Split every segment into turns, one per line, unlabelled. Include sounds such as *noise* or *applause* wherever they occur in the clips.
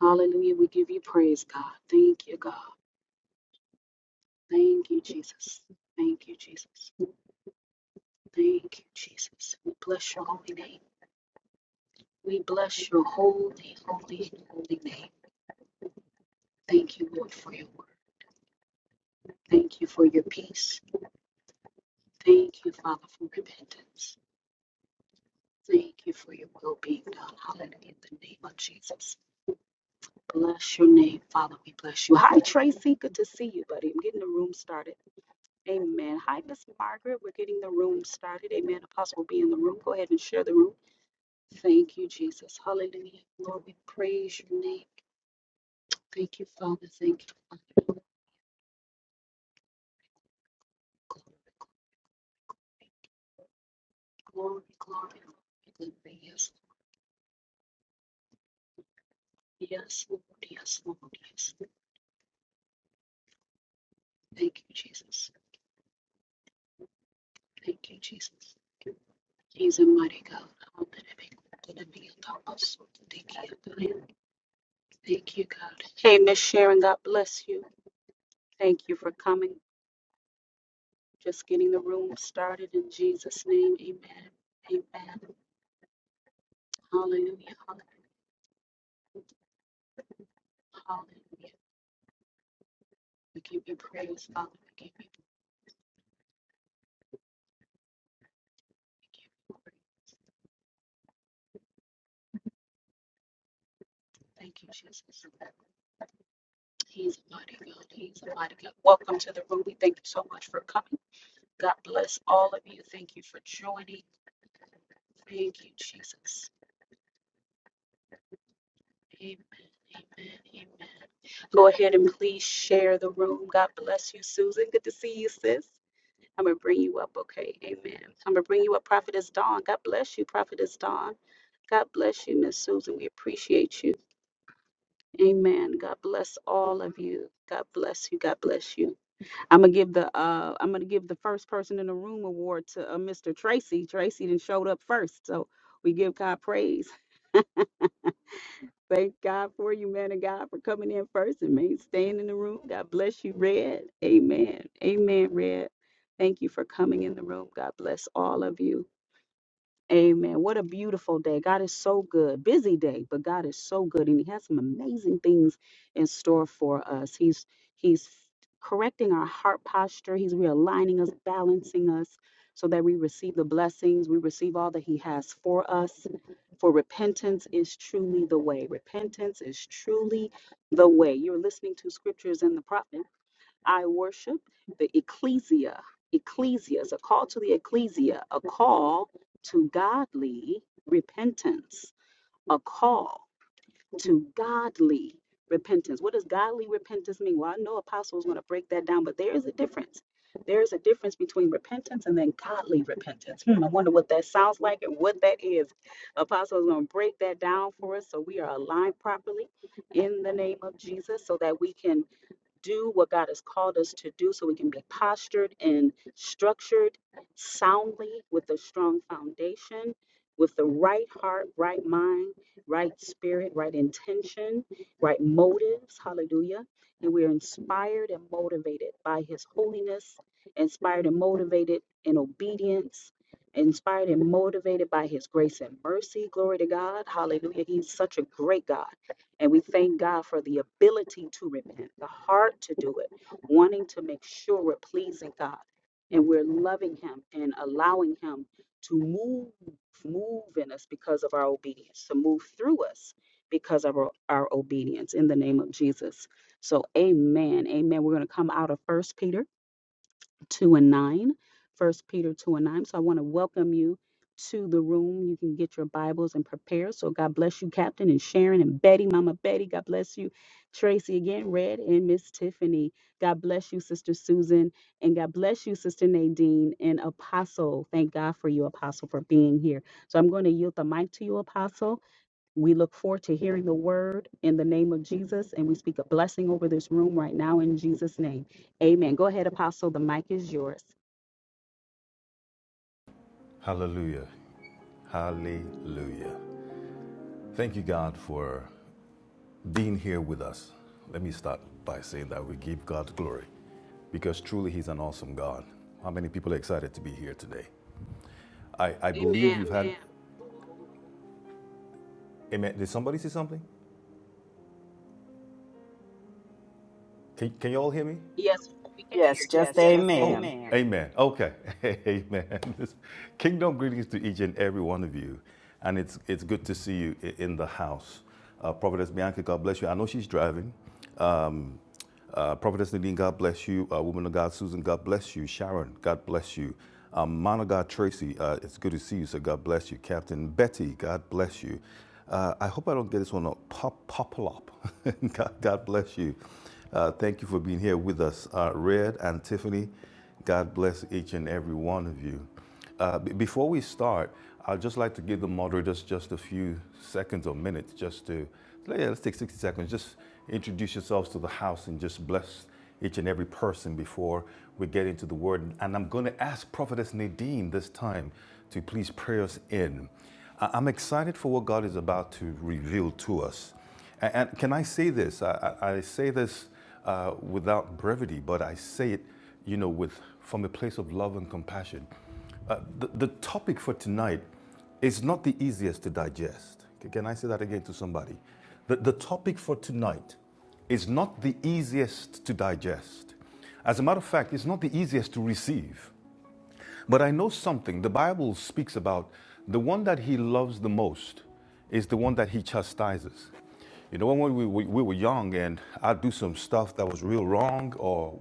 Hallelujah. We give you praise, God. Thank you, God. Thank you, Jesus. Thank you, Jesus. Thank you, Jesus. We bless your holy name. We bless your holy, holy, holy name. Thank you, Lord, for your word. Thank you for your peace. Thank you, Father, for repentance. Thank you for your will being done. Hallelujah. In the name of Jesus. Bless your name, Father. We bless you. Hi, Tracy. Good to see you, buddy. I'm getting the room started. Amen. Hi, Miss Margaret. We're getting the room started. Amen. Apostle will be in the room. Go ahead and share the room. Thank you, Jesus. Hallelujah. Lord, we praise your name. Thank you, Father. Thank you, Father. Glory, glory, glory. glory. Yes, yes, Lord. Yes, Lord. Yes. Thank you, Jesus. Thank you, Jesus. He's a mighty God. Thank you, God. Hey, Miss Sharon, God bless you. Thank you for coming. Just getting the room started in Jesus' name. Amen. Amen. Hallelujah. Hallelujah. Hallelujah. We give you praise, Father. We give you, we give you praise. Thank you, Jesus. He's a mighty God. He's a mighty God. Welcome to the room. We thank you so much for coming. God bless all of you. Thank you for joining. Thank you, Jesus. Amen. Amen. Amen. Go ahead and please share the room. God bless you, Susan. Good to see you, sis. I'm gonna bring you up, okay? Amen. So I'm gonna bring you up, Prophetess Dawn. God bless you, Prophetess Dawn. God bless you, Miss Susan. We appreciate you. Amen. God bless all of you. God bless you. God bless you. I'm gonna give the uh I'm gonna give the first person in the room award to uh, Mr. Tracy. Tracy then showed up first, so we give God praise. *laughs* Thank God for you, man of God, for coming in first and man staying in the room. God bless you, Red. Amen. Amen, Red. Thank you for coming in the room. God bless all of you. Amen. What a beautiful day. God is so good. Busy day, but God is so good and he has some amazing things in store for us. He's he's correcting our heart posture. He's realigning us, balancing us so that we receive the blessings, we receive all that he has for us. For repentance is truly the way. Repentance is truly the way. You're listening to scriptures in the prophet. I worship the ecclesia. Ecclesia is a call to the ecclesia, a call to godly repentance, a call to godly repentance. What does godly repentance mean? Well, I know apostle is going to break that down, but there is a difference. There is a difference between repentance and then godly repentance. Hmm, I wonder what that sounds like and what that is. Apostle is going to break that down for us so we are aligned properly in the name of Jesus so that we can do what God has called us to do so we can be postured and structured soundly with a strong foundation, with the right heart, right mind, right spirit, right intention, right motives. Hallelujah. And we are inspired and motivated by His holiness, inspired and motivated in obedience. Inspired and motivated by his grace and mercy. Glory to God. Hallelujah. He's such a great God. And we thank God for the ability to repent, the heart to do it, wanting to make sure we're pleasing God and we're loving Him and allowing Him to move, move in us because of our obedience, to move through us because of our, our obedience in the name of Jesus. So, amen. Amen. We're going to come out of First Peter 2 and 9, First Peter 2 and 9. So I want to welcome you to the room. You can get your Bibles and prepare. So God bless you, Captain, and Sharon and Betty, Mama Betty. God bless you, Tracy again, Red, and Miss Tiffany. God bless you, Sister Susan, and God bless you, Sister Nadine and Apostle. Thank God for you, Apostle, for being here. So I'm going to yield the mic to you, Apostle. We look forward to hearing the word in the name of Jesus, and we speak a blessing over this room right now in Jesus' name. Amen. Go ahead, Apostle. The mic is yours.
Hallelujah. Hallelujah. Thank you, God, for being here with us. Let me start by saying that we give God glory because truly He's an awesome God. How many people are excited to be here today? I, I believe
Amen.
you've amen. had. Amen. Did somebody say something? Can, can you all hear me?
Yes, we can hear.
Yes, just
Yes, yes. just amen. Oh,
amen.
amen. Okay. *laughs* amen. *laughs* Kingdom greetings to each and every one of you. And it's, it's good to see you in the house. Uh, Prophetess Bianca, God bless you. I know she's driving, Uh, Prophetess Nadine, God bless you. Uh, woman of God, Susan, God bless you. Sharon, God bless you. Um, Man of God, Tracy, uh, it's good to see you, so God bless you. Captain Betty, God bless you. Uh, I hope I don't get this one up. Pop, Popolop, *laughs* God, God bless you. Uh, thank you for being here with us. Uh, Red and Tiffany, God bless each and every one of you. Uh, b- before we start, I'd just like to give the moderators just a few seconds or minutes just to, yeah, let's take 60 seconds. Just introduce yourselves to the house and just bless each and every person before we get into the word. And I'm going to ask Prophetess Nadine this time to please pray us in. I- I'm excited for what God is about to reveal to us. A- And, can I say this? I, I I say this uh, without brevity, but I say it, you know, with from a place of love and compassion. Uh, the, the topic for tonight is not the easiest to digest. Can I say that again to somebody? The, the topic for tonight is not the easiest to digest. As a matter of fact, it's not the easiest to receive. But I know something. The Bible speaks about the one that he loves the most is the one that he chastises. You know, when we, we, we were young and I'd do some stuff that was real wrong, or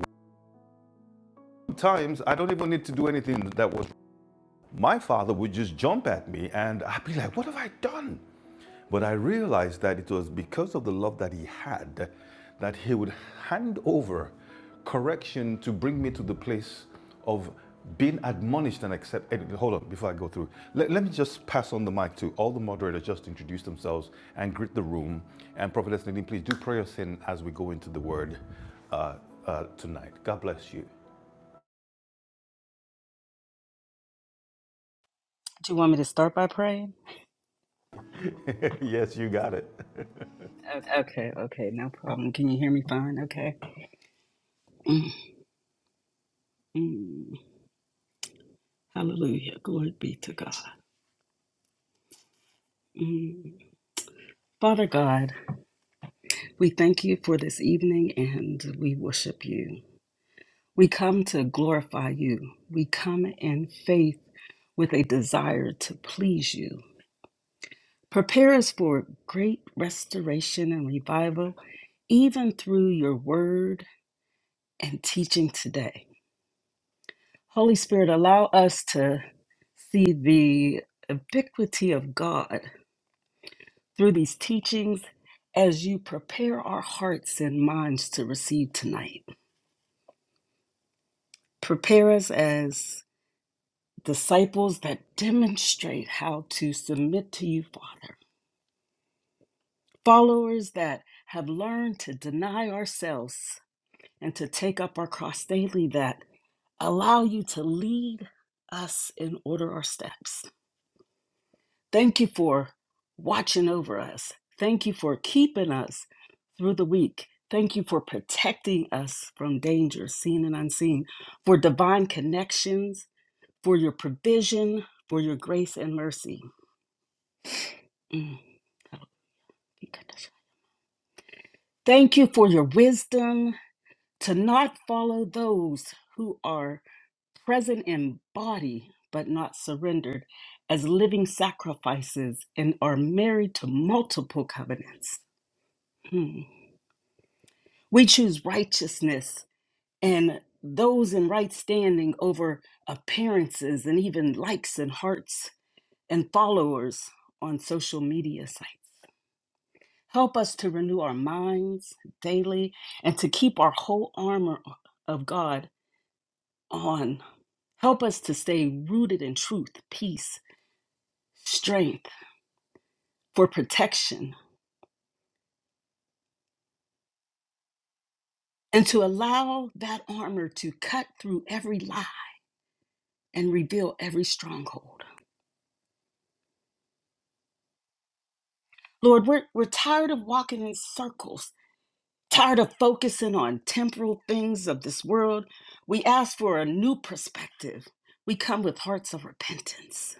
sometimes I don't even need to do anything that was wrong my father would just jump at me and I'd be like, What have I done? But I realized that it was because of the love that he had that he would hand over correction to bring me to the place of being admonished and accepted. Hold on, before I go through, let, let me just pass on the mic to all the moderators, just introduce themselves and greet the room. And Prophetess Nadine, please do pray us in as we go into the word uh, uh, tonight. God bless you.
Do you want me to start by praying?
*laughs* yes, you got it.
Okay, okay, no problem. Can you hear me fine? Okay. Mhm. Hallelujah. Glory be to God. Mhm. Father God, we thank you for this evening and we worship you. We come to glorify you. We come in faith with a desire to please you. Prepare us for great restoration and revival, even through your word and teaching today. Holy Spirit, allow us to see the ubiquity of God through these teachings as you prepare our hearts and minds to receive tonight. Prepare us as disciples that demonstrate how to submit to you, Father. Followers that have learned to deny ourselves and to take up our cross daily, that allow you to lead us and order our steps. Thank you for watching over us. Thank you for keeping us through the week. Thank you for protecting us from danger, seen and unseen, for divine connections, for your provision, for your grace and mercy. Mm. Thank you for your wisdom to not follow those who are present in body but not surrendered as living sacrifices and are married to multiple covenants. Hmm. We choose righteousness and those in right standing over appearances and even likes and hearts and followers on social media sites. Help us to renew our minds daily and to keep our whole armor of God on. Help us to stay rooted in truth, peace, strength for protection, and to allow that armor to cut through every lie and reveal every stronghold. Lord, we're, we're tired of walking in circles, tired of focusing on temporal things of this world. We ask for a new perspective. We come with hearts of repentance.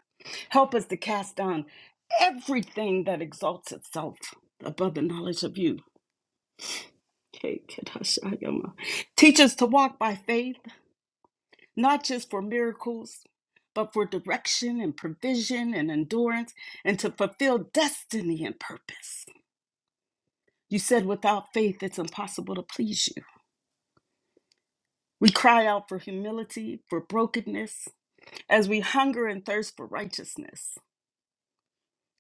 Help us to cast down everything that exalts itself above the knowledge of you. Okay, Kedashayama. Teach us to walk by faith, not just for miracles, but for direction and provision and endurance, and to fulfill destiny and purpose. You said, without faith, it's impossible to please you. We cry out for humility, for brokenness, as we hunger and thirst for righteousness.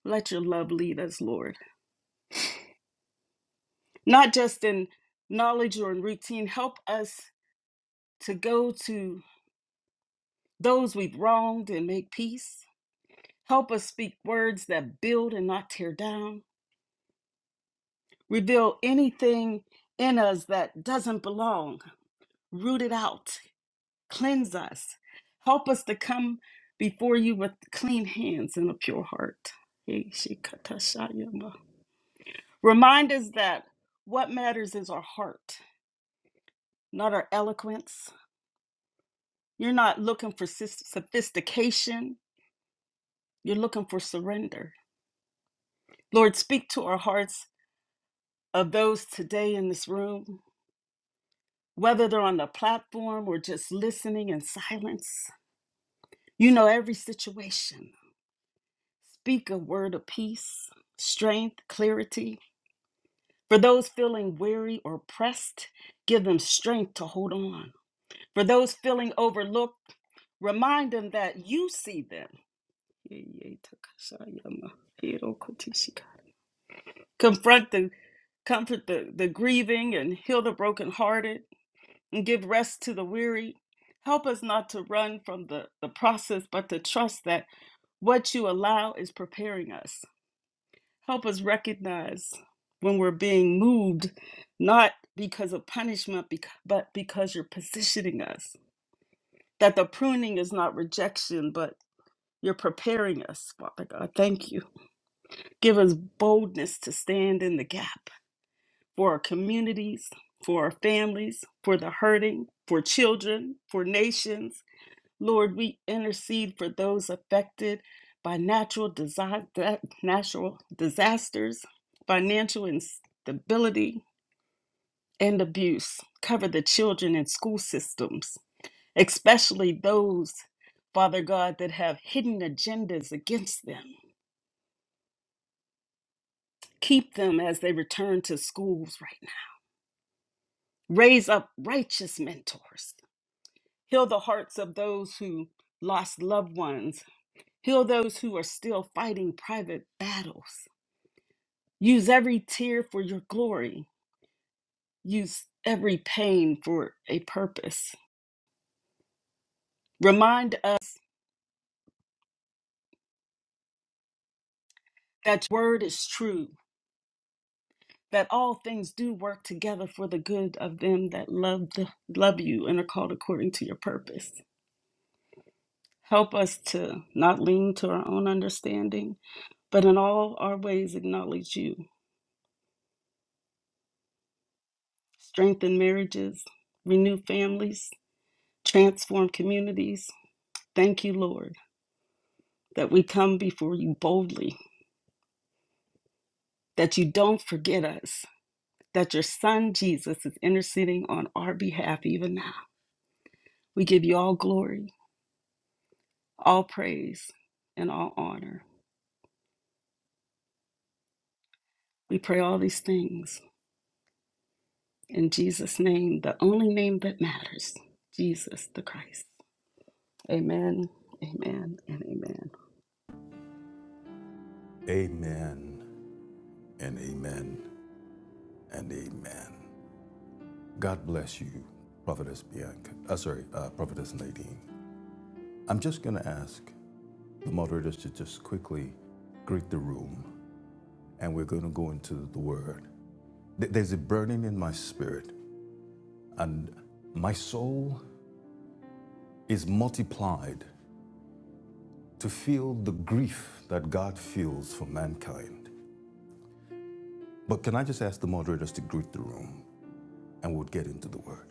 Let your love lead us, Lord, not just in knowledge or in routine. Help us to go to those we've wronged and make peace. Help us speak words that build and not tear down. Reveal anything in us that doesn't belong, root it out Cleanse us. Help us to come before you with clean hands and a pure heart. Remind us that what matters is our heart, not our eloquence. You're not looking for sis- sophistication, you're looking for surrender. Lord, speak to our hearts of those today in this room, whether they're on the platform or just listening in silence. You know every situation. Speak a word of peace, strength, clarity For those feeling weary or pressed, give them strength to hold on. For those feeling overlooked, remind them that you see them. Confront the comfort the, the grieving and heal the brokenhearted and give rest to the weary. Help us not to run from the, the process, but to trust that what you allow is preparing us. Help us recognize when we're being moved, not because of punishment, bec- but because you're positioning us. That the pruning is not rejection, but you're preparing us, Father God. Thank you. Give us boldness to stand in the gap for our communities, for our families, for the hurting, for children, for nations Lord, we intercede for those affected by natural desi- natural disasters, financial instability, and abuse. Cover the children in school systems, especially those, Father God, that have hidden agendas against them. Keep them as they return to schools right now. Raise up righteous mentors. Heal the hearts of those who lost loved ones. Heal those who are still fighting private battles. Use every tear for your glory. Use every pain for a purpose. Remind us that your word is true, that all things do work together for the good of them that love, the, love you and are called according to your purpose. Help us to not lean to our own understanding, but in all our ways acknowledge you. Strengthen marriages, renew families, transform communities. Thank you, Lord, that we come before you boldly that you don't forget us, that your son Jesus is interceding on our behalf even now. We give you all glory, all praise, and all honor. We pray all these things in Jesus' name, the only name that matters, Jesus the Christ. Amen, amen, and amen.
Amen. and amen and amen. God bless you, Prophetess Bianca. Uh, sorry, uh, Prophetess Nadine. I'm just going to ask the moderators to just quickly greet the room, and we're going to go into the Word. There's a burning in my spirit, and my soul is multiplied to feel the grief that God feels for mankind. But can I just ask the moderators to greet the room, and we'll get into the Word?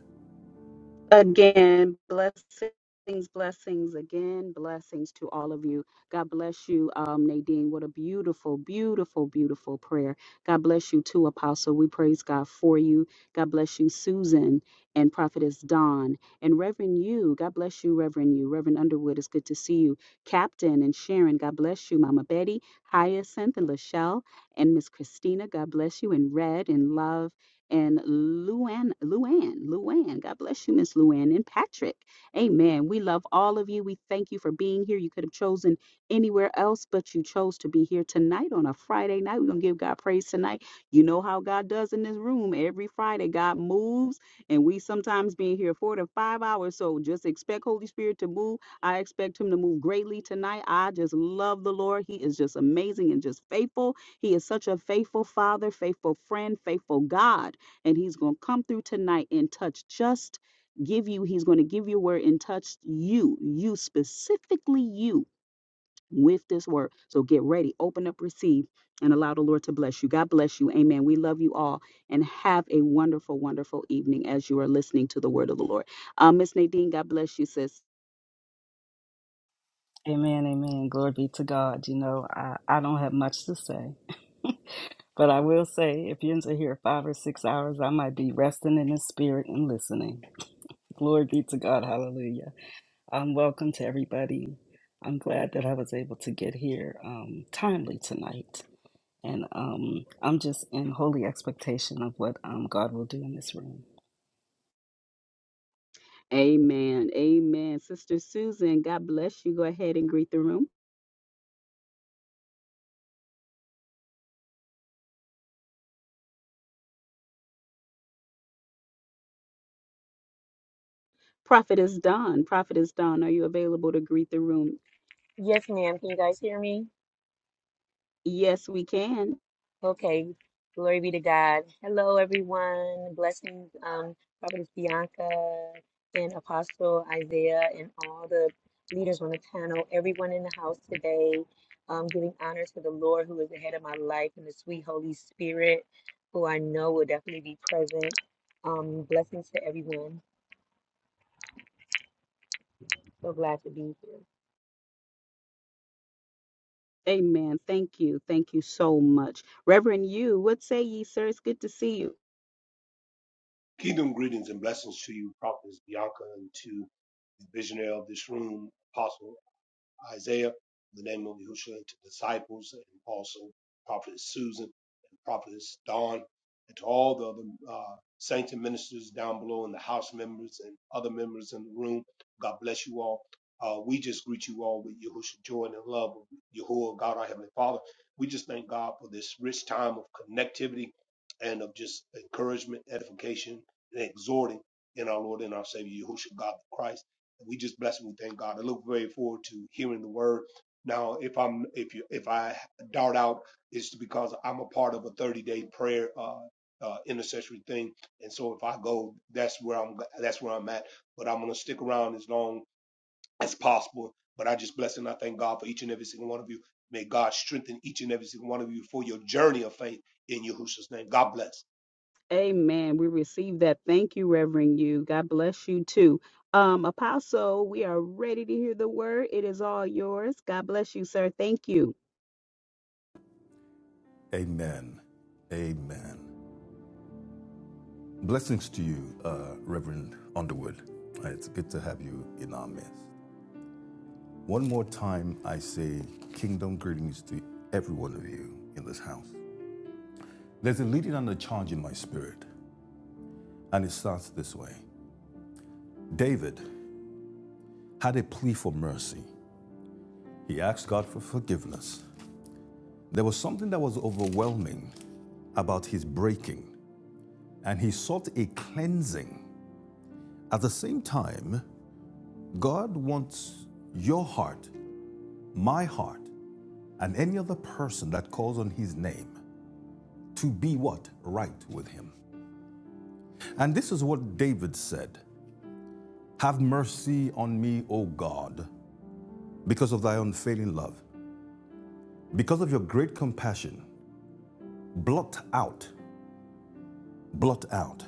Again, blessings, blessings again, blessings to all of you. God bless you, um, Nadine. What a beautiful, beautiful, beautiful prayer. God bless you too, Apostle. We praise God for you. God bless you, Susan and Prophetess Dawn and Reverend you. God bless you, Reverend you. Reverend Underwood, it's good to see you. Captain and Sharon, God bless you, Mama Betty, Hyacinth and Lachelle and Miss Christina. God bless you and Red and Love and Luann, Luann, Luann. God bless you, Miss Luann and Patrick. Amen. We love all of you. We thank you for being here. You could have chosen anywhere else, but you chose to be here tonight on a Friday night. We're gonna give God praise tonight. You know how God does in this room every Friday. God moves, and we sometimes being here four to five hours. So just expect Holy Spirit to move. I expect Him to move greatly tonight. I just love the Lord. He is just amazing and just faithful. He is such a faithful Father, faithful friend, faithful God and he's going to come through tonight and touch just give you he's going to give you a word and touch you you specifically you with this word so get ready open up receive and allow the lord to bless you god bless you amen we love you all and have a wonderful wonderful evening as you are listening to the word of the lord uh, miss nadine god bless you sis
Amen, amen. Glory be to God. You know, I, I don't have much to say. *laughs* But I will say, if you're into here five or six hours, I might be resting in the spirit and listening. Glory be to God. Hallelujah. Um, welcome to everybody. I'm glad that I was able to get here um, timely tonight. And um, I'm just in holy expectation of what um, God will do in this room.
amen amen sister susan god bless you go ahead and greet the room prophet is done prophet is done are you available to greet the room
Yes, ma'am. Can you guys hear me?
yes we can
Okay. Glory be to God. Hello, everyone. Blessings, um, Prophetess Bianca and Apostle Isaiah and all the leaders on the panel, everyone in the house today. Um, giving honor to the Lord who is ahead of my life and the sweet Holy Spirit, who I know will definitely be present. Um, blessings to everyone. So glad to be here.
Amen. Thank you. Thank you so much. Reverend you, what say ye, sir? It's good to see you.
Kingdom greetings and blessings to you, Prophetess Bianca, and to the visionary of this room, Apostle Isaiah, in the name of Yahushua, and to disciples, and also Prophetess Susan and Prophetess Dawn, and to all the other uh, saints and ministers down below, and the house members and other members in the room. God bless you all. Uh, we just greet you all with Yahushua joy and the love of Yahuwah, God our Heavenly Father. We just thank God for this rich time of connectivity and of just encouragement, edification, and exhorting in our Lord and our Savior, Yahushua God the Christ we just bless and we thank God. I look very forward to hearing the word. Now, if I'm if you if I dart out, it's because I'm a part of a 30 day prayer uh, uh, intercessory thing, and so if I go, that's where I'm that's where I'm at. But I'm gonna stick around as long as possible. But I just bless and I thank God for each and every single one of you. May God strengthen each and every single one of you for your journey of faith in Yahushua's name. God bless.
Amen. We receive that. Thank you, Reverend you. God bless you too. Um, Apostle, we are ready to hear the word. It is all yours. God bless you, sir. Thank you.
Amen. Amen. Blessings to you, uh, Reverend Underwood. Uh, It's good to have you in our midst. One more time, I say kingdom greetings to every one of you in this house. There's a leading and a charge in my spirit, and it starts this way David had a plea for mercy, he asked God for forgiveness. There was something that was overwhelming about his breaking and he sought a cleansing. At the same time, God wants your heart, my heart, and any other person that calls on his name to be what? Right with him. And this is what David said Have mercy on me, O God, because of thy unfailing love, because of your great compassion. Blot out, blot out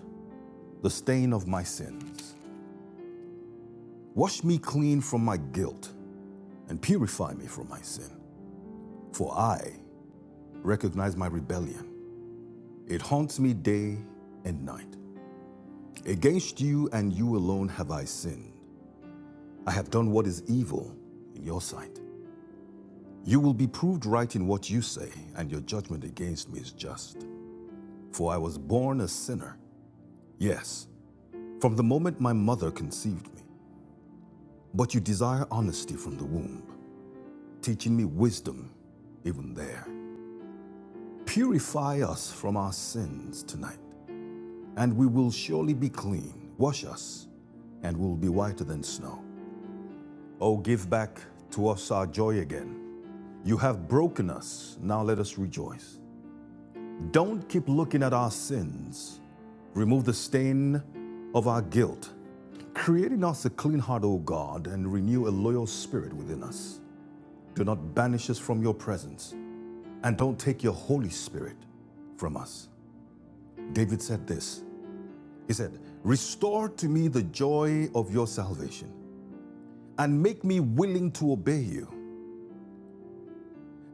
the stain of my sins. Wash me clean from my guilt and purify me from my sin. For I recognize my rebellion. It haunts me day and night. Against you and you alone have I sinned I have done what is evil in your sight. You will be proved right in what you say, and your judgment against me is just. For I was born a sinner. Yes, from the moment my mother conceived me. But you desire honesty from the womb, teaching me wisdom even there. Purify us from our sins tonight, and we will surely be clean. Wash us, and we will be whiter than snow. Oh, give back to us our joy again. You have broken us, now let us rejoice. Don't keep looking at our sins. Remove the stain of our guilt. Create in us a clean heart, O God, and renew a loyal spirit within us. Do not banish us from your presence, and don't take your Holy Spirit from us. David said this He said, Restore to me the joy of your salvation, and make me willing to obey you.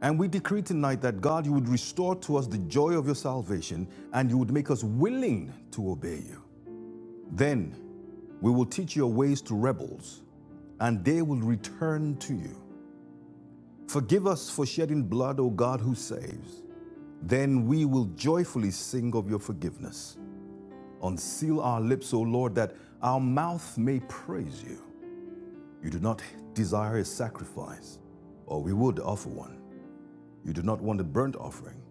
And we decree tonight that God, you would restore to us the joy of your salvation and you would make us willing to obey you. Then We will teach your ways to rebels, and they will return to you. Forgive us for shedding blood, O God who saves. Then we will joyfully sing of your forgiveness. Unseal our lips, O Lord, that our mouth may praise you. You do not desire a sacrifice, or we would offer one. You do not want a burnt offering.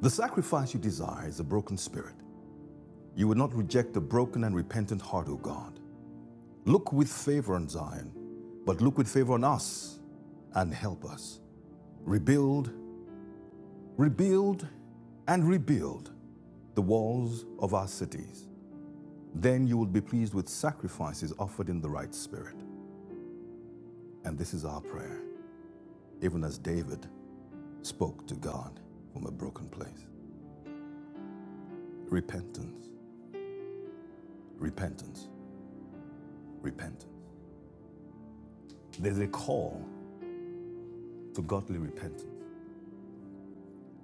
The sacrifice you desire is a broken spirit. You would not reject a broken and repentant heart, O God. Look with favor on Zion, but look with favor on us and help us. Rebuild, rebuild, and rebuild the walls of our cities. Then you will be pleased with sacrifices offered in the right spirit. And this is our prayer, even as David spoke to God from a broken place. Repentance, repentance, repentance. There's a call to godly repentance.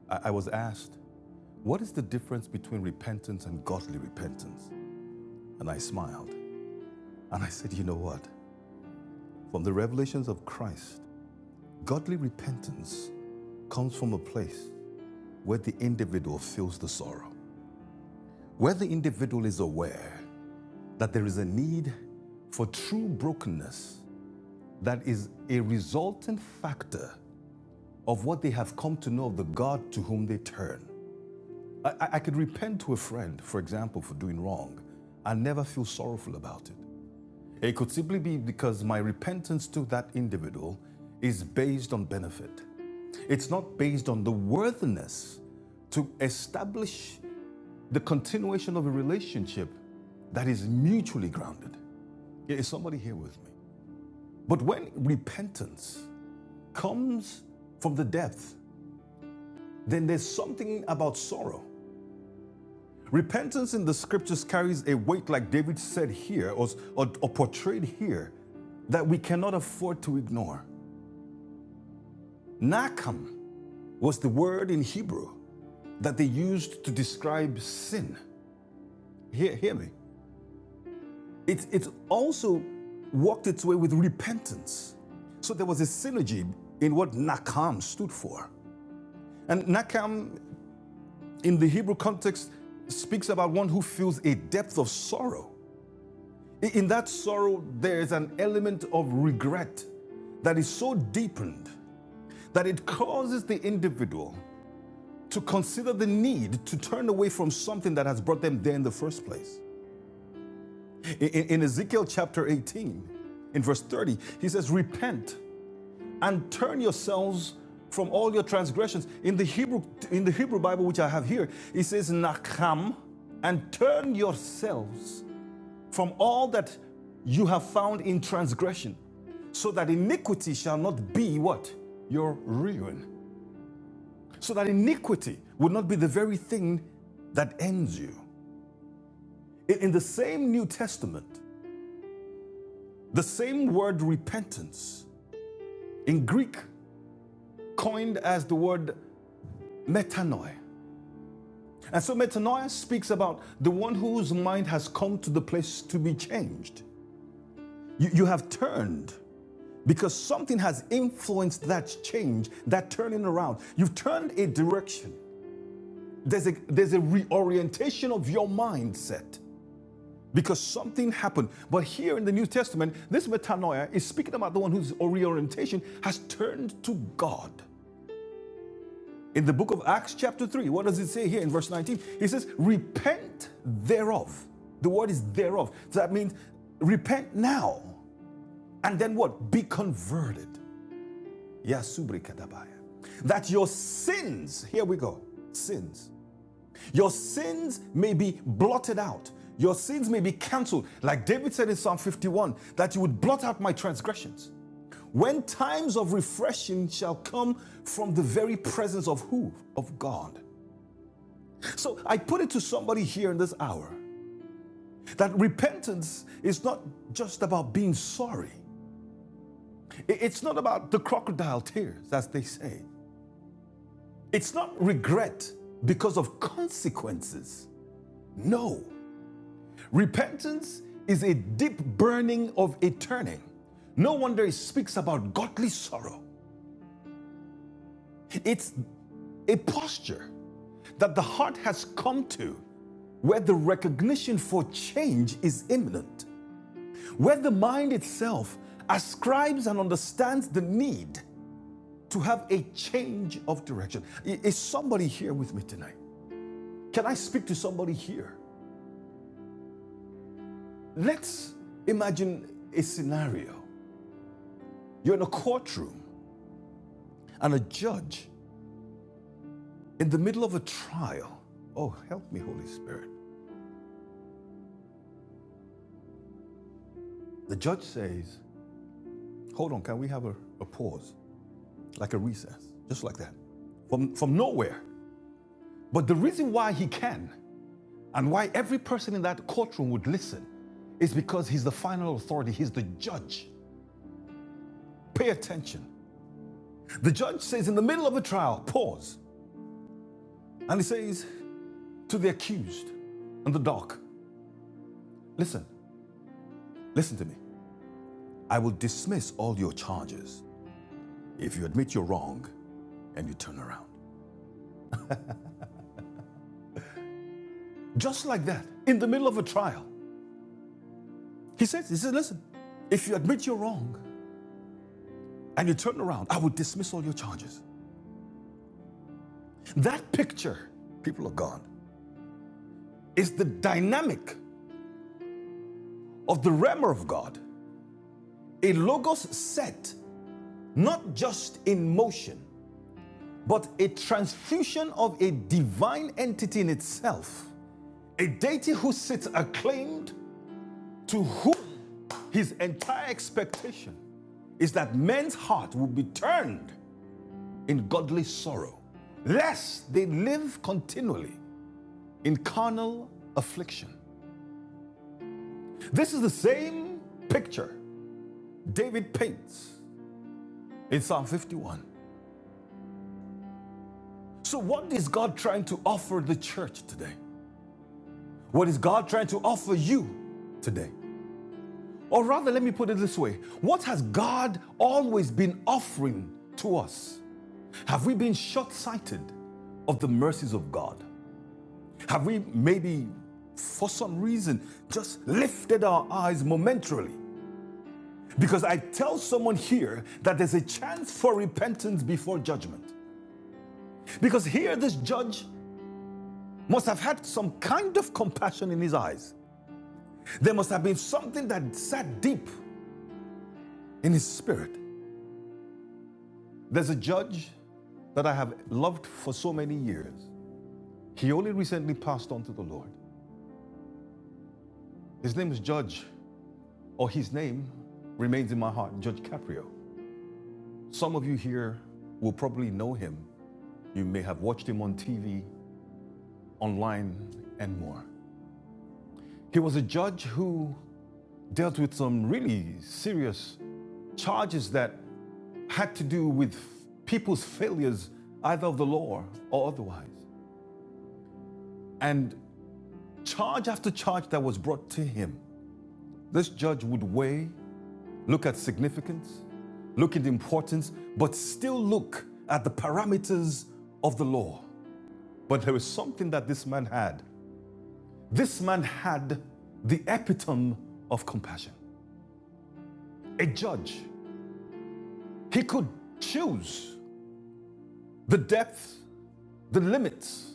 I, I was asked, what is the difference between repentance and godly repentance? And I smiled. And I said, You know what? From the revelations of Christ, godly repentance comes from a place where the individual feels the sorrow, where the individual is aware that there is a need for true brokenness that is a resultant factor of what they have come to know of the God to whom they turn. I, I could repent to a friend, for example, for doing wrong and never feel sorrowful about it. It could simply be because my repentance to that individual is based on benefit. It's not based on the worthiness to establish the continuation of a relationship that is mutually grounded. Yeah, Is somebody here with me? But when repentance comes from the depth, then there's something about sorrow. Repentance in the scriptures carries a weight, like David said here or, or, or portrayed here, that we cannot afford to ignore. Nakam was the word in Hebrew that they used to describe sin. Hear, hear me. It, it also walked its way with repentance. So there was a synergy in what Nakam stood for. And Nakam, in the Hebrew context, speaks about one who feels a depth of sorrow. In that sorrow, there is an element of regret that is so deepened that it causes the individual to consider the need to turn away from something that has brought them there in the first place. I- In, Ezekiel chapter 18, in verse 30, he says, Repent and turn yourselves from all your transgressions. In the Hebrew, in the Hebrew Bible, which I have here, it says, Nakam, and turn yourselves from all that you have found in transgression, so that iniquity shall not be what? Your ruin. So that iniquity would not be the very thing that ends you. In, the same New Testament, the same word repentance, in Greek, coined as the word metanoia. And so metanoia speaks about the one whose mind has come to the place to be changed. You, you have turned because something has influenced that change, that turning around. You've turned a direction. There's a, there's a reorientation of your mindset. because something happened. But here in the New Testament, this metanoia is speaking about the one whose reorientation has turned to God. In the book of Acts, chapter 3, what does it say here in verse 19? It says, Repent thereof. The word is thereof. So that means repent now. And then what? Be converted. Yasubri kadabaya. That your sins, here we go, sins Your sins may be blotted out. Your sins may be canceled. Like David said in Psalm 51, that you would blot out my transgressions. When times of refreshing shall come from the very presence of who? Of God. So I put it to somebody here in this hour that repentance is not just about being sorry. It's not about the crocodile tears, as they say. It's not regret because of consequences. No. Repentance is a deep burning of a turning. No wonder it speaks about godly sorrow. It's a posture that the heart has come to where the recognition for change is imminent, where the mind itself ascribes and understands the need to have a change of direction. Is somebody here with me tonight? Can I speak to somebody here? Let's imagine a scenario. You're in a courtroom, and a judge In the middle of a trial, oh, help me, Holy Spirit. The judge says, Hold on, can we have a, a pause, like a recess, just like that, from, from nowhere. But the reason why he can and why every person in that courtroom would listen is because he's the final authority, he's the judge. Pay attention. The judge says, In the middle of a trial, pause. And he says to the accused and the doc, Listen, listen to me. I will dismiss all your charges if you admit you're wrong and you turn around. Just like that, in the middle of a trial, he says, He says, listen, if you admit you're wrong and you turn around, I will dismiss all your charges. That picture, people of God, is the dynamic of the realm of God, a logos set not just in motion, but a transfusion of a divine entity in itself, a deity who sits acclaimed to whom his entire expectation is that men's heart will be turned in godly sorrow, lest they live continually in carnal affliction. This is the same picture David paints in Psalm 51. So, what is God trying to offer the church today? What is God trying to offer you today? Or rather, let me put it this way What has God always been offering to us? Have we been short sighted of the mercies of God? Have we maybe, for some reason, just lifted our eyes momentarily? Because I tell someone here that there's a chance for repentance before judgment. Because here, this judge must have had some kind of compassion in his eyes. There must have been something that sat deep in his spirit. There's a judge that I have loved for so many years. He only recently passed on to the Lord. His name is Judge, or his name remains in my heart, Judge Caprio. Some of you here will probably know him. You may have watched him on TV, online, and more. He was a judge who dealt with some really serious charges that had to do with people's failures, either of the law or otherwise. And charge after charge that was brought to him, this judge would weigh, look at significance, look at importance, but still look at the parameters of the law. But there was something that this man had. This man had the epitome of compassion, a judge. He could choose the depth, the limits,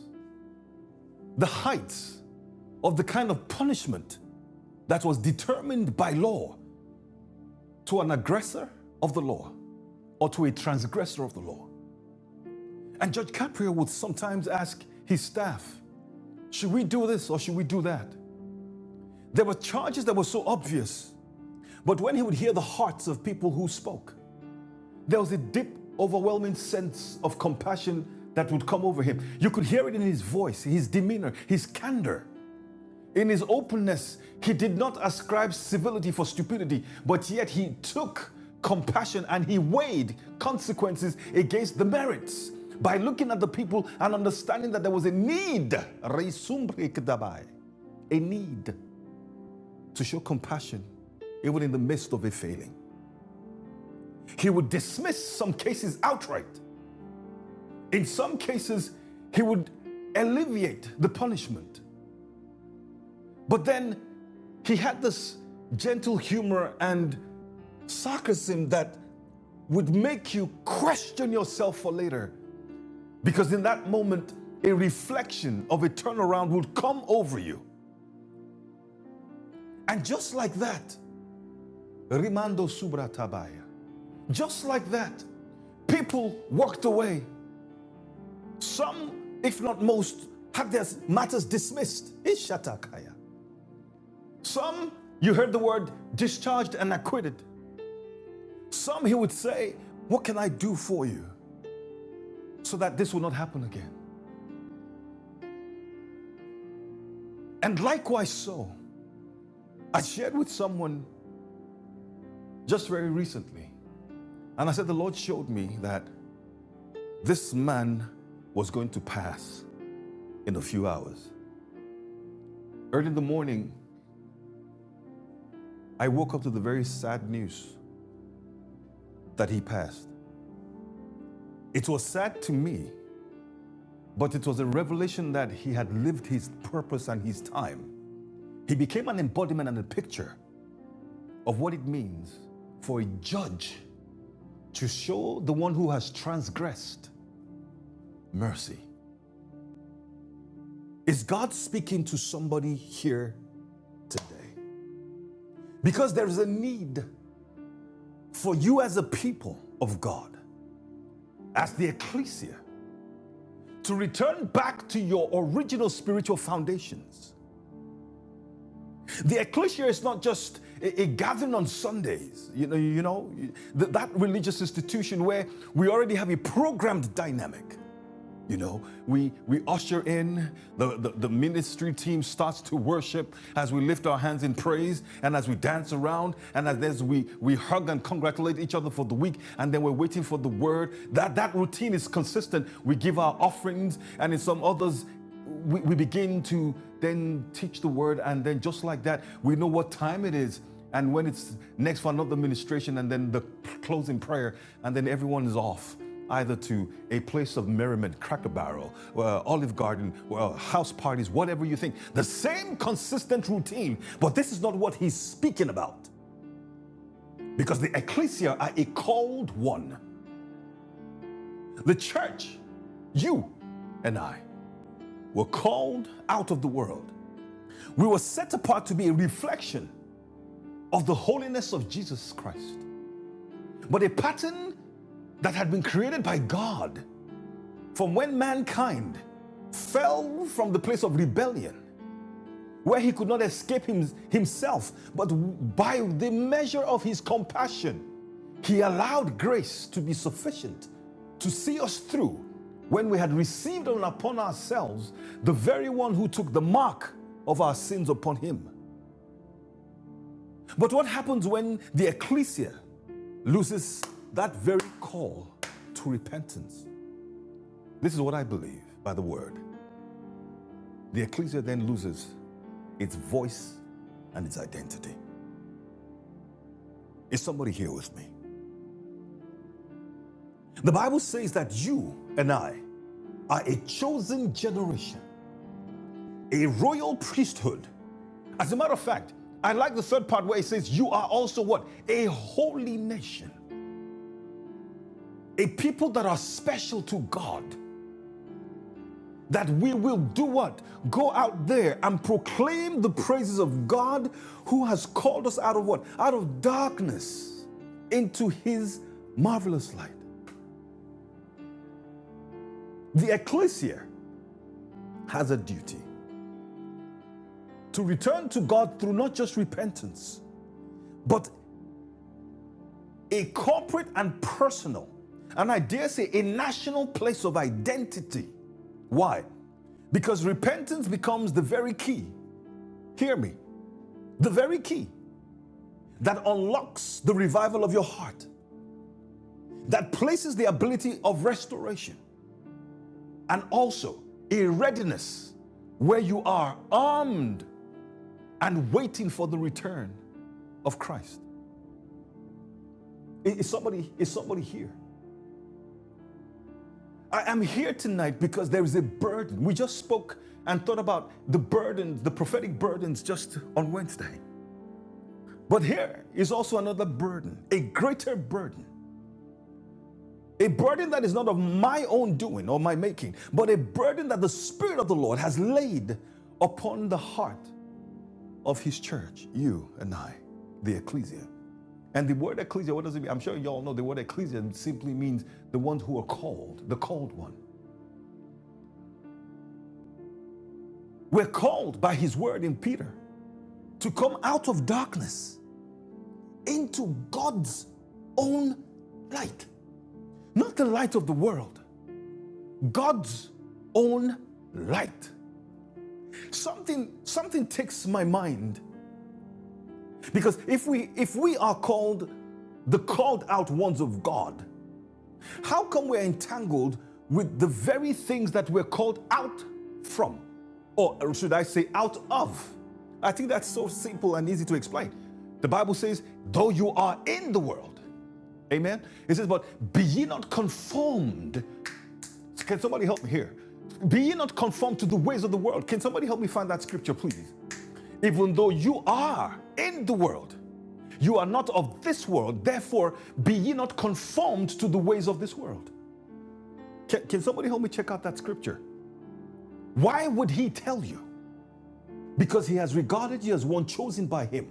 the heights of the kind of punishment that was determined by law to an aggressor of the law or to a transgressor of the law. And Judge Caprio would sometimes ask his staff, Should we do this or should we do that? There were charges that were so obvious, but when he would hear the hearts of people who spoke, There was a deep, overwhelming sense of compassion that would come over him. You could hear it in his voice, his demeanor, his candor. In his openness, he did not ascribe civility for stupidity, but yet he took compassion and he weighed consequences against the merits by looking at the people and understanding that there was a need. Reisumbrikdabai a need to show compassion even in the midst of a failing. He would dismiss some cases outright In some cases, he would alleviate the punishment. But then he had this gentle humor and sarcasm that would make you question yourself for later. Because in that moment, a reflection of a turnaround would come over you. And just like that, Rimando Subratabaya, just like that, people walked away. Some, if not most, had their matters dismissed. Ishatakaya. Some, you heard the word discharged and acquitted. Some, he would say, What can I do for you so that this will not happen again? And likewise, so, I shared with someone just very recently, and I said, The Lord showed me that this man was going to pass in a few hours. Early in the morning, I woke up to the very sad news that he passed. It was sad to me, but it was a revelation that he had lived his purpose and his time. He became an embodiment and a picture of what it means for a judge to show the one who has transgressed mercy. Is God speaking to somebody here today? Because there is a need for you as a people of God, as the ecclesia, to return back to your original spiritual foundations. The ecclesia is not just a, a gathering on Sundays, you know, you know, that religious institution where we already have a programmed dynamic. You know, we, we usher in, the, the, the ministry team starts to worship as we lift our hands in praise and as we dance around and as we, we hug and congratulate each other for the week and then we're waiting for the word. That, that routine is consistent. We give our offerings and in some others, we, we begin to then teach the word and then just like that, we know what time it is and when it's next for another ministration, and then the closing prayer, and then everyone is off either to a place of merriment, cracker barrel, uh, olive garden, well, house parties, whatever you think. The same consistent routine, but this is not what he's speaking about. Because the ecclesia are a called one. The church, you and I, were called out of the world. We were set apart to be a reflection of the holiness of Jesus Christ. But a pattern that had been created by God from when mankind fell from the place of rebellion, where he could not escape him, himself, but by the measure of his compassion, he allowed grace to be sufficient to see us through when we had received on upon ourselves the very one who took the mark of our sins upon him. But what happens when the ecclesia loses that very call to repentance? This is what I believe by the word. The ecclesia then loses its voice and its identity. Is somebody here with me? The Bible says that you and I are a chosen generation, a royal priesthood. As a matter of fact, I like the third part where it says, You are also what? A holy nation, a people that are special to God. that we will do what? Go out there and proclaim the praises of God who has called us out of what? Out of darkness into his marvelous light. The ecclesia has a duty to return to God through not just repentance, but a corporate and personal, and I dare say a national place of identity. Why? Because repentance becomes the very key. Hear me. The very key that unlocks the revival of your heart, that places the ability of restoration, and also a readiness where you are armed and waiting for the return of Christ. Is somebody, is somebody here? I am here tonight because there is a burden. We just spoke and thought about the burdens, the prophetic burdens just on Wednesday. But here is also another burden, a greater burden A burden that is not of my own doing or my making, but a burden that the Spirit of the Lord has laid upon the heart of His church, you and I, the ecclesia. And the word ecclesia, what does it mean? I'm sure you all know the word ecclesia simply means the ones who are called, the called one. We're called by His word in Peter to come out of darkness into God's own light. Not the light of the world, God's own light. Something, something ticks my mind. Because if we, if we are called the called out ones of God, how come we're entangled with the very things that we're called out from? Or should I say, out of? I think that's so simple and easy to explain. The Bible says, though you are in the world, amen? It says, but be ye not conformed. Can somebody help me here? Be ye not conformed to the ways of the world. Can somebody help me find that scripture, please? Even though you are in the world, you are not of this world, therefore be ye not conformed to the ways of this world. Can, can somebody help me check out that scripture? Why would he tell you? Because he has regarded you as one chosen by him.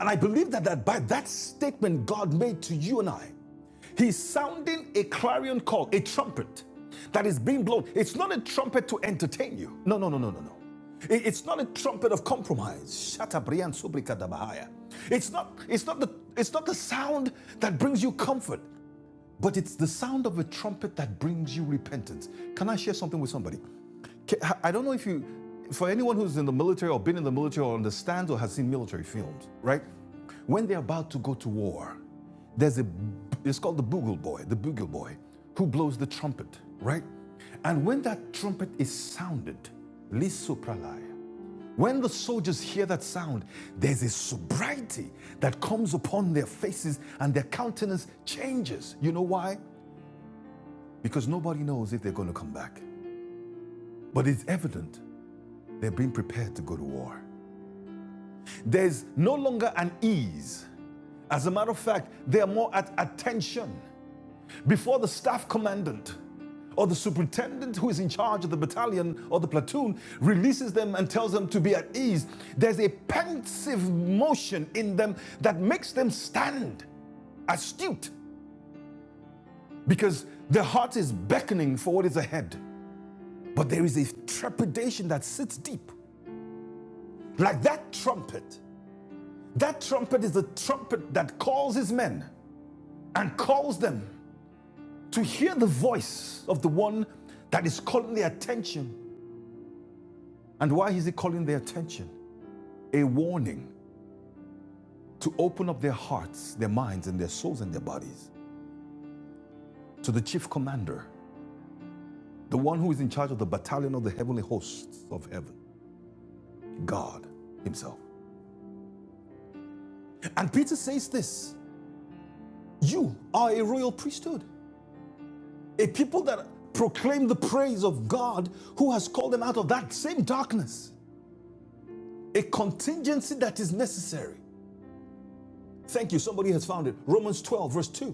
And I believe that, that by that statement God made to you and I, He's sounding a clarion call, a trumpet that is being blown. It's not a trumpet to entertain you. No, no, no, no, no, no. I- It's not a trumpet of compromise. Shatabrian subrikadabahaya. It's not, it's not the it's not the sound that brings you comfort. But it's the sound of a trumpet that brings you repentance. Can I share something with somebody? I don't know if you, for anyone who's in the military or been in the military or understands or has seen military films, right? When they're about to go to war, there's a, it's called the bugle boy, the bugle boy, who blows the trumpet, right? And when that trumpet is sounded, lis sopralaya, when the soldiers hear that sound, there's a sobriety that comes upon their faces and their countenance changes. You know why? Because nobody knows if they're going to come back. But it's evident they're being prepared to go to war. There's no longer an ease. As a matter of fact, they are more at attention. before the staff commandant or the superintendent who is in charge of the battalion or the platoon releases them and tells them to be at ease, there's a pensive motion in them that makes them stand astute because their heart is beckoning for what is ahead. But there is a trepidation that sits deep, like that trumpet. That trumpet is the trumpet that calls his men and calls them to hear the voice of the one that is calling their attention And why is he calling their attention? A warning to open up their hearts, their minds, and their souls and their bodies to the chief commander, the one who is in charge of the battalion of the heavenly hosts of heaven, God Himself. And Peter says this You are a royal priesthood, a people that proclaim the praise of God who has called them out of that same darkness, a contingency that is necessary. Thank you, somebody has found it. Romans 12, verse 2.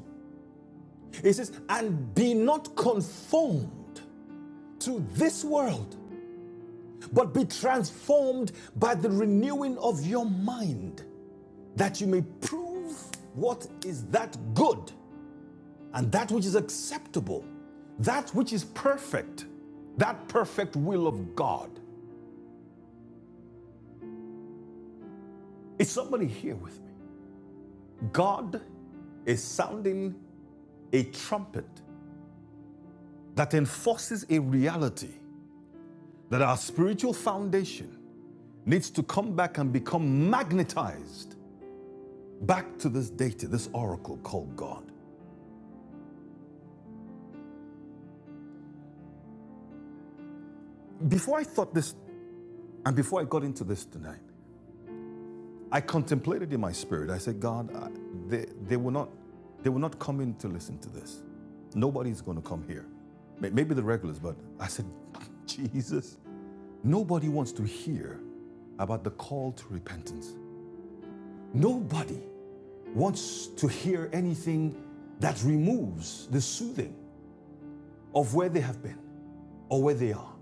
It says, And be not conformed to this world, but be transformed by the renewing of your mind, that you may prove what is that good and that which is acceptable, that which is perfect, that perfect will of God. Is somebody here with me? God is sounding a trumpet that enforces a reality that our spiritual foundation needs to come back and become magnetized back to this deity, this oracle called God. Before I thought this, and before I got into this tonight, I contemplated in my spirit. I said, God, I, they, they will not, they will not come in to listen to this. Nobody's going to come here. Maybe the regulars, but I said, *laughs* Jesus, nobody wants to hear about the call to repentance. Nobody wants to hear anything that removes the soothing of where they have been or where they are.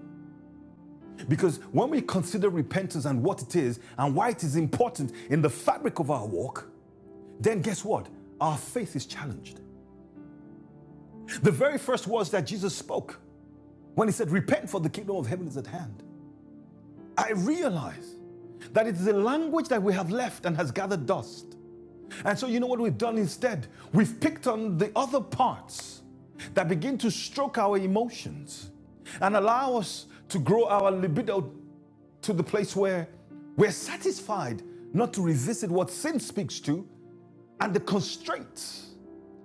Because when we consider repentance and what it is and why it is important in the fabric of our walk, then guess what? Our faith is challenged. The very first words that Jesus spoke when he said, Repent for the kingdom of heaven is at hand. I realize that it is a language that we have left and has gathered dust. And so, you know what we've done instead? We've picked on the other parts that begin to stroke our emotions and allow us to grow our libido to the place where we're satisfied not to revisit what sin speaks to and the constraints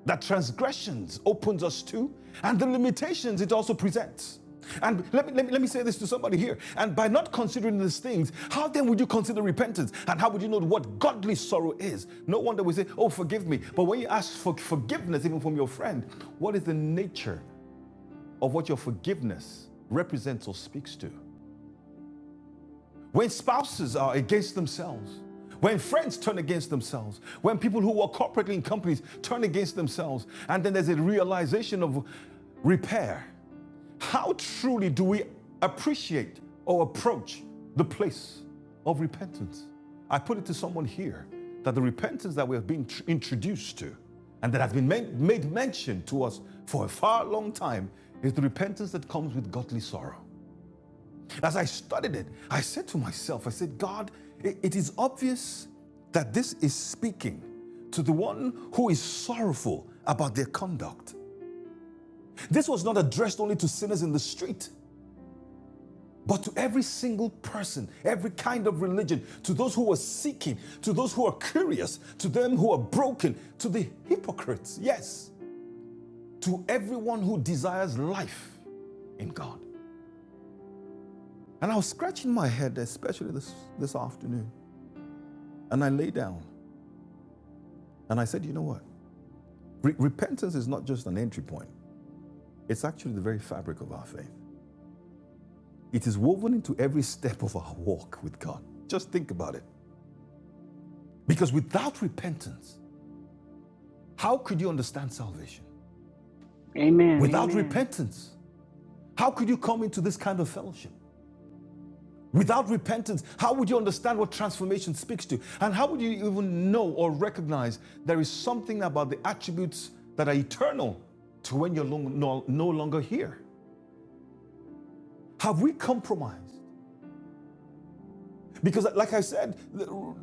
that transgressions opens us to and the limitations it also presents. And let me, let, me, let me say this to somebody here. And by not considering these things, how then would you consider repentance? And how would you know what godly sorrow is? No wonder we say, Oh, forgive me. But when you ask for forgiveness, even from your friend, what is the nature of what your forgiveness represents or speaks to? when spouses are against themselves, when friends turn against themselves, when people who work corporately in companies turn against themselves, and then there's a realization of repair. How truly do we appreciate or approach the place of repentance? I put it to someone here that the repentance that we have been introduced to and that has been made mention to us for a far long time is the repentance that comes with godly sorrow. As I studied it, I said to myself, I said, God, it is obvious that this is speaking to the one who is sorrowful about their conduct. This was not addressed only to sinners in the street, but to every single person, every kind of religion, to those who are seeking, to those who are curious, to them who are broken, to the hypocrites, yes, to everyone who desires life in God. And I was scratching my head, especially this, this afternoon. And I lay down And I said, you know what? Re- repentance is not just an entry point, it's actually the very fabric of our faith. It is woven into every step of our walk with God. Just think about it. Because without repentance, how could you understand salvation?
Amen.
Without Amen. repentance, how could you come into this kind of fellowship? Without repentance, how would you understand what transformation speaks to? And how would you even know or recognize there is something about the attributes that are eternal to when you're no, no longer here? Have we compromised? Because, like I said,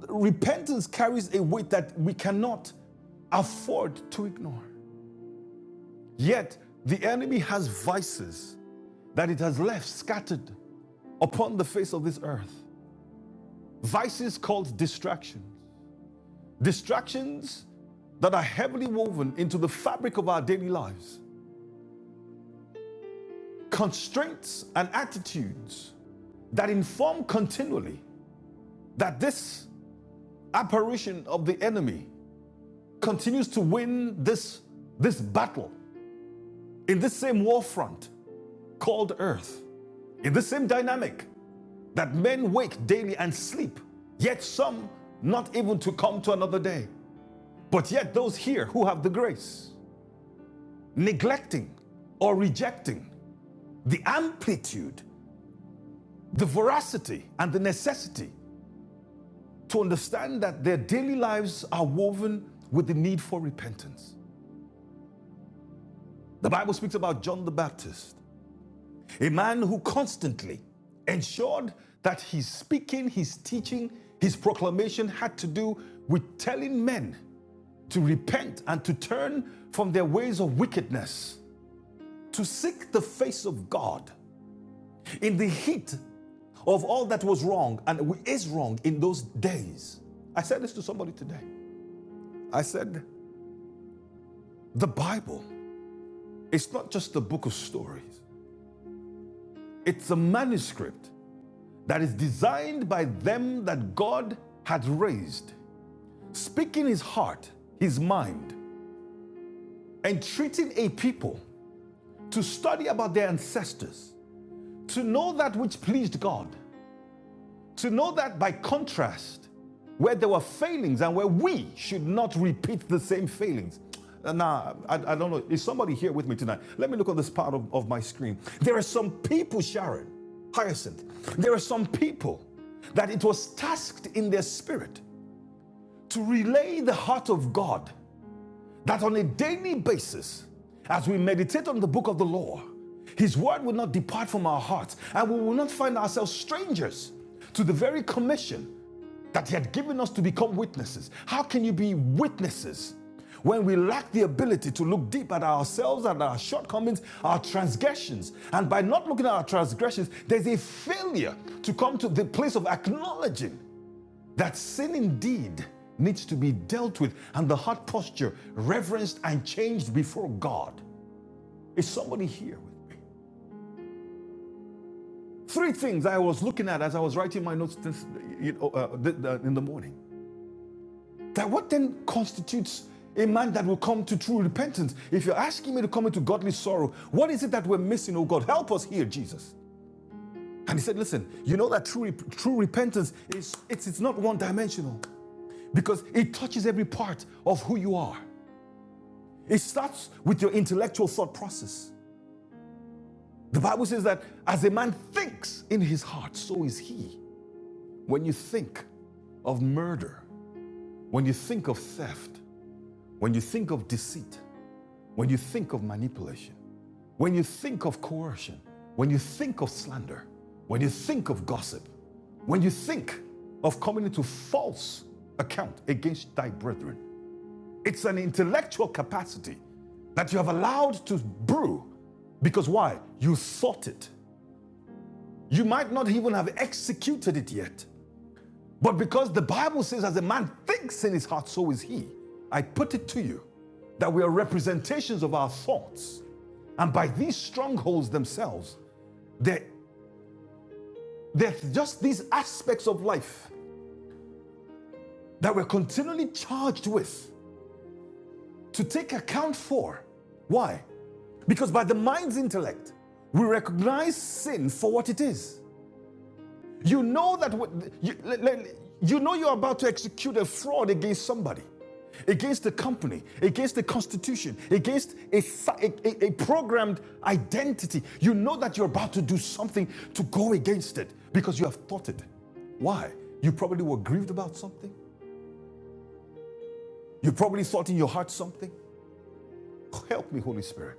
repentance carries a weight that we cannot afford to ignore. Yet, the enemy has vices that it has left scattered upon the face of this earth. Vices called distractions. Distractions that are heavily woven into the fabric of our daily lives. Constraints and attitudes that inform continually that this apparition of the enemy continues to win this, this battle in this same war front called earth, in the same dynamic that men wake daily and sleep, yet some not even to come to another day. But yet those here who have the grace, neglecting or rejecting the amplitude, the veracity, and the necessity to understand that their daily lives are woven with the need for repentance. The Bible speaks about John the Baptist a man who constantly ensured that his speaking, his teaching, his proclamation had to do with telling men to repent and to turn from their ways of wickedness, to seek the face of God in the heat of all that was wrong and is wrong in those days. I said this to somebody today. I said, the Bible is not just a book of stories, it's a manuscript that is designed by them that God hath raised, speaking his heart, his mind, entreating a people to study about their ancestors, to know that which pleased God, to know that by contrast, where there were failings and where we should not repeat the same failings. Uh, Nah, I, I don't know. Is somebody here with me tonight? Let me look on this part of, of my screen. There are some people, Sharon, Hyacinth, there are some people that it was tasked in their spirit to relay the heart of God that on a daily basis, as we meditate on the book of the law, His word will not depart from our hearts, and we will not find ourselves strangers to the very commission that He had given us to become witnesses. How can you be witnesses when we lack the ability to look deep at ourselves and our shortcomings, our transgressions? And by not looking at our transgressions, there's a failure to come to the place of acknowledging that sin indeed needs to be dealt with and the heart posture reverenced and changed before God. Is somebody here with me? Three things I was looking at as I was writing my notes this, you know, uh, in the morning. That what then constitutes a man that will come to true repentance? If you're asking me to come into godly sorrow, what is it that we're missing? Oh God, help us here, Jesus. And he said, listen, you know that true, true repentance is it's, it's not one dimensional because it touches every part of who you are. It starts with your intellectual thought process. The Bible says that as a man thinks in his heart, so is he. When you think of murder, when you think of theft, when you think of deceit, when you think of manipulation, when you think of coercion, when you think of slander, when you think of gossip, when you think of coming into false account against thy brethren, It's an intellectual capacity that you have allowed to brew because why? You thought it. You might not even have executed it yet. But because the Bible says, as a man thinks in his heart, so is he. I put it to you that we are representations of our thoughts. And by these strongholds themselves, they're, they're just these aspects of life that we're continually charged with to take account for. Why? Because by the mind's intellect, we recognize sin for what it is. You know that you, you know you're about to execute a fraud against somebody, against a company, against the constitution, against si- a, a- a programmed identity. You know that you're about to do something to go against it because you have thought it. Why? You probably were grieved about something. You probably thought in your heart something. Help me, Holy Spirit.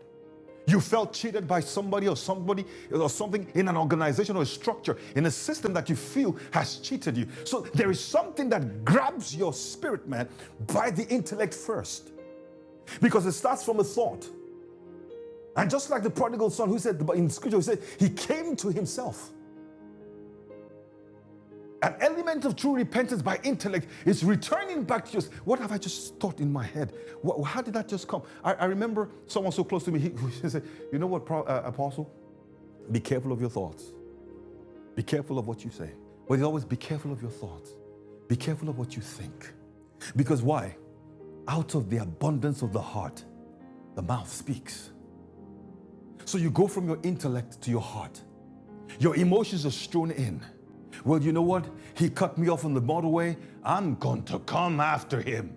You felt cheated by somebody or somebody or something in an organization or a structure, in a system that you feel has cheated you. So there is something that grabs your spirit, man, by the intellect first, because it starts from a thought. And just like the prodigal son who said in scripture, he said, he came to himself. An element of true repentance by intellect is returning back to just what have I just thought in my head? What, how did that just come? I, I remember someone so close to me, he, *laughs* he said, You know what, Pro- uh, Apostle? Be careful of your thoughts. Be careful of what you say. But always be careful of your thoughts. Be careful of what you think. Because why? Out of the abundance of the heart, the mouth speaks. So you go from your intellect to your heart. Your emotions are strewn in. Well, you know what? He cut me off on the motorway. I'm going to come after him.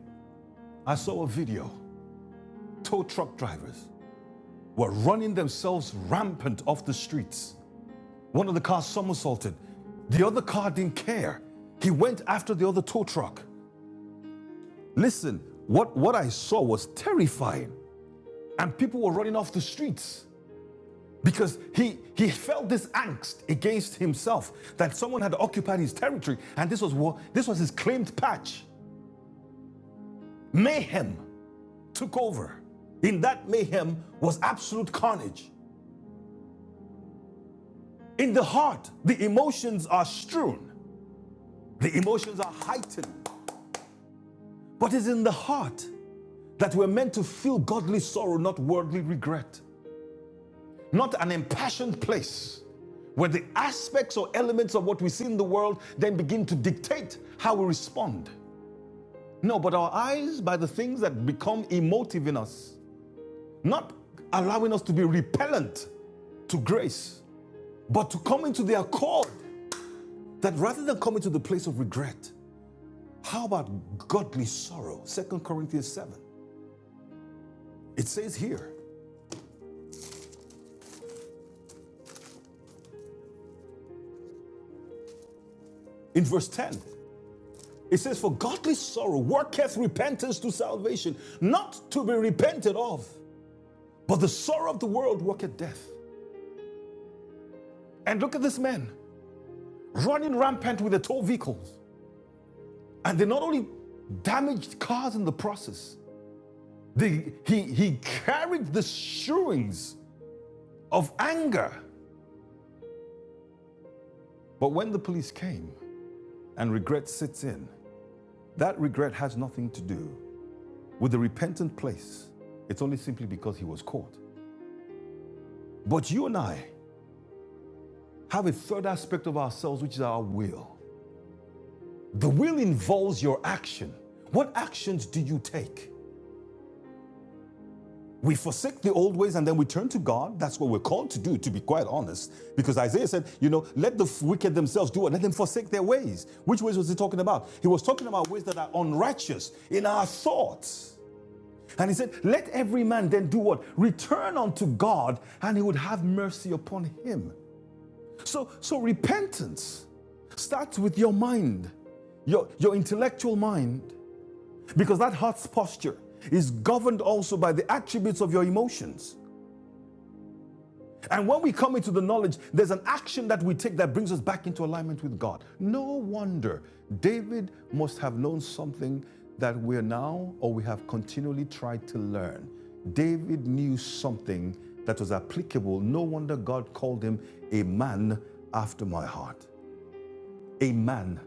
I saw a video. Tow truck drivers were running themselves rampant off the streets. One of the cars somersaulted. The other car didn't care. He went after the other tow truck. Listen, what, what I saw was terrifying. And people were running off the streets because he, he felt this angst against himself that someone had occupied his territory. And this was, what, this was his claimed patch. Mayhem took over. In that mayhem was absolute carnage. In the heart, the emotions are strewn, the emotions are heightened. But it's in the heart that we're meant to feel godly sorrow, not worldly regret. not an impassioned place where the aspects or elements of what we see in the world then begin to dictate how we respond. No, but our eyes, by the things that become emotive in us, not allowing us to be repellent to grace, but to come into the accord that rather than coming to the place of regret, how about godly sorrow? Second Corinthians 7. It says here in verse 10 It says, For godly sorrow worketh repentance to salvation, not to be repented of, but the sorrow of the world worketh death. And look at this man running rampant with the tow vehicles. And they not only damaged cars in the process, they, he, he carried the shoeings of anger. But when the police came and regret sits in, that regret has nothing to do with the repentant place. It's only simply because he was caught. But you and I, have a third aspect of ourselves, which is our will. The will involves your action. What actions do you take? We forsake the old ways and then we turn to God. That's what we're called to do, to be quite honest. Because Isaiah said, you know, let the wicked themselves do it, let them forsake their ways. Which ways was he talking about? He was talking about ways that are unrighteous in our thoughts. And he said, let every man then do what? Return unto God, and he would have mercy upon him. So, so repentance starts with your mind, your, your intellectual mind, because that heart's posture is governed also by the attributes of your emotions. And when we come into the knowledge, there's an action that we take that brings us back into alignment with God. No wonder David must have known something that we're now or we have continually tried to learn. David knew something that was applicable. No wonder God called him a man after my heart. A man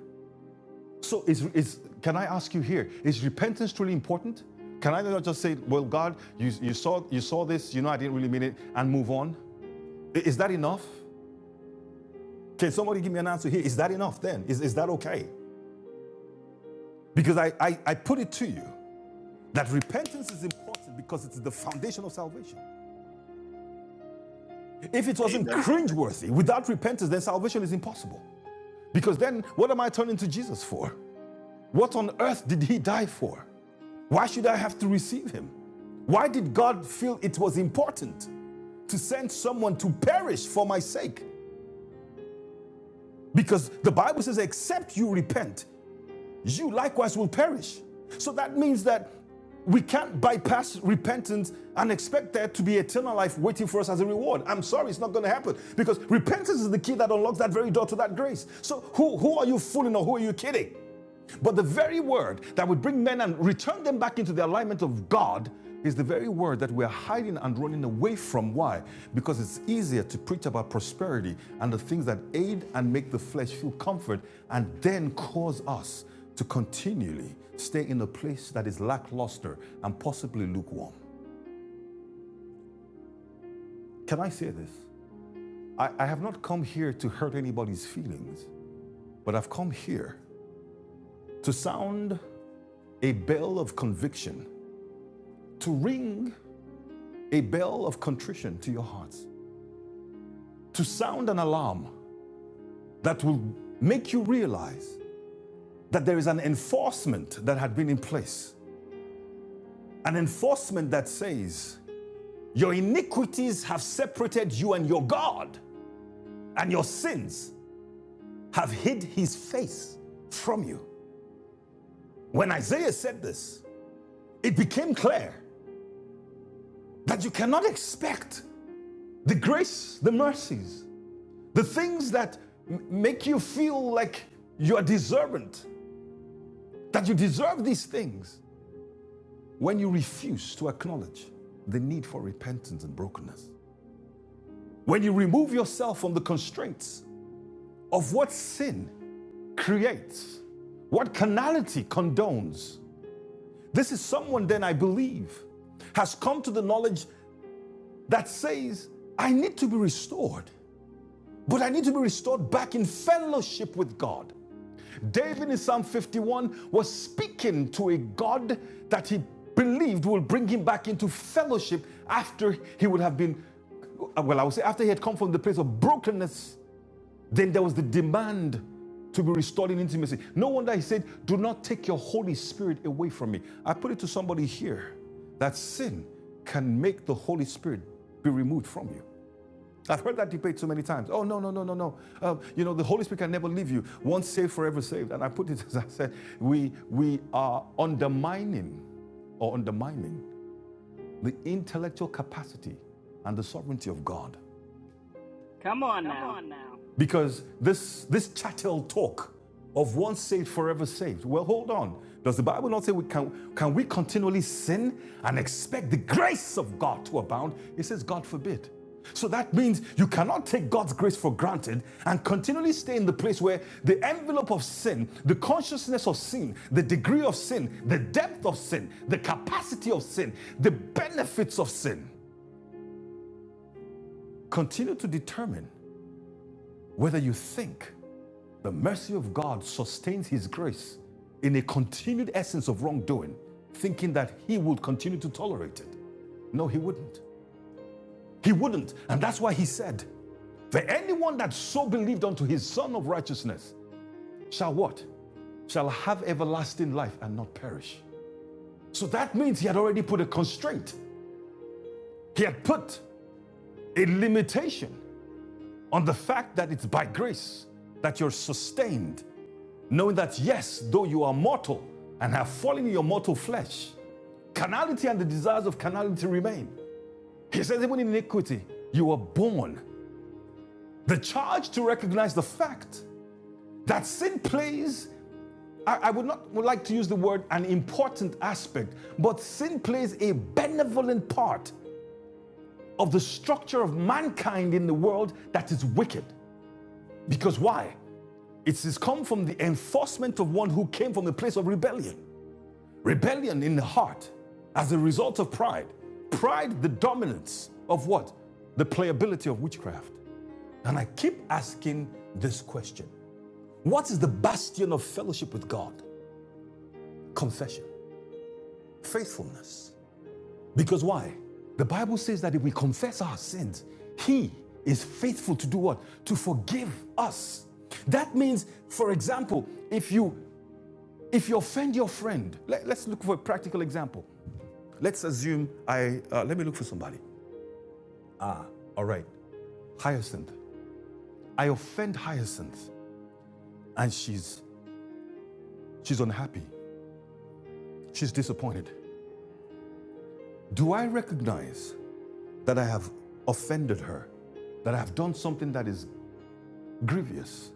So is, is can I ask you here, is repentance truly important? Can I not just say, well, God, you, you, saw, you saw this, you know I didn't really mean it, and move on? Is that enough? Can somebody give me an answer here? Is that enough then? Is, is that okay? Because I, I, I put it to you that repentance is important because it's the foundation of salvation. If it wasn't
Amen.
cringeworthy, without repentance, then salvation is impossible. Because then what am I turning to Jesus for? What on earth did he die for? Why should I have to receive him? Why did God feel it was important to send someone to perish for my sake? Because the Bible says, except you repent, you likewise will perish. So that means that we can't bypass repentance and expect there to be eternal life waiting for us as a reward. I'm sorry, it's not going to happen because repentance is the key that unlocks that very door to that grace. So who, who are you fooling or who are you kidding? But the very word that would bring men and return them back into the alignment of God is the very word that we're hiding and running away from. Why? Because it's easier to preach about prosperity and the things that aid and make the flesh feel comfort and then cause us to continually stay in a place that is lackluster and possibly lukewarm. Can I say this? I, I have not come here to hurt anybody's feelings, but I've come here to sound a bell of conviction, to ring a bell of contrition to your hearts to sound an alarm that will make you realize that there is an enforcement that had been in place. An enforcement that says, Your iniquities have separated you and your God, and your sins have hid his face from you. When Isaiah said this, it became clear that you cannot expect the grace, the mercies, the things that m- make you feel like you are deserving That you deserve these things when you refuse to acknowledge the need for repentance and brokenness. When you remove yourself from the constraints of what sin creates, what carnality condones. This is someone, then, I believe, has come to the knowledge that says, I need to be restored, but I need to be restored back in fellowship with God. David in Psalm 51 was speaking to a God that he believed will bring him back into fellowship after he would have been, well, I would say after he had come from the place of brokenness, then there was the demand to be restored in intimacy. No wonder he said, Do not take your Holy Spirit away from me. I put it to somebody here that sin can make the Holy Spirit be removed from you. I've heard that debate so many times. Oh, no, no, no, no, no. Um, you know, the Holy Spirit can never leave you. Once saved, forever saved. And I put it *laughs* as I said, we, we are undermining or undermining the intellectual capacity and the sovereignty of God.
Come on
Come
now.
on now. Because this, this chattel talk of once saved, forever saved. Well, hold on. Does the Bible not say we can, can we continually sin and expect the grace of God to abound? It says, God forbid. So that means you cannot take God's grace for granted and continually stay in the place where the envelope of sin, the consciousness of sin, the degree of sin, the depth of sin, the capacity of sin, the benefits of sin continue to determine whether you think The mercy of God sustains his grace in a continued essence of wrongdoing, thinking that he would continue to tolerate it. No, he wouldn't. He wouldn't. And that's why he said, For anyone that so believed unto his son of righteousness shall what? Shall have everlasting life and not perish. So that means he had already put a constraint. He had put a limitation on the fact that it's by grace that you're sustained knowing that yes, though you are mortal and have fallen in your mortal flesh, carnality and the desires of carnality remain. He says, even in iniquity, you were born. The charge to recognize the fact that sin plays, I, I would not would like to use the word an important aspect, but sin plays a benevolent part of the structure of mankind in the world that is wicked. Because why? It has come from the enforcement of one who came from the place of rebellion. Rebellion in the heart as a result of pride. Pride, the dominance of what? The playability of witchcraft. And I keep asking this question What is the bastion of fellowship with God? Confession, faithfulness. Because why? The Bible says that if we confess our sins, He is faithful to do what? To forgive us. That means, for example, if you if you offend your friend, let, let's look for a practical example. Let's assume I, uh, let me look for somebody. Ah, all right. Hyacinth. I offend Hyacinth and she's, she's unhappy. She's disappointed. Do I recognize that I have offended her? That I have done something that is grievous?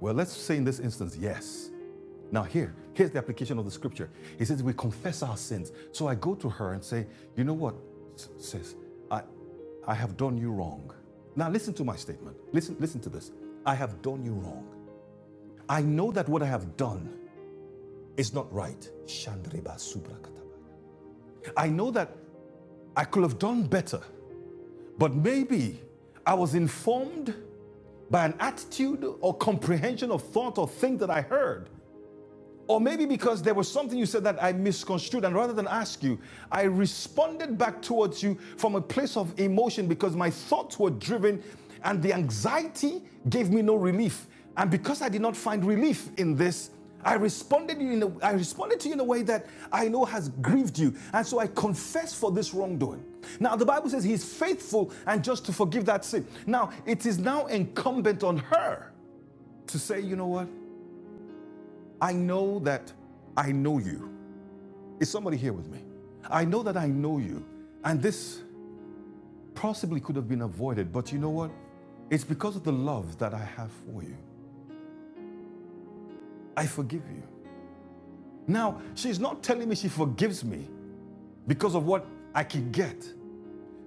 Well, let's say in this instance, yes. Now, here, here's the application of the scripture. He says, We confess our sins. So I go to her and say, You know what, S- sis, I, I have done you wrong. Now, listen to my statement. Listen, listen to this. I have done you wrong. I know that what I have done is not right. Shandriba subrakataba. I know that I could have done better, but maybe I was informed by an attitude or comprehension of thought or thing that I heard Or maybe because there was something you said that I misconstrued, and rather than ask you, I responded back towards you from a place of emotion because my thoughts were driven and the anxiety gave me no relief. And because I did not find relief in this, I responded, in a, I responded to you in a way that I know has grieved you. And so I confess for this wrongdoing. Now, the Bible says he's faithful and just to forgive that sin. Now, it is now incumbent on her to say, you know what? I know that I know you. Is somebody here with me? I know that I know you. And this possibly could have been avoided, but you know what? It's because of the love that I have for you. I forgive you. Now, she's not telling me she forgives me because of what I can get.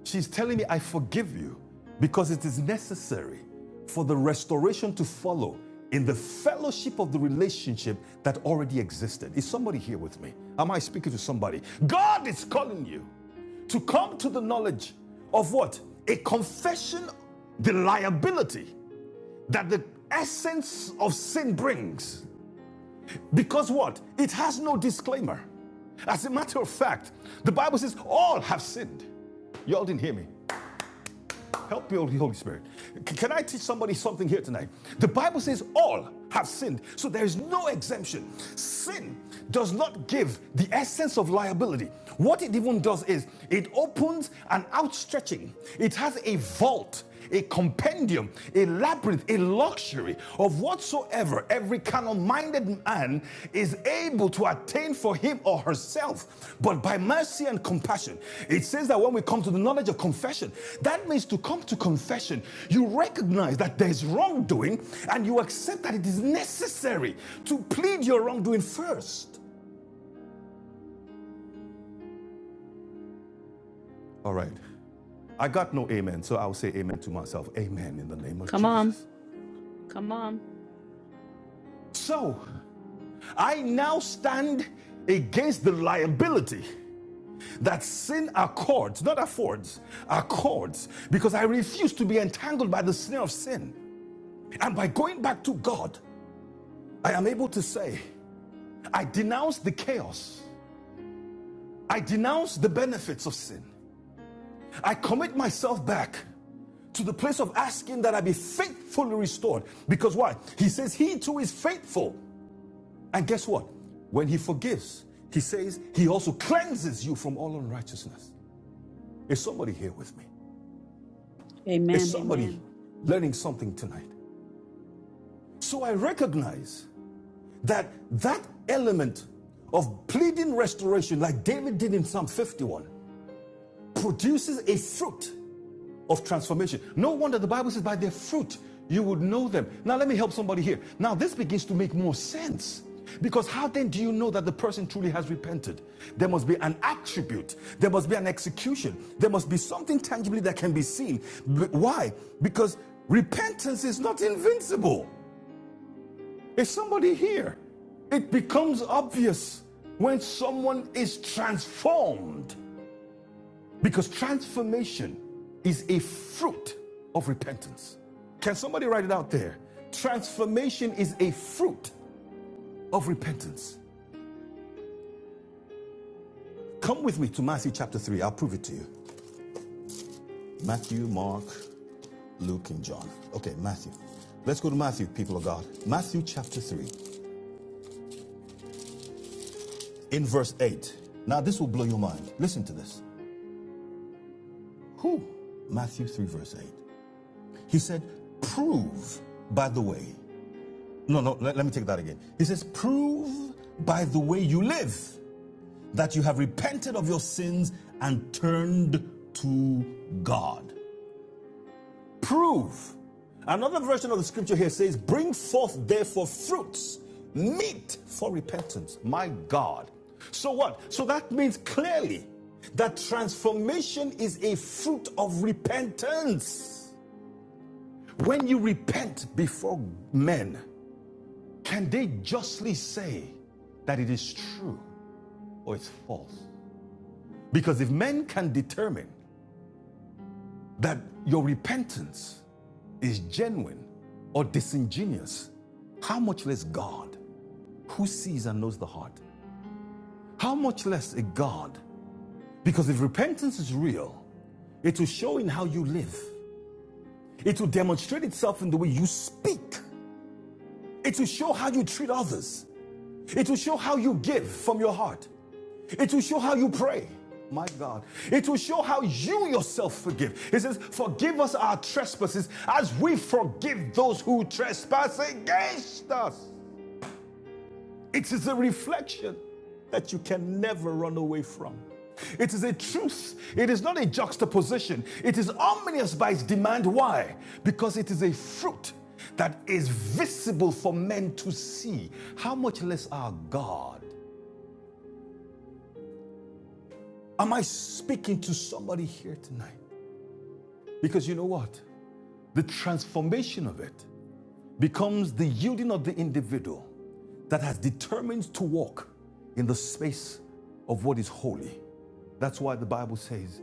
She's telling me, I forgive you because it is necessary for the restoration to follow in the fellowship of the relationship that already existed. Is somebody here with me? Am I speaking to somebody? God is calling you to come to the knowledge of what? A confession, the liability that the essence of sin brings. Because what? It has no disclaimer. As a matter of fact, the Bible says all have sinned. Y'all didn't hear me. Help me, Holy Spirit. Can I teach somebody something here tonight? The Bible says all have sinned, so there is no exemption. Sin does not give the essence of liability. What it even does is it opens an outstretching, it has a vault a compendium, a labyrinth, a luxury of whatsoever every carnal minded man is able to attain for him or herself, but by mercy and compassion. It says that when we come to the knowledge of confession, that means to come to confession, you recognize that there is wrongdoing and you accept that it is necessary to plead your wrongdoing first. All right. I got no amen, so I'll say amen to myself. Amen in the name of
Come on.
Jesus. Amen. So, I now stand against the liability that sin accords, not affords, accords, because I refuse to be entangled by the snare of sin. And by going back to God, I am able to say, I denounce the chaos, I denounce the benefits of sin, I commit myself back. To the place of asking that I be faithfully restored. Because why? He says, He too is faithful. And guess what? When He forgives, He says, He also cleanses you from all unrighteousness. Is somebody here with me? Is
Amen.
somebody Amen. learning something tonight? So I recognize that that element of pleading restoration, like David did in Psalm 51, produces a fruit of transformation. No wonder the Bible says, by their fruit you would know them. Now, let me help somebody here. Now, this begins to make more sense. Because how then do you know that the person truly has repented? There must be an attribute, there must be an execution, there must be something tangibly that can be seen. But why? Because repentance is not invincible. Is somebody here? It becomes obvious when someone is transformed. Because transformation is a fruit of repentance. Can somebody write it out there? Transformation is a fruit of repentance. Come with me to Matthew chapter 3. I'll prove it to you. Matthew, Mark, Luke, and John. Okay, Matthew. Let's go to Matthew, people of God. Matthew chapter 3, in verse 8. Now, this will blow your mind. Listen to this. Who? Matthew 3, verse 8. He said, Prove, by the way, No, no, let, let me take that again. He says, Prove by the way you live that you have repented of your sins and turned to God. Prove. Another version of the scripture here says, Bring forth therefore fruits, meet for repentance. My God. So what? So that means clearly that transformation is a fruit of repentance. When you repent before men, Can they justly say that it is true or it's false? Because if men can determine that your repentance is genuine or disingenuous, how much less God, who sees and knows the heart? How much less a God? Because if repentance is real, it will show in how you live, it will demonstrate itself in the way you speak, it will show how you treat others, it will show how you give from your heart. It will show how you pray. My God. It will show how you yourself forgive. It says, Forgive us our trespasses as we forgive those who trespass against us. It is a reflection that you can never run away from. It is a truth. It is not a juxtaposition. It is ominous by its demand. Why? Because it is a fruit that is visible for men to see. How much less our God? Am I speaking to somebody here tonight? Because you know what? The transformation of it becomes the yielding of the individual that has determined to walk in the space of what is holy. That's why the Bible says,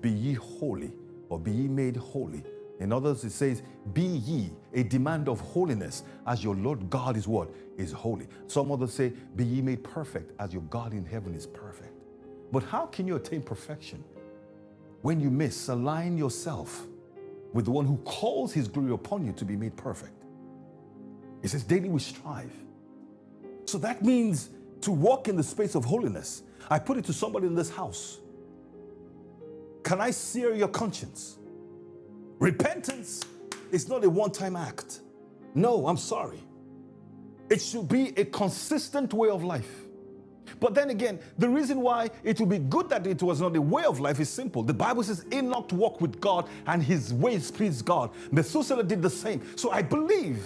Be ye holy, or be ye made holy. In others, it says, Be ye a demand of holiness, as your Lord God is what? Is holy. Some others say, Be ye made perfect, as your God in heaven is perfect. But how can you attain perfection when you misalign yourself with the one who calls his glory upon you to be made perfect. It says, daily we strive. So that means to walk in the space of holiness. I put it to somebody in this house. Can I sear your conscience? Repentance is not a one time act. No, I'm sorry. It should be a consistent way of life. But then again, the reason why it would be good that it was not a way of life is simple. The Bible says Enoch walked with God and his ways pleased God. Methuselah did the same. So I believe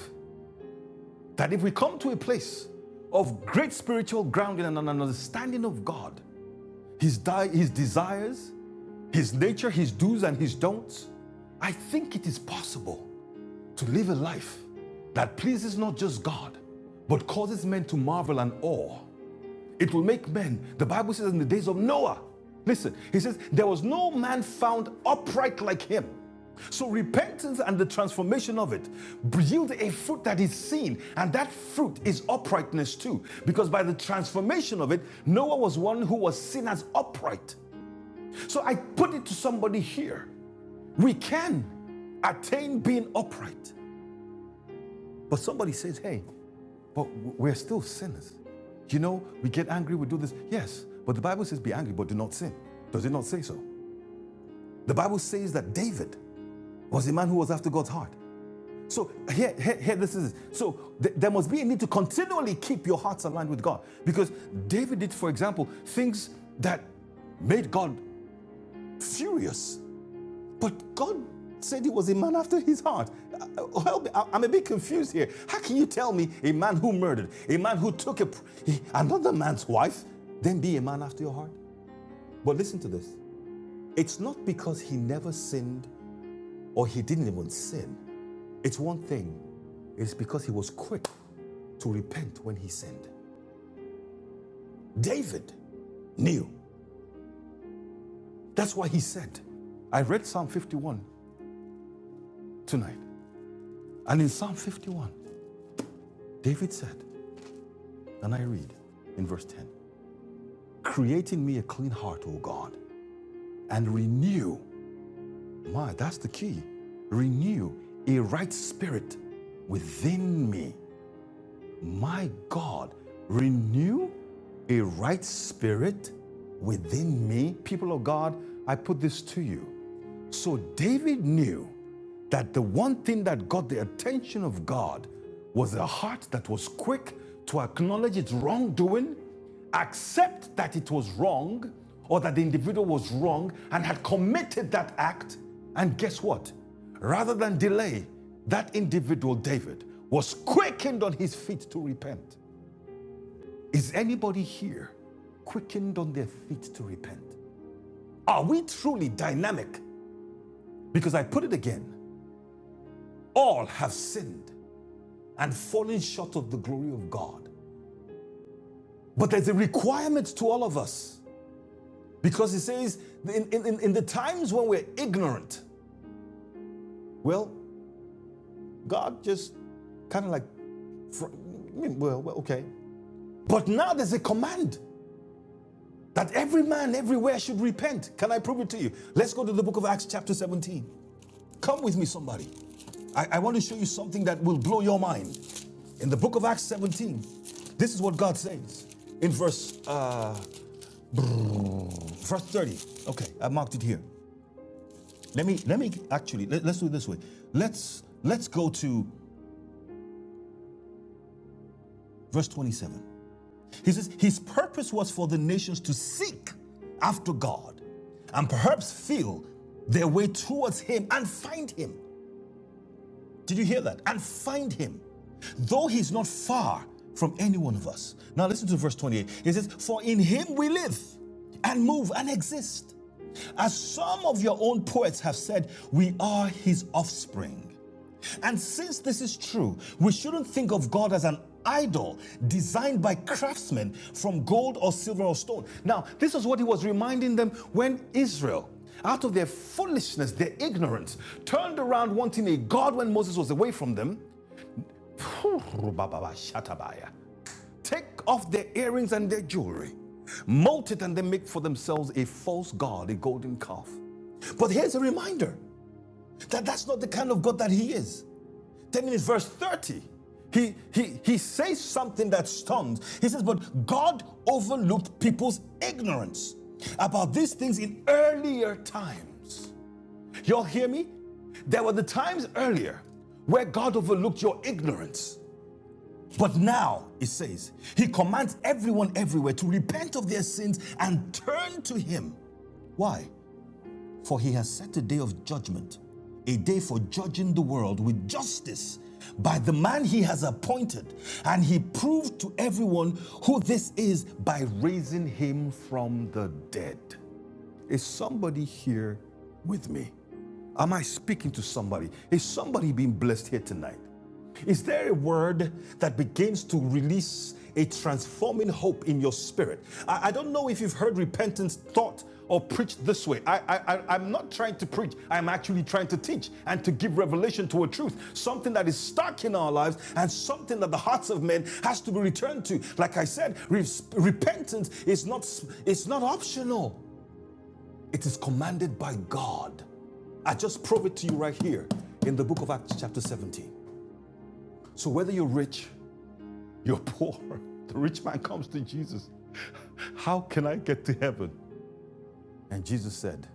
That if we come to a place of great spiritual grounding and an understanding of God, His, di- his desires, His nature, His do's and His don'ts, I think it is possible to live a life that pleases not just God, but causes men to marvel and awe it will make men. The Bible says in the days of Noah, listen, he says, there was no man found upright like him. So repentance and the transformation of it yield a fruit that is seen, and that fruit is uprightness too. Because by the transformation of it, Noah was one who was seen as upright. So I put it to somebody here. We can attain being upright. But somebody says, hey, but we're still sinners. You know, we get angry, we do this. Yes, but the Bible says be angry, but do not sin. Does it not say so? The Bible says that David was a man who was after God's heart. So here, here, here this is. So th- there must be a need to continually keep your hearts aligned with God. Because David did, for example, things that made God furious. But God said he was a man after his heart. Uh, Help me, I- am a bit confused here. How can you tell me a man who murdered, a man who took a, another man's wife, then be a man after your heart? But listen to this. It's not because he never sinned or he didn't even sin. It's one thing. It's because he was quick to repent when he sinned. David knew. That's why he said, I read Psalm 51 tonight. And in Psalm 51, David said, And I read in verse 10 Create in me a clean heart, O God, and renew, my, that's the key, renew a right spirit within me. My God, renew a right spirit within me. People of God, I put this to you. So David knew that the one thing that got the attention of God was a heart that was quick to acknowledge its wrongdoing accept that it was wrong or that the individual was wrong and had committed that act. And guess what? Rather than delay, that individual, David, was quickened on his feet to repent. Is anybody here quickened on their feet to repent? Are we truly dynamic? Because I put it again all have sinned and fallen short of the glory of God. But there's a requirement to all of us Because it says, in, in, in the times when we're ignorant, well, God just kind of like, well, well, okay. But now there's a command that every man everywhere should repent. Can I prove it to you? Let's go to the book of Acts, chapter 17. Come with me, somebody. I, I want to show you something that will blow your mind. In the book of Acts 17, this is what God says in verse, uh, verse 30. Okay, I marked it here. Let me let me actually let, us do it this way. Let's let's go to verse 27. He says, His purpose was for the nations to seek after God and perhaps feel their way towards him and find him. Did you hear that? And find him. Though he's not far from any one of us. Now listen to verse 28. It says, For in him we live and move and exist. As some of your own poets have said, we are his offspring. And since this is true, we shouldn't think of God as an idol designed by craftsmen from gold or silver or stone. Now, this is what he was reminding them when Israel, out of their foolishness, their ignorance, turned around wanting a God when Moses was away from them. Take off their earrings and their jewelry, mold it, and they make for themselves a false God, a golden calf. But here's a reminder that that's not the kind of God that he is. Then in verse 30, he, he, he says something that stuns. He says, But God overlooked people's ignorance about these things in earlier times. Y'all hear me? There were the times earlier where God overlooked your ignorance. But now, it says, He commands everyone everywhere to repent of their sins and turn to Him. Why? For he has set a day of judgment, a day for judging the world with justice by the man he has appointed. And he proved to everyone who this is by raising him from the dead. Is somebody here with me? Am I speaking to somebody? Is somebody being blessed here tonight? Is there a word that begins to release a transforming hope in your spirit? I, I don't know if you've heard repentance taught or preached this way. I, I, I- am not trying to preach, I'm actually trying to teach and to give revelation to a truth, something that is stuck in our lives and something that the hearts of men has to be returned to. Like I said, re- repentance is not, It's not optional. It is commanded by God. I just prove it to you right here in the book of Acts, chapter 17. So, whether you're rich, you're poor, *laughs* the rich man comes to Jesus. How can I get to heaven? And Jesus said,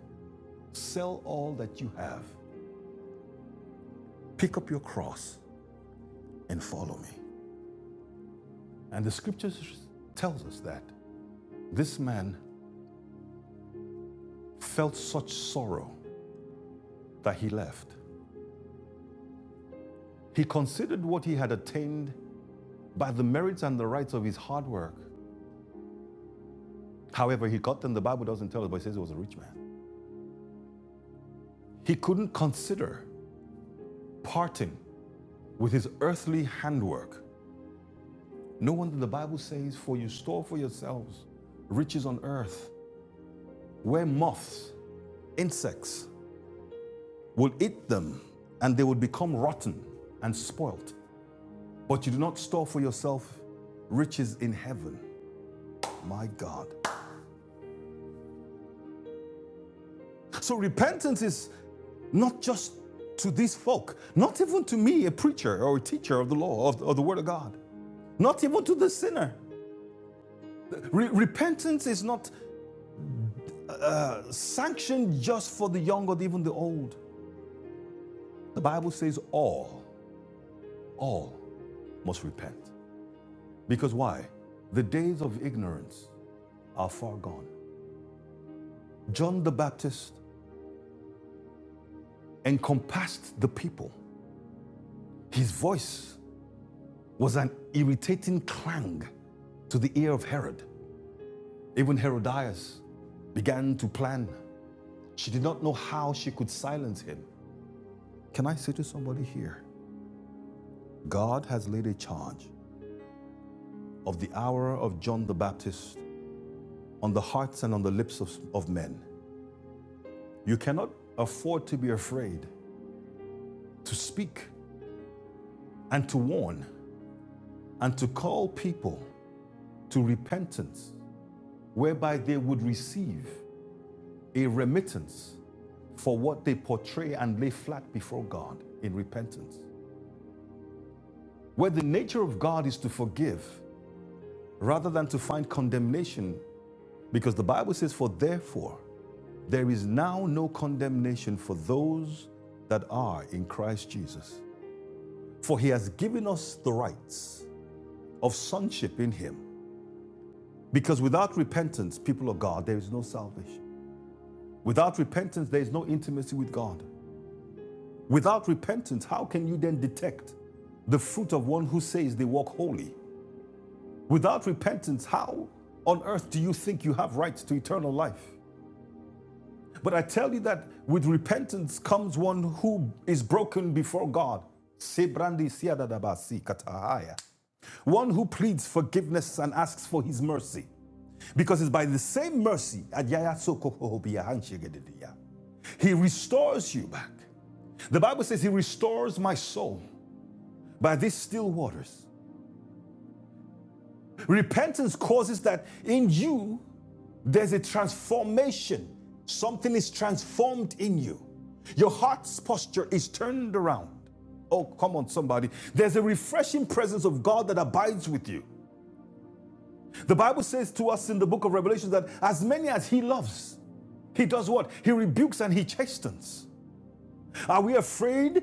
Sell all that you have, pick up your cross, and follow me. And the scriptures tells us that this man felt such sorrow that he left. He considered what he had attained by the merits and the rights of his hard work However, he got them, the Bible doesn't tell us, but it says he was a rich man. He couldn't consider parting with his earthly handwork. No wonder the Bible says, For you store for yourselves riches on earth, where moths, insects will eat them, and they will become rotten and spoilt. But you do not store for yourself riches in heaven. My God. So repentance is not just to these folk, not even to me, a preacher or a teacher of the law, of, the, of the Word of God. not even to the sinner. Re- repentance is not sanctioned just for the young or even the old. The Bible says all, all must repent. Because why? The days of ignorance are far gone. John the Baptist encompassed the people. His voice was an irritating clang to the ear of Herod. Even Herodias began to plan. She did not know how she could silence him. Can I say to somebody here, God has laid a charge of the hour of John the Baptist on the hearts and on the lips of, of men. You cannot afford to be afraid to speak and to warn and to call people to repentance, whereby they would receive a remittance for what they portray and lay flat before God in repentance. Where the nature of God is to forgive rather than to find condemnation, because the Bible says, For therefore, There is now no condemnation for those that are in Christ Jesus. For he has given us the rights of sonship in him. Because without repentance, people of God, there is no salvation. Without repentance, there is no intimacy with God. Without repentance, how can you then detect the fruit of one who says they walk holy? Without repentance, how on earth do you think you have rights to eternal life? But I tell you that with repentance comes one who is broken before God. Sebrandi siadadabasi katahaya. One who pleads forgiveness and asks for his mercy. Because it's by the same mercy, adiyaya sokohohobia hanshigedidiya. he restores you back. The Bible says, He restores my soul by these still waters. Repentance causes that in you There's a transformation. Something is transformed in you. Your heart's posture is turned around. Oh, come on, somebody. There's a refreshing presence of God that abides with you. The Bible says to us in the book of Revelation that as many as He loves, He does what? He rebukes and He chastens. Are we afraid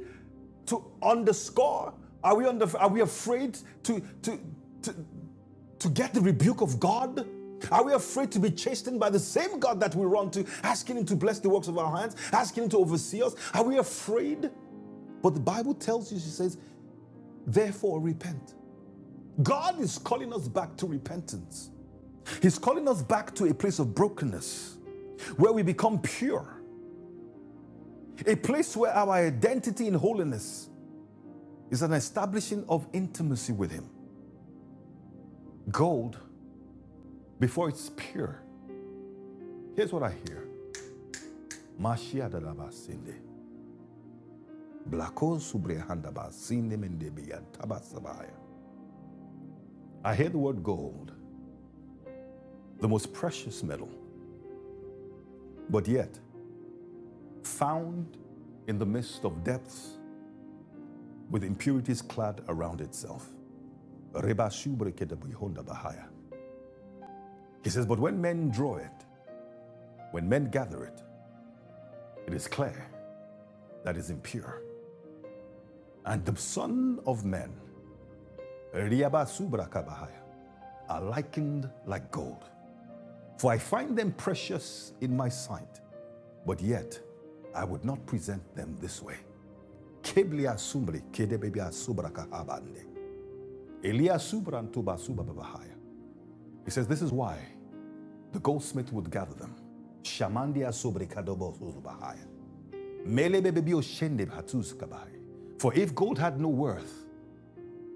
to underscore? Are we, under, are we afraid to, to, to, to get the rebuke of God? Are we afraid to be chastened by the same God that we run to, asking Him to bless the works of our hands, asking Him to oversee us? Are we afraid? But the Bible tells you, she says, therefore repent. God is calling us back to repentance. He's calling us back to a place of brokenness where we become pure, a place where our identity in holiness is an establishing of intimacy with Him. Gold, before it's pure, here's what I hear. Mashiach Dalabasinde. I hear the word gold, the most precious metal, but yet found in the midst of depths with impurities clad around itself. He says, But when men draw it, when men gather it, it is clear that is impure. And the son of men, Riaba are likened like gold. For I find them precious in my sight. But yet, I would not present them this way. Keblia sumbri, kedebebia subraka abande. Elia subran tuba subababahaya. He says, This is why the goldsmith would gather them. Shamandia sobre kadobo suzubahaya. Melebebebio shende hatuz kabahaya. For if gold had no worth,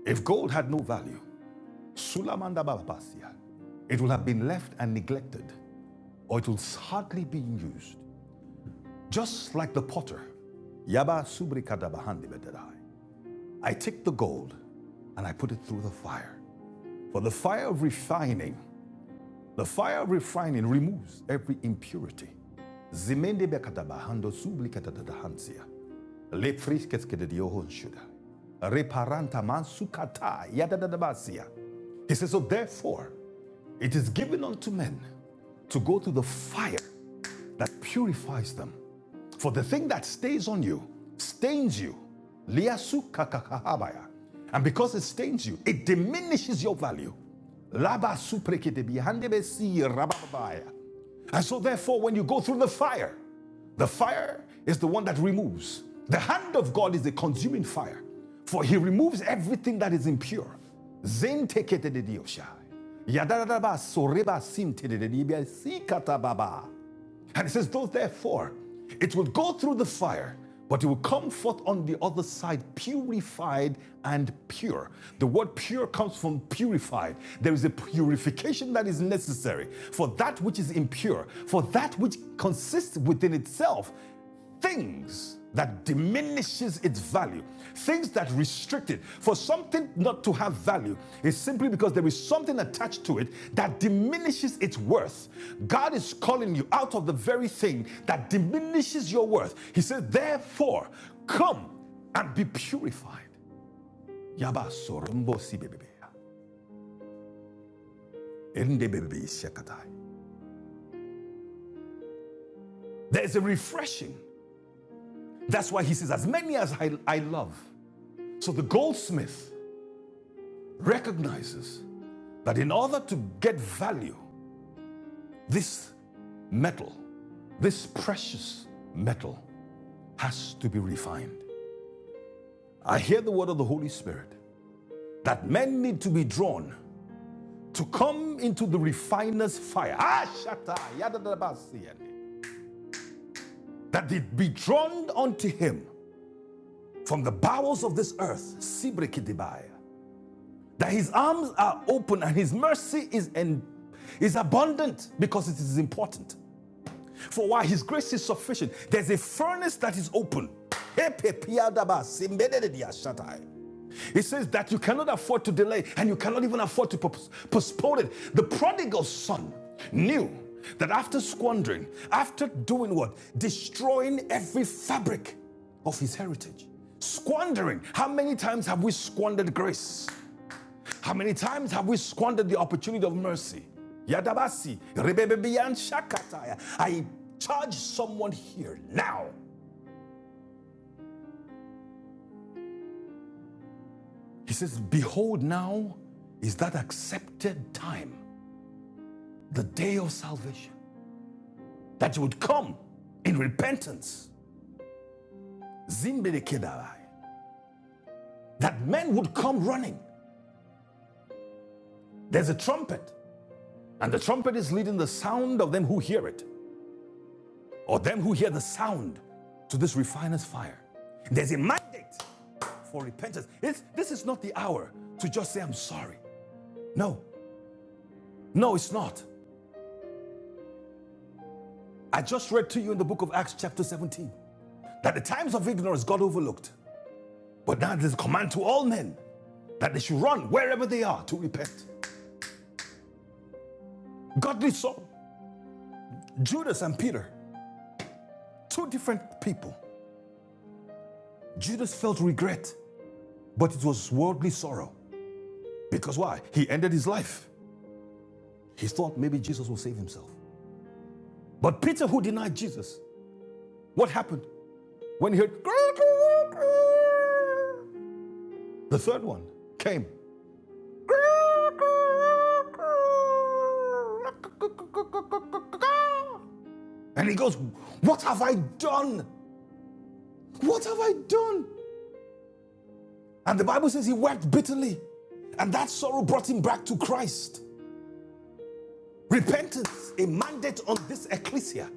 if gold had no value, sulamanda babapasia, it will have been left and neglected, or it will hardly be used. Just like the potter Yaba subri kadabahandi bededai. I take the gold and I put it through the fire. For the fire of refining, the fire of refining removes every impurity. He says, So therefore, it is given unto men to go through the fire that purifies them. For the thing that stays on you stains you. Liasu kakakahabaya. And because it stains you, it diminishes your value. Laba suprekedebe, handebesi rababaya, And so, therefore, when you go through the fire, the fire is the one that removes. The hand of God is the consuming fire, for he removes everything that is impure. Zen tekete de dioshai. Yadadadaba soreba sinte de de dibia si katababa. And it says, Though therefore it will go through the fire, but it will come forth on the other side purified and pure. The word pure comes from purified. There is a purification that is necessary for that which is impure, for that which consists within itself things that diminishes its value things that restrict it for something not to have value is simply because there is something attached to it that diminishes its worth god is calling you out of the very thing that diminishes your worth he says therefore come and be purified si there is a refreshing that's why he says as many as I I love so the goldsmith recognizes that in order to get value, this metal, this precious metal, has to be refined. I hear the word of the Holy Spirit that men need to be drawn to come into the refiner's fire. Ah, That they be drawn unto him from the bowels of this earth. That his arms are open and his mercy is, en- is abundant because it is important. For why his grace is sufficient. There's a furnace that is open. It says that you cannot afford to delay and you cannot even afford to postpone it. The prodigal son knew that after squandering, after doing what? Destroying every fabric of his heritage. Squandering. How many times have we squandered grace? How many times have we squandered the opportunity of mercy? Yadabasi, rebebebian shakataya. I charge someone here now. He says, Behold, now is that accepted time, the day of salvation, that you would come in repentance. Zimbedekedarai. That men would come running. There's a trumpet, and the trumpet is leading the sound of them who hear it. or them who hear the sound to this refiner's fire. There's a mandate for repentance. It's, this is not the hour to just say, I'm sorry. No, no, it's not. I just read to you in the book of Acts, chapter 17, that the times of ignorance God overlooked. But now there's a command to all men that they should run wherever they are to repent. Godly sorrow. Judas, and Peter, two different people. Judas felt regret, but it was worldly sorrow. Because why? He ended his life. He thought maybe Jesus will save himself. But Peter, who denied Jesus, what happened when he heard? The third one came. And he goes, What have I done? What have I done? And the Bible says he wept bitterly. And that sorrow brought him back to Christ. Repentance, a mandate on this ecclesia.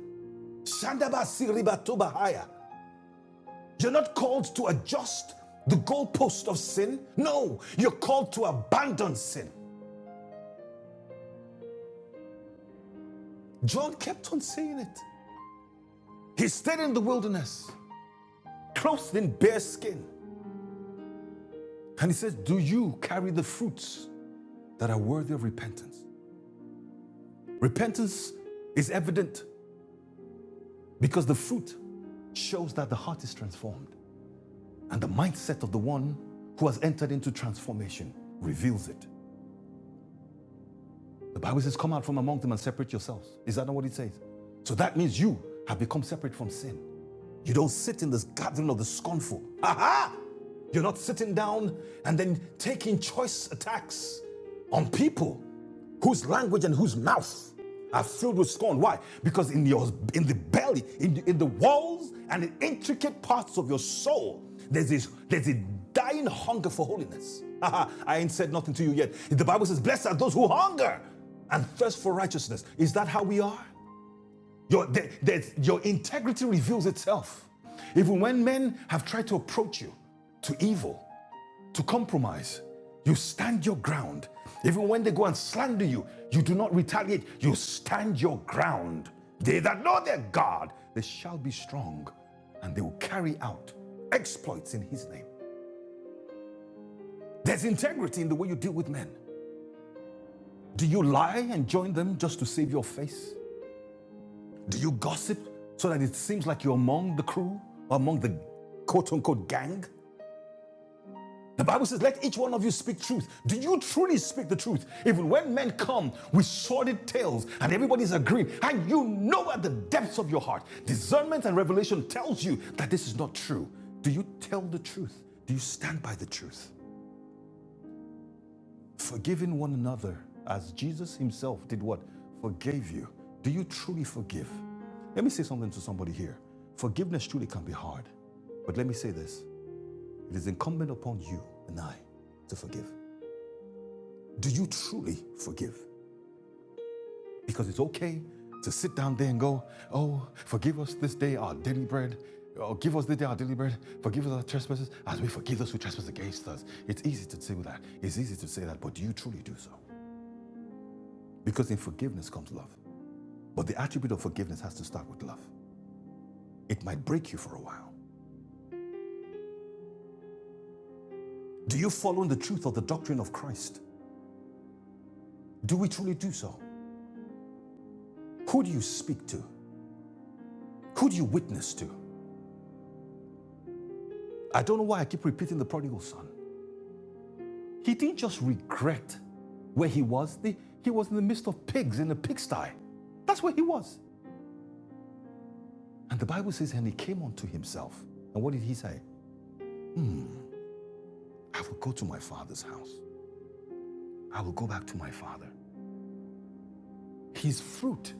Shandaba siriba tobahaya. You're not called to adjust the goalpost of sin. No, you're called to abandon sin. John kept on saying it. He stayed in the wilderness, clothed in bare skin. And he says, Do you carry the fruits that are worthy of repentance? Repentance is evident because the fruit shows that the heart is transformed. And the mindset of the one who has entered into transformation reveals it. The Bible says, Come out from among them and separate yourselves. Is that not what it says? So that means you have become separate from sin. You don't sit in this gathering of the scornful. Aha! You're not sitting down and then taking choice attacks on people whose language and whose mouth are filled with scorn. Why? Because in your in the belly, in the, in the walls and the intricate parts of your soul, there's this there's a dying hunger for holiness. Aha, I ain't said nothing to you yet. The Bible says, "Blessed are those who hunger and thirst for righteousness." Is that how we are? Your, there- there's- your integrity reveals itself. Even when men have tried to approach you to evil, to compromise, you stand your ground. Even when they go and slander you, you do not retaliate. You stand your ground. They that know their God, they shall be strong and they will carry out exploits in his name. There's integrity in the way you deal with men. Do you lie and join them just to save your face? Do you gossip so that it seems like you're among the crew or among the quote unquote gang? The Bible says, let each one of you speak truth. Do you truly speak the truth? Even when men come with sordid tales and everybody's agreeing, and you know at the depths of your heart, discernment and revelation tells you that this is not true. Do you tell the truth? Do you stand by the truth? Forgiving one another as Jesus himself did what? Forgave you. Do you truly forgive? Let me say something to somebody here. Forgiveness truly can be hard. But let me say this it is incumbent upon you and I to forgive. Do you truly forgive? Because it's okay to sit down there and go, Oh, forgive us this day our daily bread. Oh, give us this day our daily bread. Forgive us our trespasses as we forgive those who trespass against us. It's easy to say that. It's easy to say that, but do you truly do so? Because in forgiveness comes love. But the attribute of forgiveness has to start with love. It might break you for a while. Do you follow in the truth of the doctrine of Christ? Do we truly do so? Who do you speak to? Who do you witness to? I don't know why I keep repeating the prodigal son. He didn't just regret where he was, the- he was in the midst of pigs in a pigsty. That's where he was. And the Bible says, and he came unto himself. And what did he say? I will go to my father's house. I will go back to my father. His fruit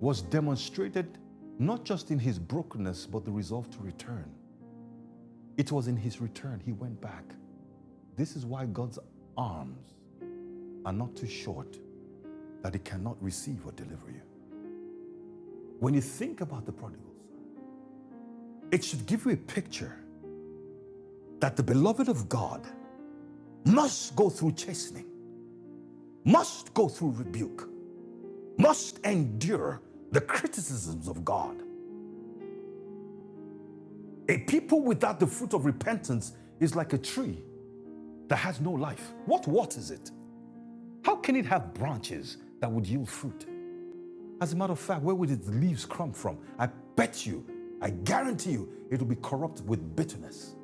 was demonstrated not just in his brokenness, but the resolve to return. It was in his return he went back. This is why God's arms are not too short that he cannot receive or deliver you. When you think about the prodigal son, it should give you a picture that the beloved of God must go through chastening, must go through rebuke, must endure the criticisms of God. A people without the fruit of repentance is like a tree that has no life. What waters it? How can it have branches that would yield fruit? As a matter of fact, where would its leaves come from? I bet you, I guarantee you, it will be corrupt with bitterness.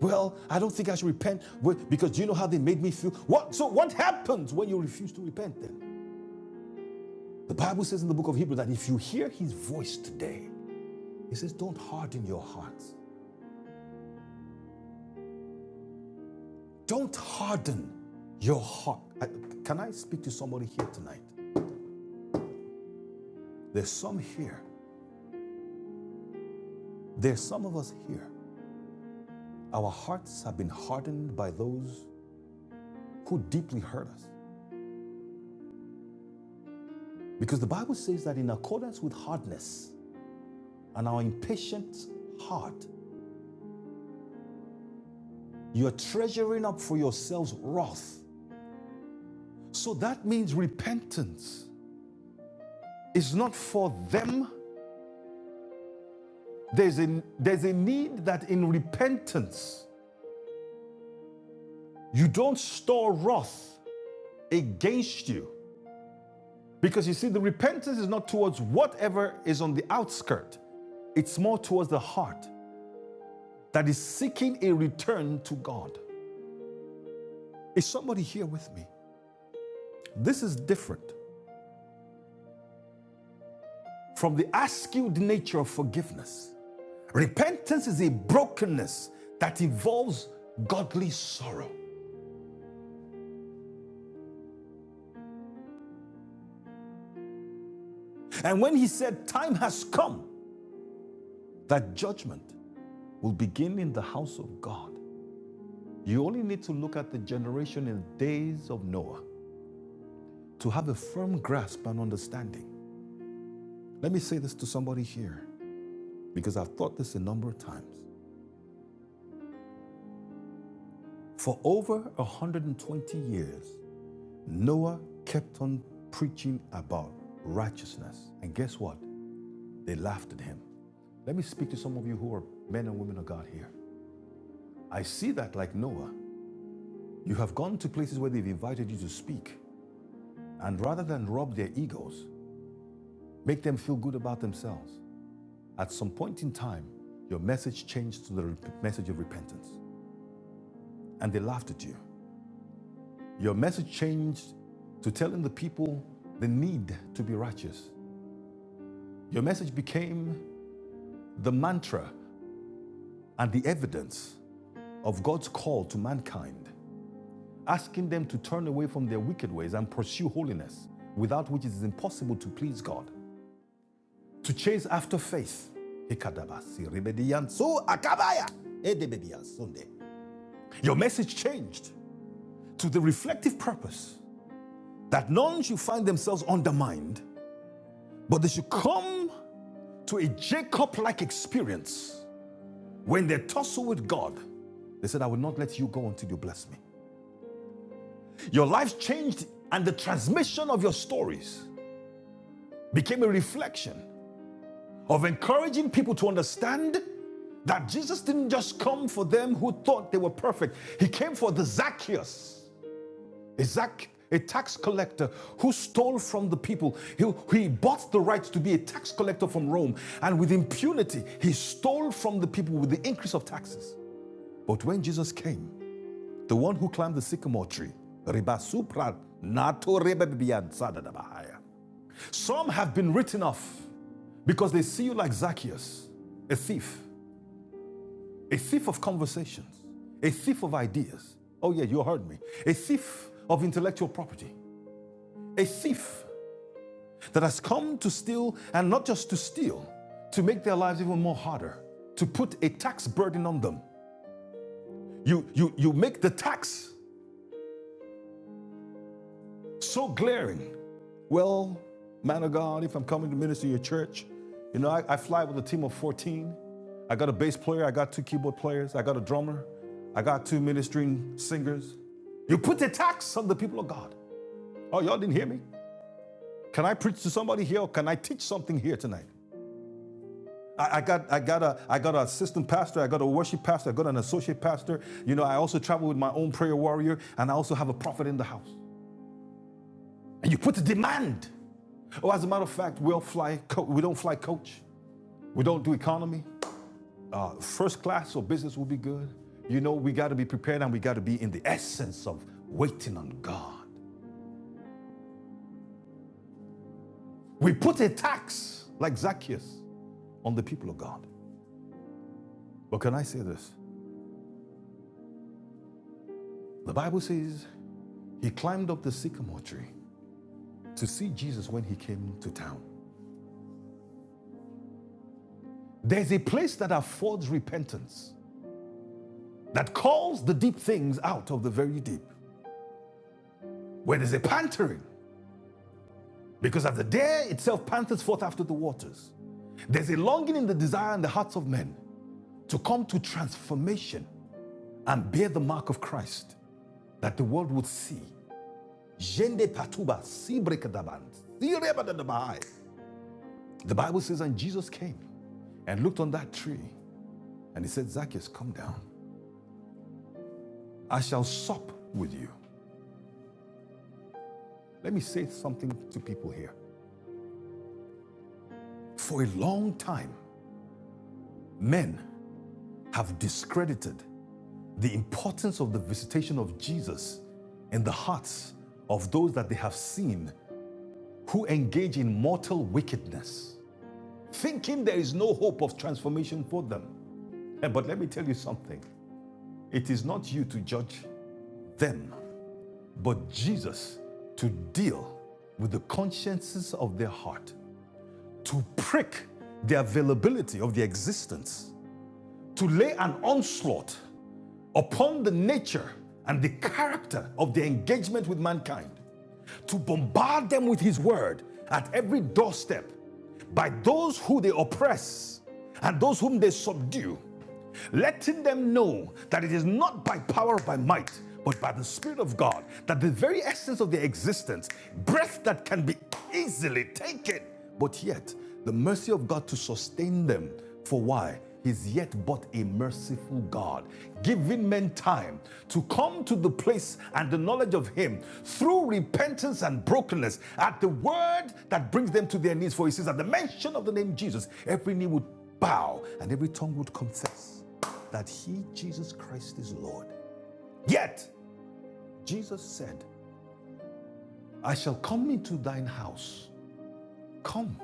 Well, I don't think I should repent well, because do you know how they made me feel? What? So, what happens when you refuse to repent then? The Bible says in the book of Hebrew that if you hear his voice today, he says, don't harden your hearts. Don't harden your heart. I- can I speak to somebody here tonight? There's some here. There's some of us here Our hearts have been hardened by those who deeply hurt us. Because the Bible says that in accordance with hardness and our impatient heart, you are treasuring up for yourselves wrath. So that means repentance is not for them. There's a, there's a need that in repentance, you don't store wrath against you. Because you see, the repentance is not towards whatever is on the outskirt, it's more towards the heart. that is seeking a return to God. Is somebody here with me? This is different from the askewed nature of forgiveness. Repentance is a brokenness that involves godly sorrow. And when he said, Time has come, that judgment will begin in the house of God. You only need to look at the generation in the days of Noah to have a firm grasp and understanding. Let me say this to somebody here because I've thought this a number of times. For over 120 years, Noah kept on preaching about righteousness. And guess what? They laughed at him. Let me speak to some of you who are men and women of God here. I see that, like Noah, you have gone to places where they've invited you to speak, and rather than rub their egos, make them feel good about themselves, at some point in time, your message changed to the message of repentance, and they laughed at you. Your message changed to telling the people the need to be righteous. Your message became the mantra and the evidence of God's call to mankind, asking them to turn away from their wicked ways and pursue holiness, without which it is impossible to please God. To chase after faith. Your message changed to the reflective purpose that none should find themselves undermined, but they should come to a Jacob like experience when they tussle with God. They said, I will not let you go until you bless me. Your life changed, and the transmission of your stories became a reflection of encouraging people to understand that Jesus didn't just come for them who thought they were perfect, He came for the Zacchaeus. A Zac- a tax collector who stole from the people. He, he bought the right to be a tax collector from Rome, and with impunity, he stole from the people with the increase of taxes. But when Jesus came, the one who climbed the sycamore tree, Some have been written off because they see you like Zacchaeus, a thief, a thief of conversations, a thief of ideas. Oh, yeah, you heard me. A thief of intellectual property, a thief that has come to steal and not just to steal, to make their lives even more harder, to put a tax burden on them. You, you, you make the tax so glaring Well, man of God, if I'm coming to minister to your church, you know, I, I fly with a team of 14. I got a bass player, I got two keyboard players, I got a drummer, I got two ministering singers. You put the tax on the people of God. Oh, y'all didn't hear me? Can I preach to somebody here or can I teach something here tonight? I, I got I got a I got an assistant pastor, I got a worship pastor, I got an associate pastor. You know, I also travel with my own prayer warrior, and I also have a prophet in the house. And you put the demand. Oh, as a matter of fact, we'll fly co- we don't fly coach. We don't do economy. Uh, First class or business will be good. You know, we got to be prepared and we got to be in the essence of waiting on God. We put a tax like Zacchaeus on the people of God. But can I say this? The Bible says he climbed up the sycamore tree to see Jesus when he came to town. There's a place that affords repentance, that calls the deep things out of the very deep, where there's a pantering, because as the day itself panthers forth after the waters. There's a longing in the desire in the hearts of men to come to transformation and bear the mark of Christ that the world would see. The Bible says, and Jesus came and looked on that tree and he said, Zacchaeus, come down. I shall sup with you. Let me say something to people here. For a long time, men have discredited the importance of the visitation of Jesus in the hearts of those that they have seen who engage in mortal wickedness, thinking there is no hope of transformation for them. Eh, But let me tell you something it is not you to judge them, but Jesus to deal with the consciences of their heart, to prick the availability of their existence, to lay an onslaught upon the nature and the character of their engagement with mankind, to bombard them with His word at every doorstep by those who they oppress and those whom they subdue, letting them know that it is not by power or by might, but by the Spirit of God, that the very essence of their existence, breath that can be easily taken, but yet the mercy of God to sustain them. For why? He's yet but a merciful God, giving men time to come to the place and the knowledge of Him through repentance and brokenness at the word that brings them to their knees. For He says, at the mention of the name Jesus, every knee would bow and every tongue would confess that He, Jesus Christ, is Lord. Yet, Jesus said, I shall come into thine house. Come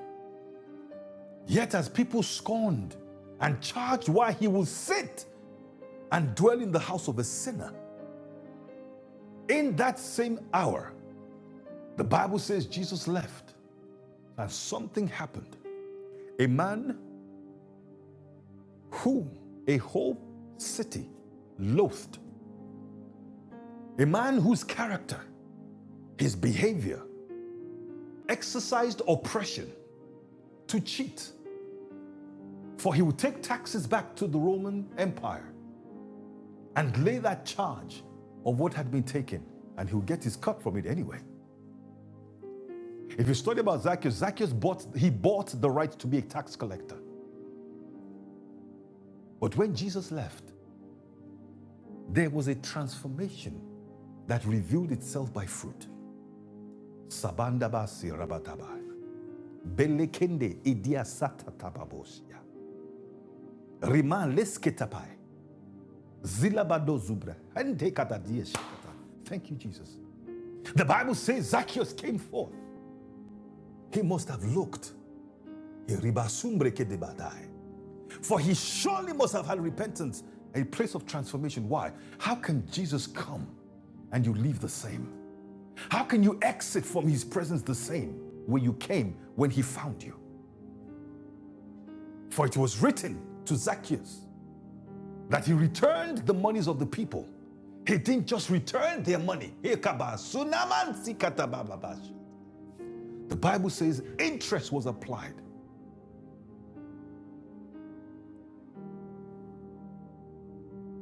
Yet, as people scorned and charged why he will sit and dwell in the house of a sinner, in that same hour, the Bible says Jesus left and something happened. A man whom a whole city loathed, a man whose character, his behavior, exercised oppression to cheat, for he would take taxes back to the Roman Empire and lay that charge of what had been taken, and he would get his cut from it anyway. If you study about Zacchaeus, Zacchaeus bought, he bought the right to be a tax collector. But when Jesus left, there was a transformation that revealed itself by fruit. Sabandabasi rabatabai. Belekende idiasatatababosia. Rima lesketapai. Zilabado zubra. Hentekatadieshakata. Thank you, Jesus. The Bible says Zacchaeus came forth. He must have looked. Iribasumbrekedebadai. For he surely must have had repentance, a place of transformation. Why? How can Jesus come and you leave the same? How can you exit from his presence the same way you came when he found you? For it was written to Zacchaeus that he returned the monies of the people. He didn't just return their money. The Bible says interest was applied.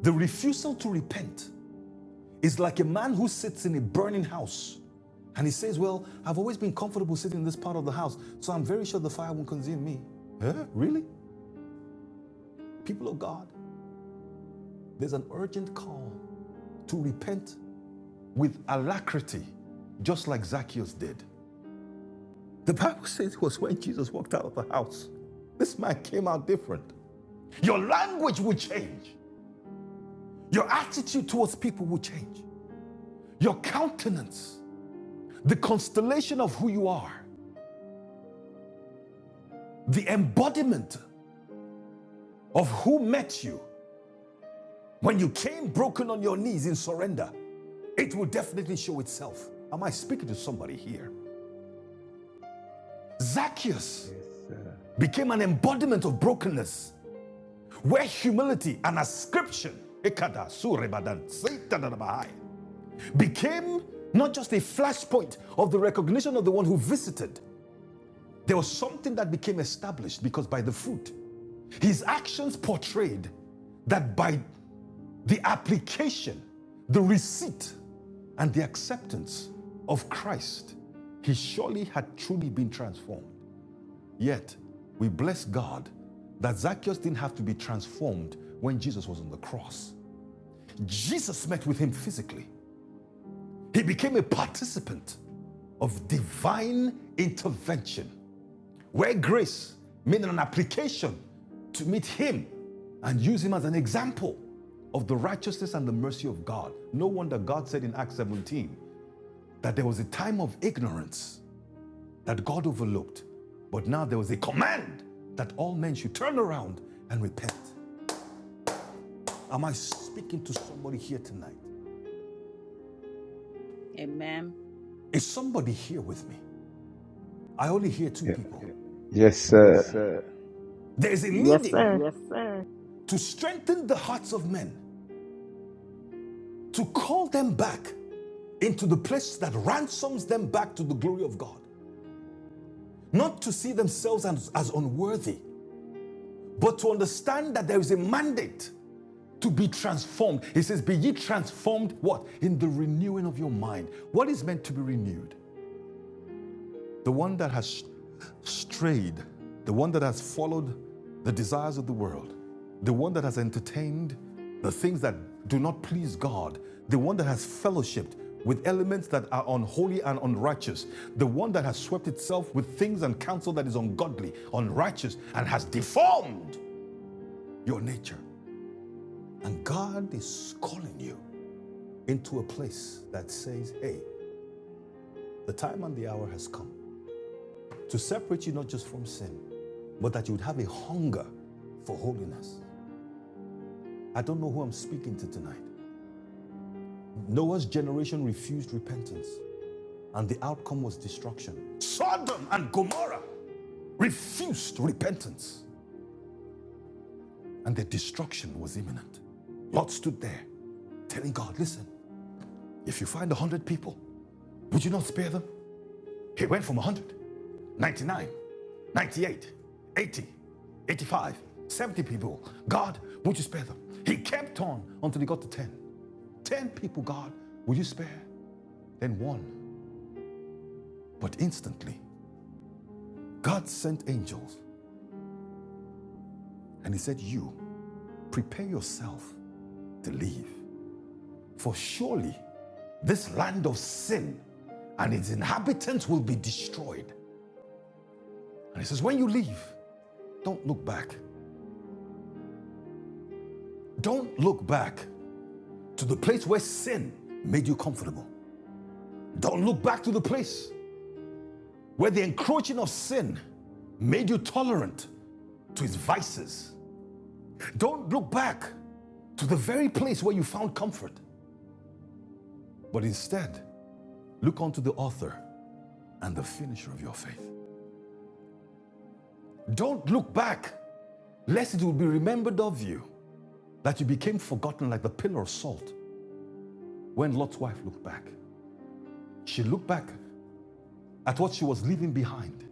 The refusal to repent is like a man who sits in a burning house And he says, Well, I've always been comfortable sitting in this part of the house, so I'm very sure the fire won't consume me. Huh? Really? People of God, there's an urgent call to repent with alacrity, just like Zacchaeus did. The Bible says it was when Jesus walked out of the house. This man came out different. Your language will change, your attitude towards people will change, your countenance, the constellation of who you are, the embodiment of who met you When you came broken on your knees in surrender, it will definitely show itself. Am I speaking to somebody here? Zacchaeus became an embodiment of brokenness, where humility and ascription became not just a flashpoint of the recognition of the one who visited, there was something that became established because by the fruit, his actions portrayed that by the application, the receipt and the acceptance of Christ, he surely had truly been transformed. Yet, we bless God that Zacchaeus didn't have to be transformed when Jesus was on the cross. Jesus met with him physically, he became a participant of divine intervention, where grace made an application to meet him and use him as an example of the righteousness and the mercy of God. No wonder God said in Acts 17 that there was a time of ignorance that God overlooked. But now there was a command that all men should turn around and repent. Am I speaking to somebody here tonight? Amen. Is somebody here with me? I only hear two
Yeah.
people.
Yes,
Yes,
sir.
sir. There is a
Yes,
leading
sir.
Yes, sir. to strengthen the hearts of men, to call them back into the place that ransoms them back to the glory of God. Not to see themselves as, as unworthy, but to understand that there is a mandate to be transformed. He says, Be ye transformed what? In the renewing of your mind. What is meant to be renewed? The one that has strayed, the one that has followed the desires of the world, the one that has entertained the things that do not please God, the one that has fellowshipped with elements that are unholy and unrighteous, the one that has swept itself with things and counsel that is ungodly, unrighteous, and has deformed your nature. And God is calling you into a place that says, hey, the time and the hour has come to separate you not just from sin, but that you would have a hunger for holiness. I don't know who I'm speaking to tonight. Noah's generation refused repentance, and the outcome was destruction. Sodom and Gomorrah refused repentance, and their destruction was imminent. Lot stood there telling God, listen, if you find a hundred people, would you not spare them? He went from a hundred 99, 98, 80, 85, 70 people. God, would you spare them? He kept on until he got to 10. 10 people, God, would you spare? Then one. But instantly, God sent angels and he said, You prepare yourself to leave. For surely this land of sin and its inhabitants will be destroyed. And he says, When you leave, don't look back. Don't look back to the place where sin made you comfortable. Don't look back to the place where the encroaching of sin made you tolerant to its vices. Don't look back to the very place where you found comfort, but instead look unto the author and the finisher of your faith. Don't look back, lest it will be remembered of you that you became forgotten like the pillar of salt when Lot's wife looked back. She looked back at what she was leaving behind,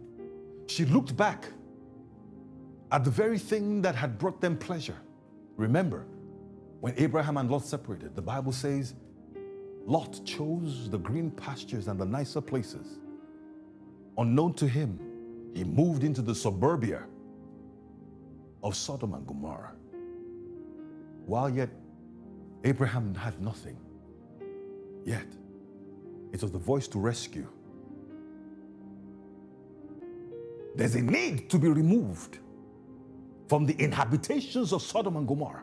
she looked back at the very thing that had brought them pleasure. Remember, When Abraham and Lot separated, the Bible says Lot chose the green pastures and the nicer places. Unknown to him, he moved into the suburbia of Sodom and Gomorrah. While yet Abraham had nothing, yet it was the voice to rescue. There's a need to be removed from the inhabitations of Sodom and Gomorrah,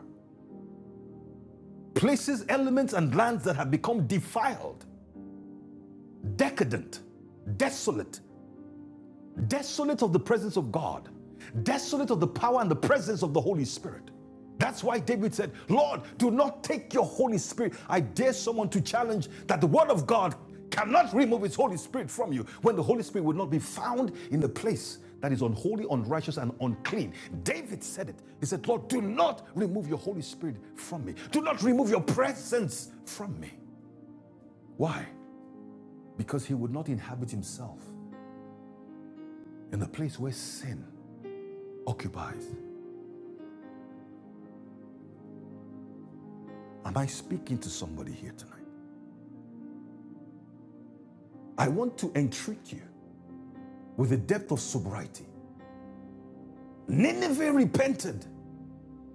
places, elements, and lands that have become defiled, decadent, desolate, desolate of the presence of God, desolate of the power and the presence of the Holy Spirit. That's why David said, Lord, do not take your Holy Spirit. I dare someone to challenge that the Word of God cannot remove its Holy Spirit from you when the Holy Spirit would not be found in the place that is unholy, unrighteous, and unclean. David said it. He said, Lord, do not remove your Holy Spirit from me. Do not remove your presence from me. Why? Because he would not inhabit himself in the place where sin occupies. Am I speaking to somebody here tonight? I want to entreat you with a depth of sobriety. Nineveh repented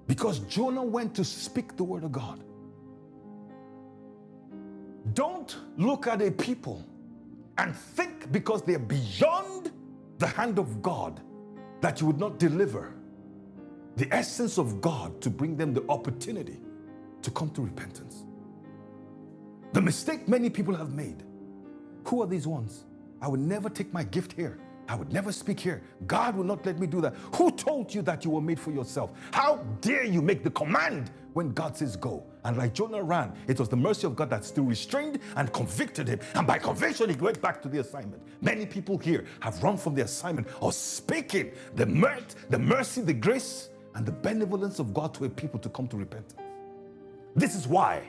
because Jonah went to speak the word of God. Don't look at a people and think because they're beyond the hand of God that you would not deliver the essence of God to bring them the opportunity to come to repentance. The mistake many people have made Who are these ones? I would never take my gift here. I would never speak here. God will not let me do that. Who told you that you were made for yourself? How dare you make the command when God says go? And like Jonah ran, it was the mercy of God that still restrained and convicted him. And by conviction, he went back to the assignment. Many people here have run from the assignment or speaking the mirth, the mercy, the grace, and the benevolence of God to a people to come to repentance. This is why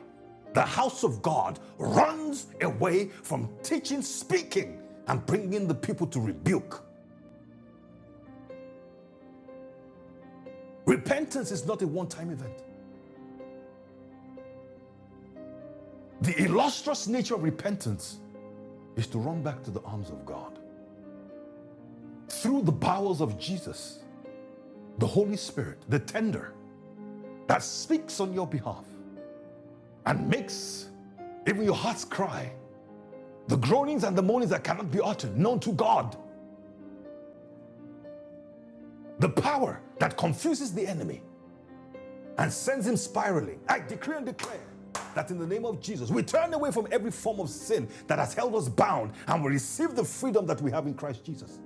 the house of God runs away from teaching, speaking, and bringing the people to rebuke. Repentance is not a one time event. The illustrious nature of repentance is to run back to the arms of God through the bowels of Jesus, the Holy Spirit, the tender that speaks on your behalf and makes even your heart's cry, the groanings and the moanings that cannot be uttered, known to God, the power that confuses the enemy and sends him spiraling. I decree and declare that in the name of Jesus, we turn away from every form of sin that has held us bound and we receive the freedom that we have in Christ Jesus.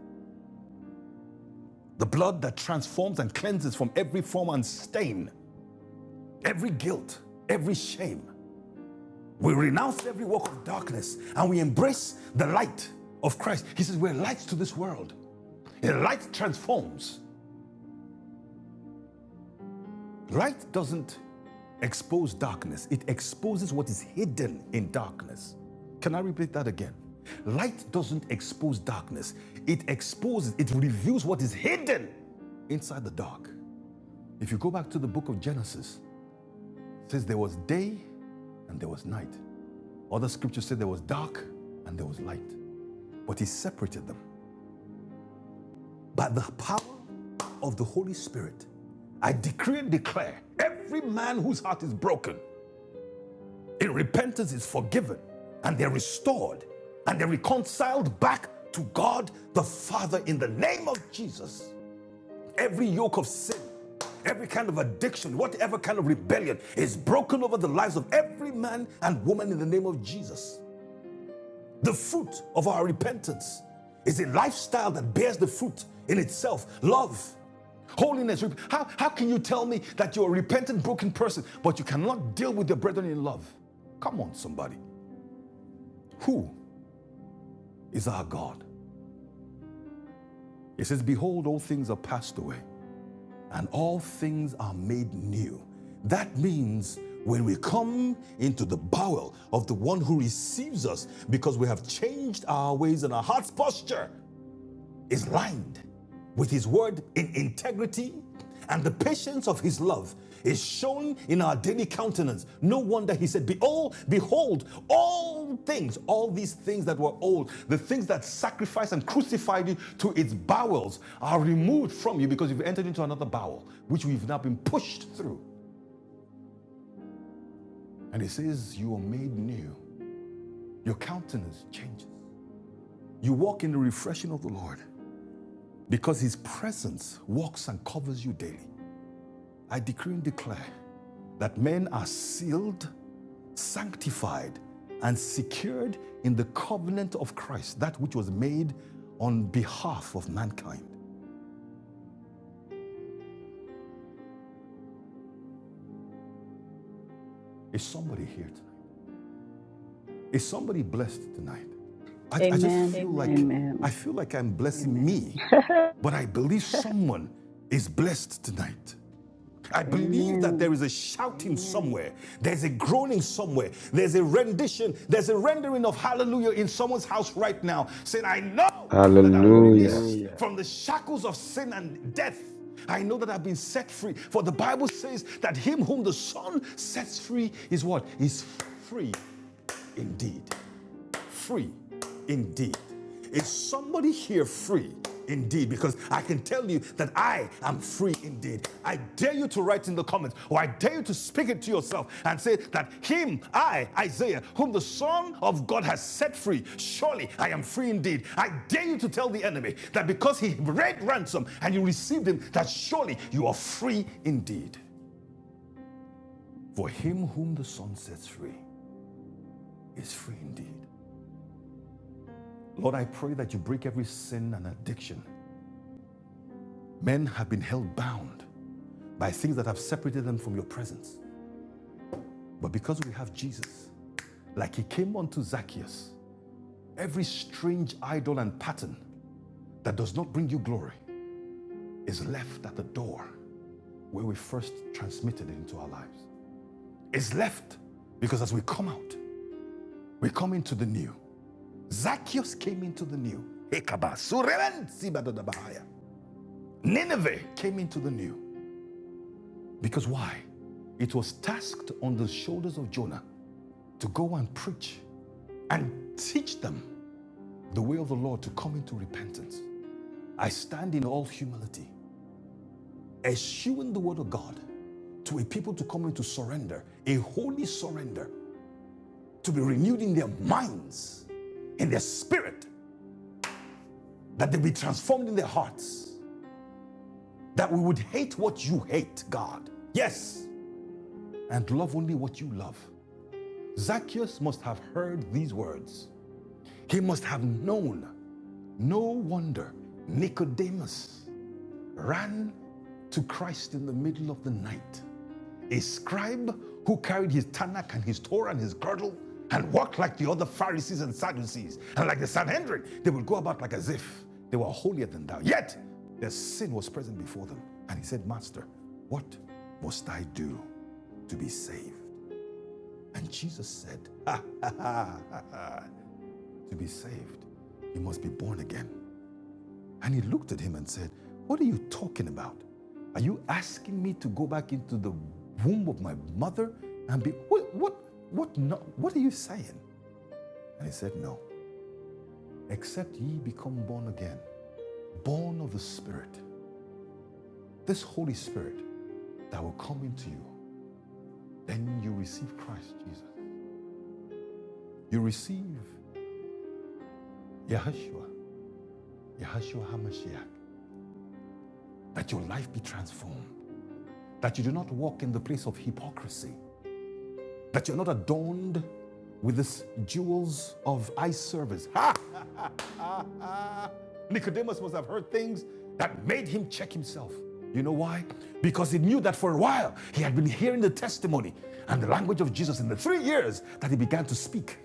The blood that transforms and cleanses from every form and stain, every guilt, every shame. We renounce every work of darkness and we embrace the light of Christ. He says, We're lights to this world. The light transforms. Light doesn't expose darkness, it exposes what is hidden in darkness. Can I repeat that again? Light doesn't expose darkness, it exposes, it reveals what is hidden inside the dark. If you go back to the book of Genesis, it says there was day and there was night. Other scriptures say there was dark and there was light, but he separated them. By the power of the Holy Spirit, I decree and declare every man whose heart is broken in repentance is forgiven and they're restored and they're reconciled back to God the Father in the name of Jesus. Every yoke of sin, every kind of addiction, whatever kind of rebellion is broken over the lives of every man and woman in the name of Jesus. The fruit of our repentance is a lifestyle that bears the fruit in itself love, Holiness. How, how can you tell me that you're a repentant, broken person, but you cannot deal with your brethren in love? Come on, somebody. Who is our God? It says, Behold, all things are passed away, and all things are made new. That means when we come into the bowel of the one who receives us because we have changed our ways and our heart's posture, is lined with His word in integrity, and the patience of His love is shown in our daily countenance. No wonder He said, Behold, behold, all things, all these things that were old, the things that sacrificed and crucified you to its bowels are removed from you because you've entered into another bowel, which we've now been pushed through. And he says, You are made new. Your countenance changes. You walk in the refreshing of the Lord because His presence walks and covers you daily. I decree and declare that men are sealed, sanctified, and secured in the covenant of Christ, that which was made on behalf of mankind. Is somebody here tonight? Is somebody blessed tonight? I, I just
Amen.
feel Amen. like
Amen.
I feel like I'm blessing Amen. me,
*laughs*
but I believe someone *laughs* is blessed tonight. I believe that
Amen.
there is a shouting somewhere. There's a groaning somewhere. There's a rendition. There's a rendering of hallelujah in someone's house right now saying, I know that hallelujah. I'm released
Hallelujah.
from the shackles of sin and death. I know that I've been set free. For the Bible says that him whom the Son sets free is what? Is free indeed free indeed. Is somebody here free indeed? Because I can tell you that I am free indeed. I dare you to write in the comments, or I dare you to speak it to yourself and say that Him, I, Isaiah, whom the Son of God has set free, surely I am free indeed. I dare you to tell the enemy that because He paid ransom and you received Him, that surely you are free indeed. For him whom the Son sets free is free indeed. Lord, I pray that you break every sin and addiction Men have been held bound by things that have separated them from your presence. But because we have Jesus, like he came unto Zacchaeus, every strange idol and pattern that does not bring you glory is left at the door where we first transmitted it into our lives. It's left because as we come out, we come into the new. Zacchaeus came into the new. Nineveh came into the new. Because why? It was tasked on the shoulders of Jonah to go and preach and teach them the way of the Lord to come into repentance. I stand in all humility, eschewing the word of God to a people to come into surrender, a holy surrender, to be renewed in their minds, in their spirit, that they be transformed in their hearts, that we would hate what you hate, God. Yes, and love only what you love. Zacchaeus must have heard these words. He must have known. No wonder Nicodemus ran to Christ in the middle of the night. A scribe who carried his Tanakh and his Torah and his girdle and walked like the other Pharisees and Sadducees and like the Sanhedrin. They would go about like as if they were holier than thou. Yet their sin was present before them. And he said, Master, what must I do to be saved? And Jesus said, *laughs* ha, ha, ha, ha, ha. To be saved, you must be born again. And he looked at him and said, What are you talking about? Are you asking me to go back into the womb of my mother and be what what what no, what are you saying? And he said, No. Except ye become born again, born of the Spirit, this Holy Spirit that will come into you, then you receive Christ Jesus. You receive Yahshua, Yahshua HaMashiach, that your life be transformed, that you do not walk in the place of hypocrisy, that you're not adorned with these jewels of eye service. Ha ha ha! Nicodemus must have heard things that made him check himself. You know why? Because he knew that for a while he had been hearing the testimony and the language of Jesus in the three years that he began to speak.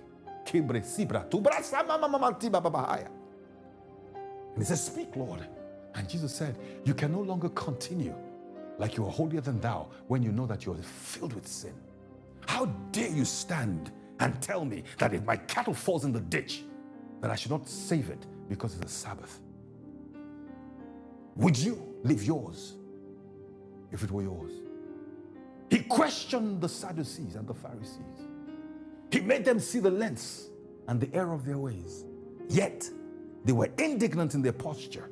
And he said, Speak, Lord. And Jesus said, You can no longer continue like you are holier than thou when you know that you are filled with sin. How dare you stand and tell me that if my cattle falls in the ditch, that I should not save it because it's the Sabbath? Would you leave yours if it were yours? He questioned the Sadducees and the Pharisees. He made them see the lengths and the error of their ways. Yet they were indignant in their posture.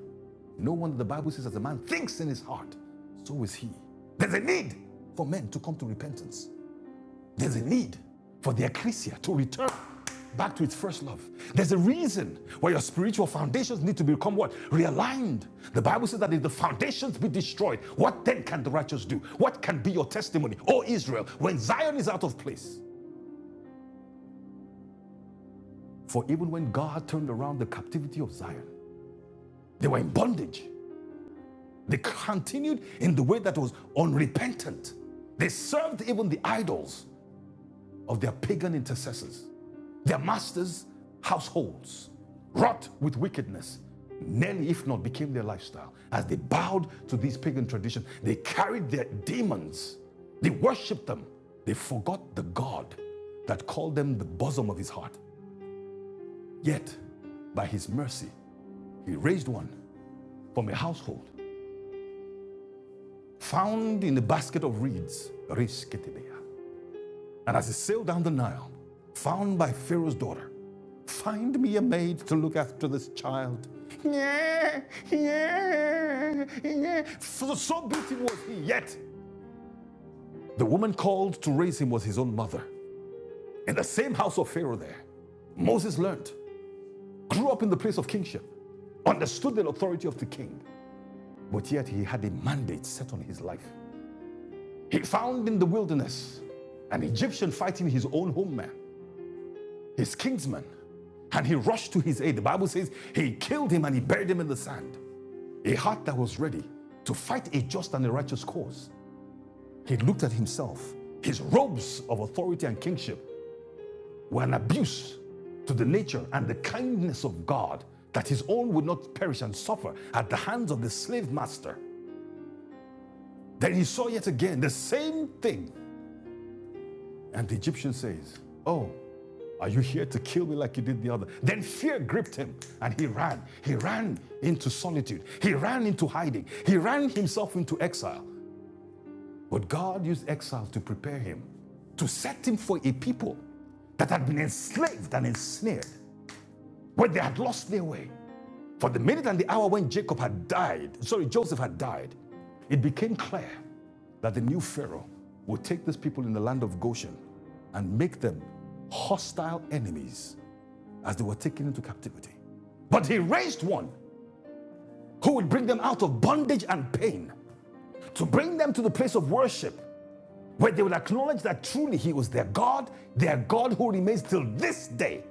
No wonder the Bible says, as a man thinks in his heart, so is he. There's a need for men to come to repentance. There's a need for the ecclesia to return back to its first love. There's a reason why your spiritual foundations need to become what? Realigned. The Bible says that if the foundations be destroyed, what then can the righteous do? What can be your testimony? O Israel, when Zion is out of place, For even when God turned around the captivity of Zion, they were in bondage. They continued in the way that was unrepentant. They served even the idols of their pagan intercessors. Their masters' households, wrought with wickedness, nearly, if not, became their lifestyle. As they bowed to these pagan traditions, they carried their demons, they worshipped them, they forgot the God that called them the bosom of his heart. Yet, by his mercy, He raised one from a household found in a basket of reeds, Reis Ketibea. And as he sailed down the Nile, found by Pharaoh's daughter, find me a maid to look after this child. Yeah, yeah, yeah. So, so beaten was he, yet the woman called to raise him was his own mother. In the same house of Pharaoh there, Moses learned, grew up in the place of kingship, understood the authority of the king, but yet he had a mandate set on his life He found in the wilderness an Egyptian fighting his own homeman, his kinsman, and he rushed to his aid. The Bible says he killed him and he buried him in the sand. A heart that was ready to fight a just and a righteous cause. He looked at himself. His robes of authority and kingship were an abuse to the nature and the kindness of God that his own would not perish and suffer at the hands of the slave master. Then he saw yet again the same thing And the Egyptian says, Oh, are you here to kill me like you did the other? Then fear gripped him and he ran. He ran into solitude. He ran into hiding. He ran himself into exile. But God used exile to prepare him, to set him for a people that had been enslaved and ensnared, where they had lost their way. For the minute and the hour when Jacob had died, sorry, Joseph had died, it became clear that the new Pharaoh would take these people in the land of Goshen and make them hostile enemies as they were taken into captivity. But he raised one who would bring them out of bondage and pain, to bring them to the place of worship where they would acknowledge that truly he was their God, their God who remains till this day.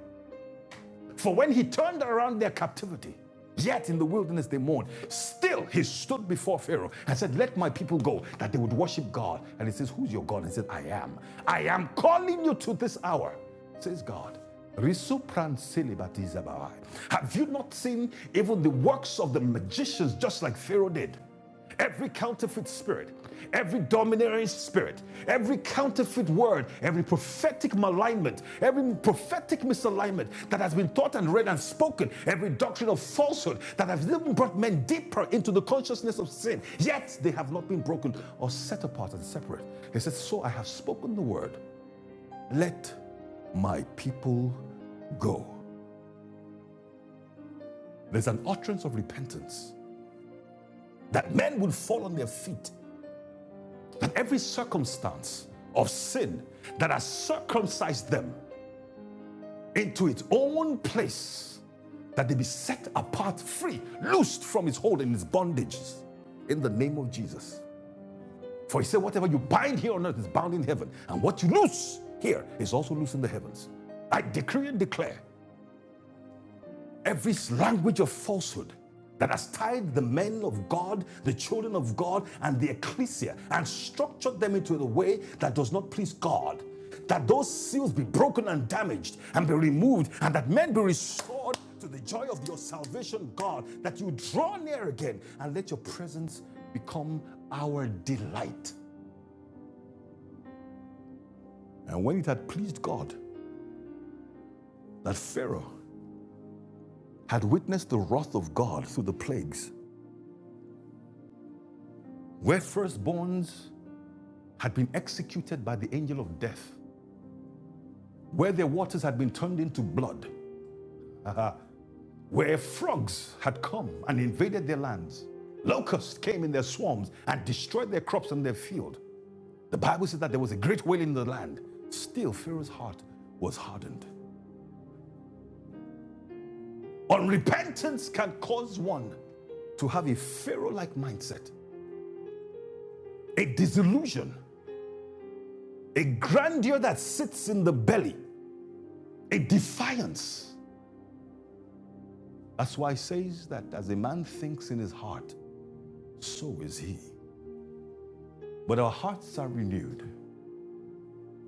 For when he turned around their captivity, yet in the wilderness they mourned, still he stood before Pharaoh and said, Let my people go, that they would worship God. And he says, Who's your God? And he said, I am. I am calling you to this hour, says God. Risupran celibatizabawai. Have you not seen even the works of the magicians, just like Pharaoh did? Every counterfeit spirit, every domineering spirit, every counterfeit word, every prophetic malignment, every prophetic misalignment that has been taught and read and spoken, every doctrine of falsehood that has even brought men deeper into the consciousness of sin, yet they have not been broken or set apart and separate. He said, So I have spoken the word, let my people go. There's an utterance of repentance that men would fall on their feet every circumstance of sin that has circumcised them into its own place, that they be set apart, free, loosed from its hold and its bondages in the name of Jesus. For he said, Whatever you bind here on earth is bound in heaven, and what you loose here is also loose in the heavens. I decree and declare Every language of falsehood that has tied the men of God, the children of God, and the ecclesia and structured them into a way that does not please God. That those seals be broken and damaged and be removed, and that men be restored to the joy of your salvation, God. That you draw near again and let your presence become our delight. And when it had pleased God that Pharaoh had witnessed the wrath of God through the plagues, where firstborns had been executed by the angel of death, where their waters had been turned into blood, *laughs* where frogs had come and invaded their lands, locusts came in their swarms and destroyed their crops and their field. The Bible says that there was a great wailing in the land. Still, Pharaoh's heart was hardened. Unrepentance can cause one to have a Pharaoh like mindset, a disillusion, a grandeur that sits in the belly, a defiance That's why it says that as a man thinks in his heart, so is he. But our hearts are renewed,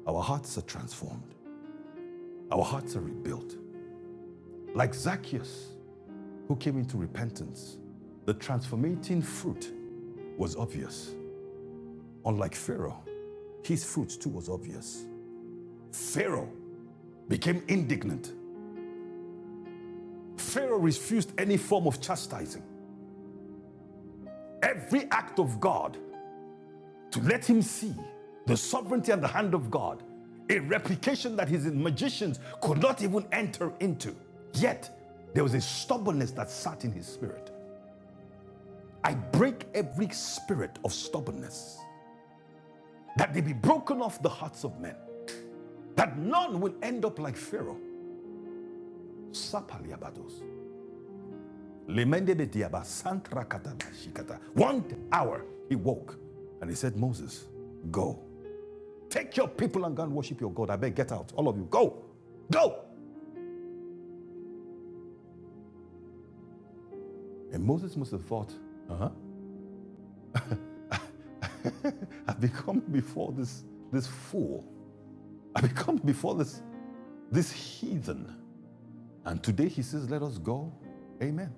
our hearts are transformed, our hearts are rebuilt. Like Zacchaeus, who came into repentance, the transformating fruit was obvious. Unlike Pharaoh, his fruit too was obvious. Pharaoh became indignant. Pharaoh refused any form of chastising. Every act of God to let him see the sovereignty and the hand of God, a replication that his magicians could not even enter into. Yet, there was a stubbornness that sat in his spirit. I break every spirit of stubbornness, that they be broken off the hearts of men, that none will end up like Pharaoh. One hour he woke and he said, Moses, go Take your people and go and worship your God. I beg, get out. All of you, go. Go. And Moses must have thought, uh-huh. *laughs* I've become before this, this fool. I've become before this, this heathen. And today he says, let us go. Amen.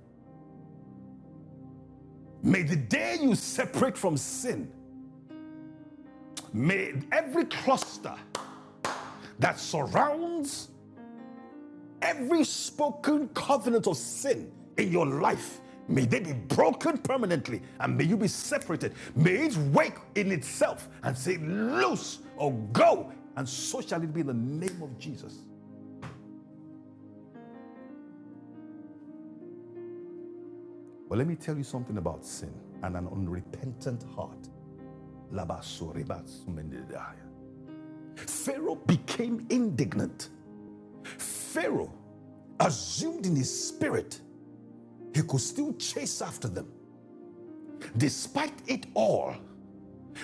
May the day you separate from sin, may every cluster that surrounds Every spoken covenant of sin in your life, may they be broken permanently and may you be separated. May it wake in itself and say, Loose or go. And so shall it be in the name of Jesus. But let me tell you something about sin and an unrepentant heart. Pharaoh became indignant. Pharaoh assumed in his spirit he could still chase after them. Despite it all,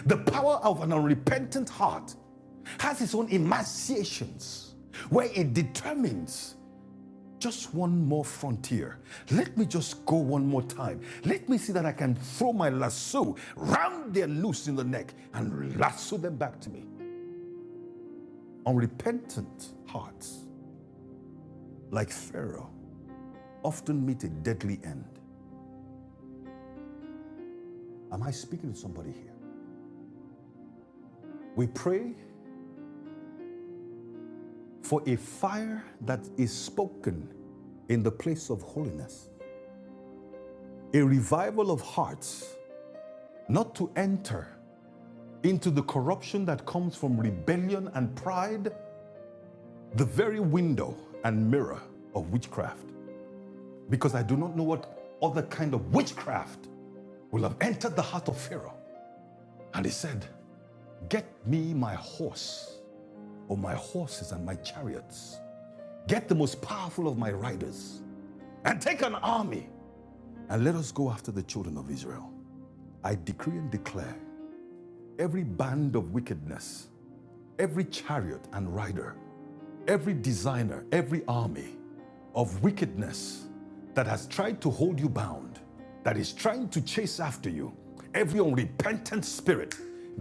The power of an unrepentant heart has its own emaciations where it determines just one more frontier. Let me just go one more time. Let me see that I can throw my lasso round their loose in the neck and lasso them back to me. Unrepentant hearts, like Pharaoh, often meet a deadly end. Am I speaking to somebody here? We pray for a fire that is spoken in the place of holiness a revival of hearts not to enter into the corruption that comes from rebellion and pride, the very window and mirror of witchcraft. Because I do not know what other kind of witchcraft will have entered the heart of Pharaoh. And he said, Get me my horse, or my horses and my chariots. Get the most powerful of my riders, and take an army, and let us go after the children of Israel. I decree and declare every band of wickedness every chariot and rider, every designer, every army of wickedness that has tried to hold you bound, that is trying to chase after you, every unrepentant spirit,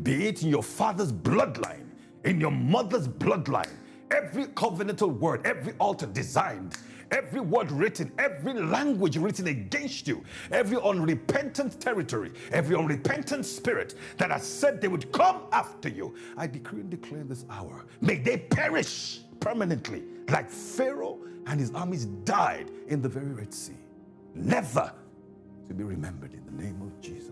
be it in your father's bloodline, in your mother's bloodline, every covenantal word, every altar designed Every word written, every language written against you, every unrepentant territory, every unrepentant spirit that has said they would come after you, I decree and declare this hour, may they perish permanently like Pharaoh and his armies died in the very Red Sea, never to be remembered in the name of Jesus.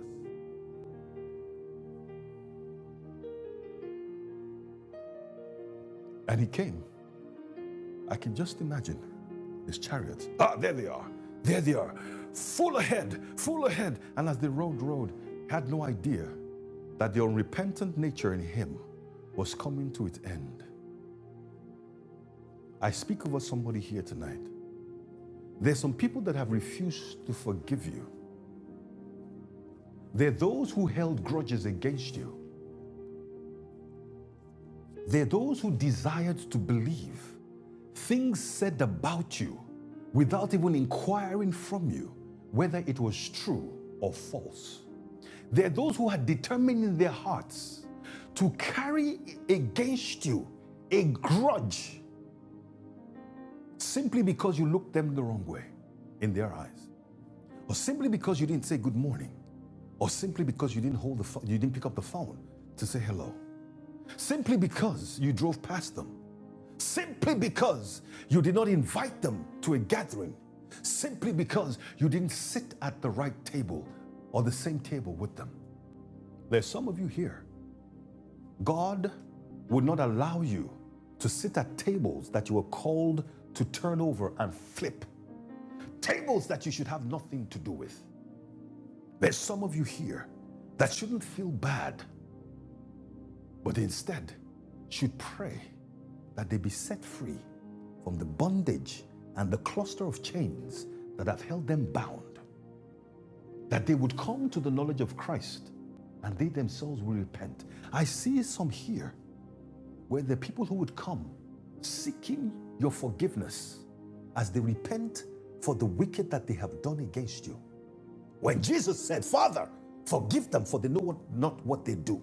And he came I can just imagine his chariots. Ah, there they are. There they are. Full ahead, full ahead. And as they rode, rode, had no idea that the unrepentant nature in him was coming to its end. I speak over somebody here tonight. There's some people that have refused to forgive you. There are those who held grudges against you. There are those who desired to believe things said about you without even inquiring from you whether it was true or false. There are those who had determined in their hearts to carry against you a grudge simply because you looked them the wrong way in their eyes, or simply because you didn't say good morning, or simply because you didn't hold the pho- you didn't pick up the phone to say hello, simply because you drove past them simply because you did not invite them to a gathering, simply because you didn't sit at the right table or the same table with them. There's some of you here, God would not allow you to sit at tables that you were called to turn over and flip, tables that you should have nothing to do with. There's some of you here that shouldn't feel bad but instead should pray that they be set free from the bondage and the cluster of chains that have held them bound, that they would come to the knowledge of Christ and they themselves will repent. I see some here where the people who would come seeking your forgiveness as they repent for the wicked that they have done against you. When Jesus said, Father, forgive them for they know not what they do.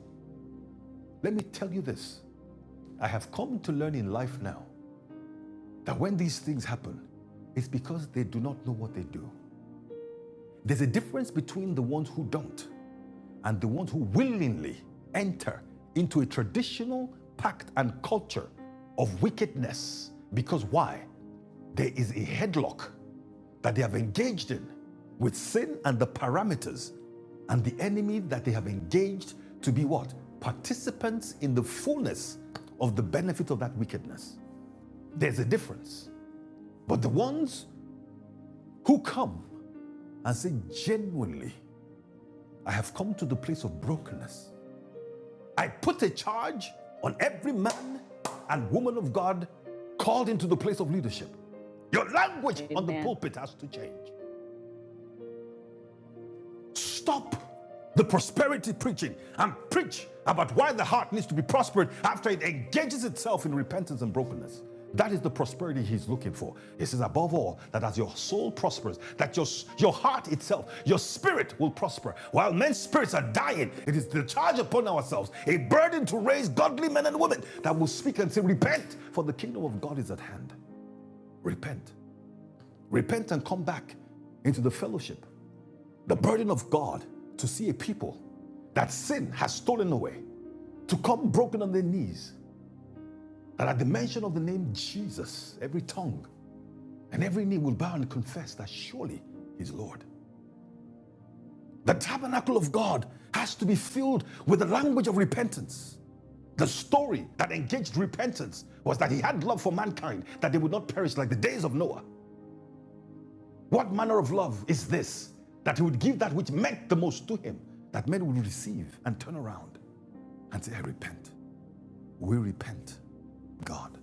Let me tell you this I have come to learn in life now that when these things happen, it's because they do not know what they do. There's a difference between the ones who don't and the ones who willingly enter into a traditional pact and culture of wickedness. Because why? There is a headlock that they have engaged in with sin and the parameters and the enemy that they have engaged to be what? Participants in the fullness of the benefit of that wickedness. There's a difference. But the ones who come and say, genuinely, I have come to the place of brokenness, I put a charge on every man and woman of God called into the place of leadership. Your language Amen. on the pulpit has to change. Stop the prosperity preaching and preach about why the heart needs to be prospered after it engages itself in repentance and brokenness. That is the prosperity he's looking for. He says, above all, that as your soul prospers, that your, your heart itself, your spirit will prosper. While men's spirits are dying, it is the charge upon ourselves, a burden to raise godly men and women that will speak and say, Repent, for the kingdom of God is at hand. Repent. Repent and come back into the fellowship the burden of God to see a people that sin has stolen away, to come broken on their knees, that at the mention of the name Jesus, every tongue and every knee will bow and confess that surely He's Lord. The tabernacle of God has to be filled with the language of repentance. The story that engaged repentance was that he had love for mankind, that they would not perish like the days of Noah. What manner of love is this? That he would give that which meant the most to him, that men would receive and turn around. and say, I repent. We repent, God.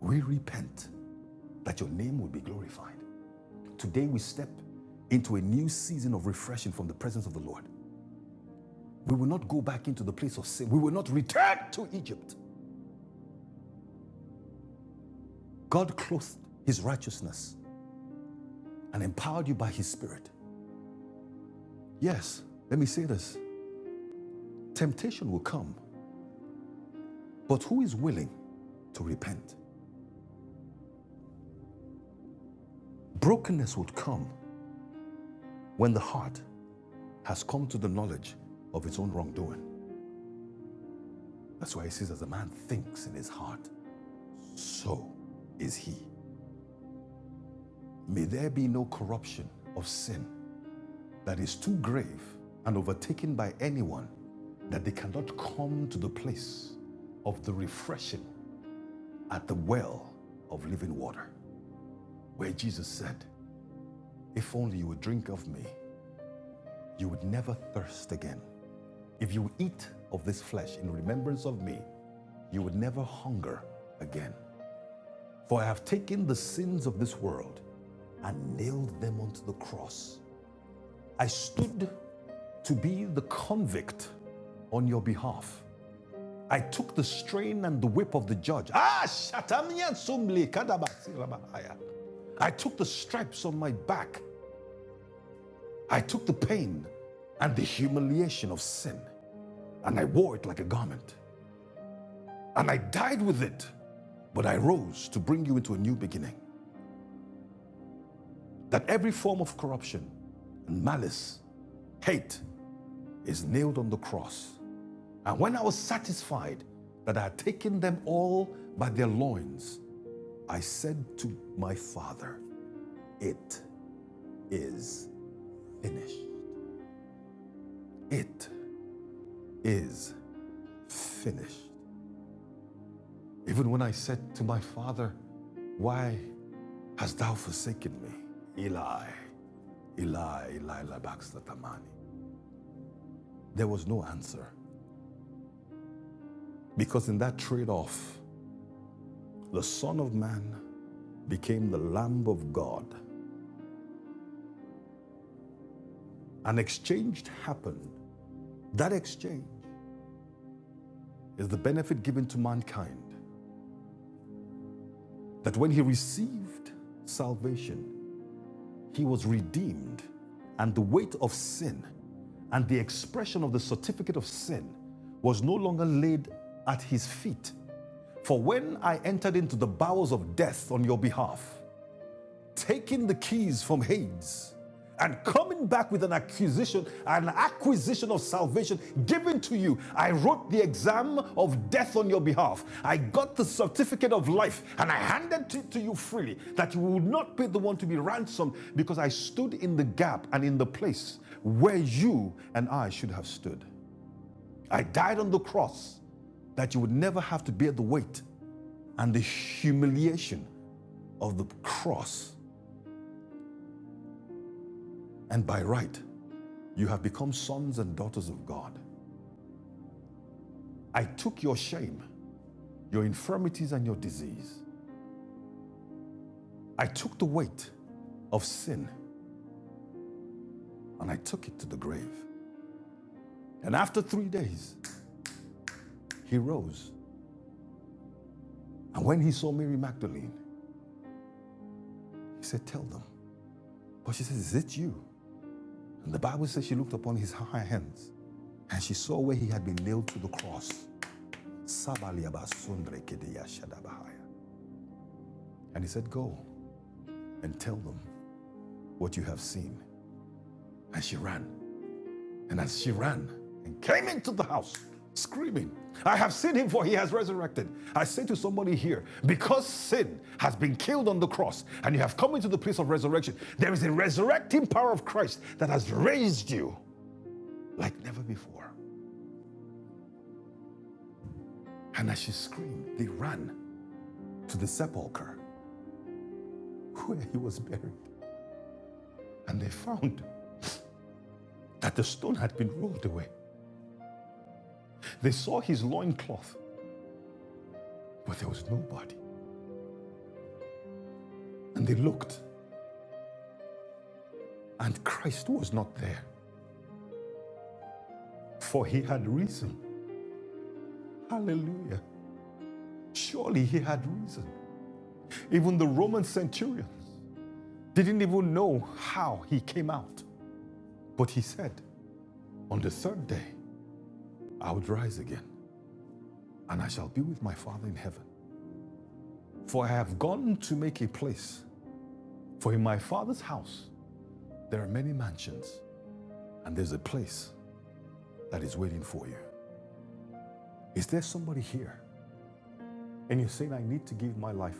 We repent that your name would be glorified. Today we step into a new season of refreshing from the presence of the Lord. We will not go back into the place of sin. We will not return to Egypt. God clothed his righteousness and empowered you by his spirit. Yes, let me say this temptation will come, but who is willing to repent? Brokenness would come when the heart has come to the knowledge of its own wrongdoing. That's why he says, as a man thinks in his heart, so is he. May there be no corruption of sin that is too grave and overtaken by anyone that they cannot come to the place of the refreshing at the well of living water, where Jesus said, If only you would drink of me, you would never thirst again. If you eat of this flesh in remembrance of me, you would never hunger again. For I have taken the sins of this world and nailed them onto the cross. I stood to be the convict on your behalf. I took the strain and the whip of the judge. Ah, I took the stripes on my back. I took the pain and the humiliation of sin, and I wore it like a garment. And I died with it, but I rose to bring you into a new beginning. that every form of corruption and malice, hate, is nailed on the cross. And when I was satisfied that I had taken them all by their loins, I said to my Father, It is finished. It is finished. Even when I said to my Father, Why hast thou forsaken me? Eli, Eli, Eli, Baxter Tamani. There was no answer because in that trade off, the Son of Man became the Lamb of God. An exchange happened. That exchange is the benefit given to mankind that when he received salvation, he was redeemed, and the weight of sin and the expression of the certificate of sin was no longer laid at his feet. For when I entered into the bowels of death on your behalf, taking the keys from Hades and coming back with an accusation, an acquisition of salvation given to you. I wrote the exam of death on your behalf. I got the certificate of life and I handed it to you freely that you would not be the one to be ransomed because I stood in the gap and in the place where you and I should have stood. I died on the cross that you would never have to bear the weight and the humiliation of the cross. And by right, You have become sons and daughters of God. I took your shame, your infirmities, and your disease. I took the weight of sin and I took it to the grave. And after three days, he rose. And when he saw Mary Magdalene, he said, Tell them. But she says, Is it you? And the Bible says she looked upon his hands and she saw where he had been nailed to the cross. And he said, Go and tell them what you have seen. And she ran And as she ran and came into the house, screaming, I have seen him for he has resurrected. I say to somebody here, because sin has been killed on the cross and you have come into the place of resurrection, there is a resurrecting power of Christ that has raised you like never before. And as she screamed, they ran to the sepulchre where he was buried. And they found that the stone had been rolled away. They saw his loincloth, but there was nobody. And they looked, and Christ was not there. for he had risen. Hallelujah. Surely he had risen. Even the Roman centurion didn't even know how he came out. But he said, On the third day, I would rise again, and I shall be with my Father in heaven. For I have gone to make a place. For in my Father's house, there are many mansions, and there's a place that is waiting for you. Is there somebody here? And you're saying, I need to give my life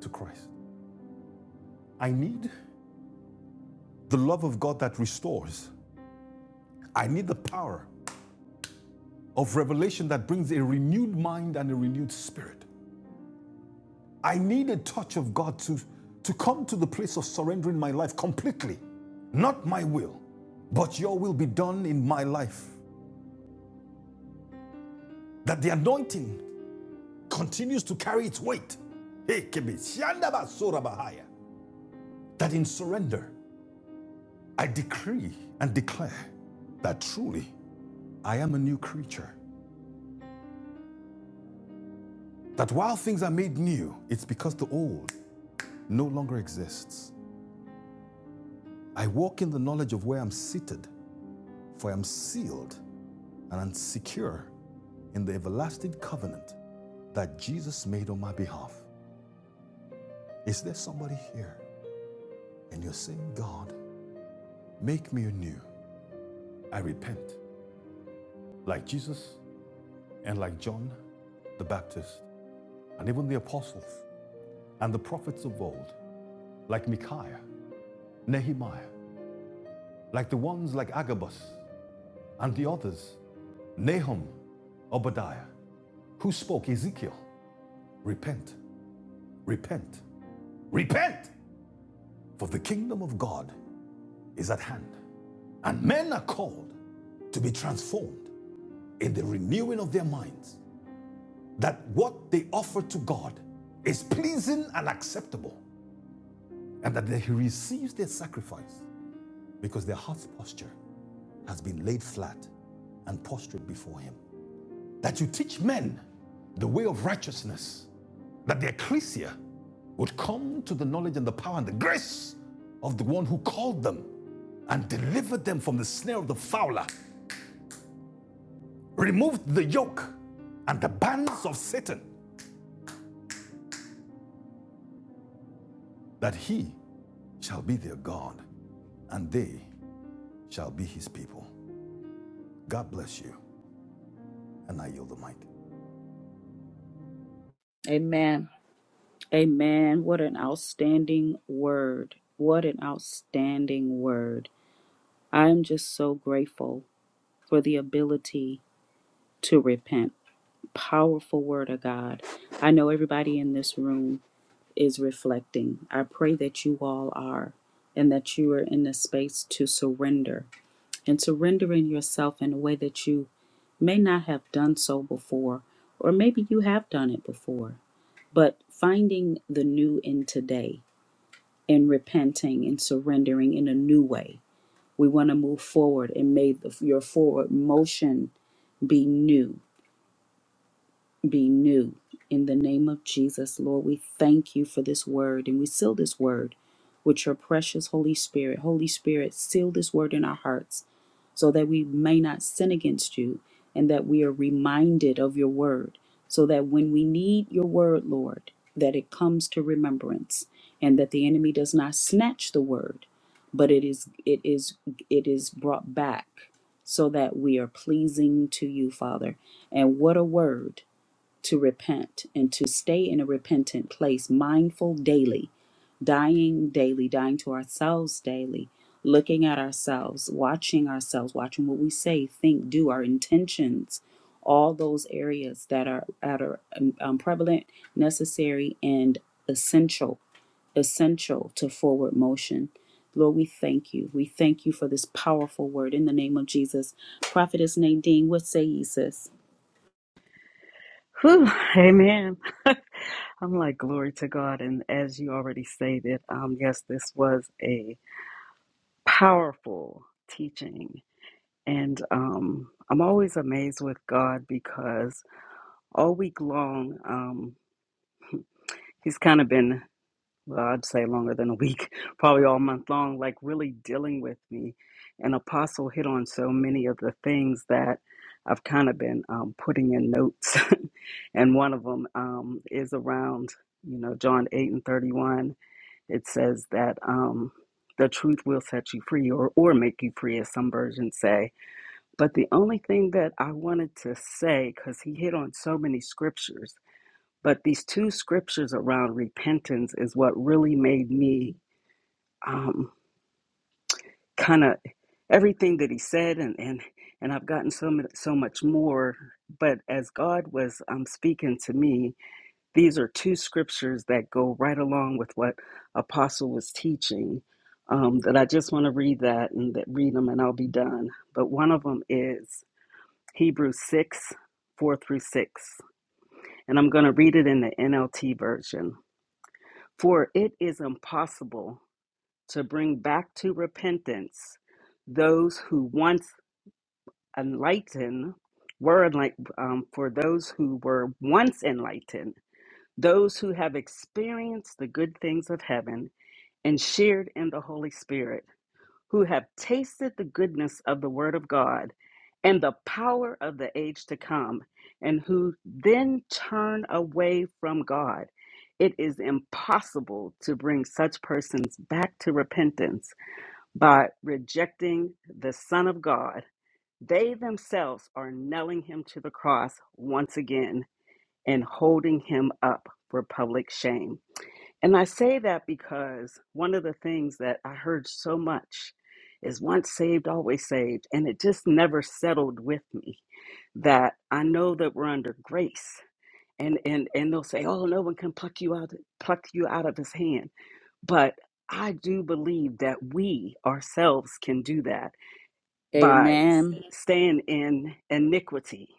to Christ. I need the love of God that restores I need the power of revelation that brings a renewed mind and a renewed spirit. I need a touch of God to, to come to the place of surrendering my life completely. Not my will, but your will be done in my life. That the anointing continues to carry its weight. That in surrender, I decree and declare that truly I am a new creature. That while things are made new, it's because the old no longer exists. I walk in the knowledge of where I'm seated, for I am sealed and am secure in the everlasting covenant that Jesus made on my behalf. Is there somebody here and you're saying, God, make me anew? I repent, like Jesus and like John the Baptist, and even the apostles and the prophets of old, like Micaiah, Nehemiah, like the ones like Agabus and the others, Nahum, Obadiah, who spoke Ezekiel, repent Repent. Repent! For the kingdom of God is at hand. And men are called to be transformed in the renewing of their minds, that what they offer to God is pleasing and acceptable, and that He receives their sacrifice because their heart's posture has been laid flat and prostrate before Him. That you teach men the way of righteousness that the ecclesia would come to the knowledge and the power and the grace of the one who called them and delivered them from the snare of the fowler, removed the yoke and the bands of Satan, that he shall be their God and they shall be his people. God bless you, and I yield the mic.
Amen. Amen. What an outstanding word. What an outstanding word. I am just so grateful for the ability to repent. powerful word of God. I know everybody in this room is reflecting. I pray that you all are and that you are in the space to surrender and surrendering yourself in a way that you may not have done so before, or maybe you have done it before, but finding the new in today and repenting and surrendering in a new way. We want to move forward and may the, your forward motion be new be new. In the name of Jesus, Lord, we thank you for this word and we seal this word with your precious Holy Spirit. Holy Spirit, seal this word in our hearts so that we may not sin against you and that we are reminded of your word so that when we need your word, Lord, that it comes to remembrance and that the enemy does not snatch the word, but it is it is it is brought back so that we are pleasing to you, Father. And what a word to repent and to stay in a repentant place, mindful daily, dying daily, dying to ourselves daily, looking at ourselves, watching ourselves, watching what we say, think, do, our intentions, all those areas that are that are um, um, prevalent, necessary, and essential, essential to forward motion. Lord, we thank you. We thank you for this powerful word in the name of Jesus. Prophetess Nadine, what say ye, sis?
Whew. Amen. *laughs* I'm like, glory to God. And as you already stated, um, yes, this was a powerful teaching And um, I'm always amazed with God because all week long, um, He's kind of been, well, I'd say longer than a week, *laughs* probably all month long, like really dealing with me. And Apostle hit on so many of the things that I've kind of been um, putting in notes. *laughs* and one of them um, is around, you know, John 8 and 31. It says that um, the truth will set you free or, or make you free, as some versions say but the only thing that I wanted to say, because he hit on so many scriptures, but these two scriptures around repentance is what really made me um, kind of everything that he said, and and and I've gotten so mu- so much more. But as God was um, speaking to me, these are two scriptures that go right along with what Apostle was teaching. Um, that I just want to read that and that read them, and I'll be done. But one of them is Hebrews 6 4 through 6. And I'm going to read it in the NLT version. For it is impossible to bring back to repentance those who once enlightened were enlightened, um, for those who were once enlightened, those who have experienced the good things of heaven and shared in the Holy Spirit who have tasted the goodness of the Word of God and the power of the age to come, and who then turn away from God. It is impossible to bring such persons back to repentance by rejecting the Son of God. They themselves are nailing him to the cross once again and holding him up for public shame. And I say that because one of the things that I heard so much is once saved, always saved. And it just never settled with me that I know that we're under grace. And, and, and they'll say, oh, no one can pluck you out, pluck you out of his hand. But I do believe that we ourselves can do that by
Amen.
staying in iniquity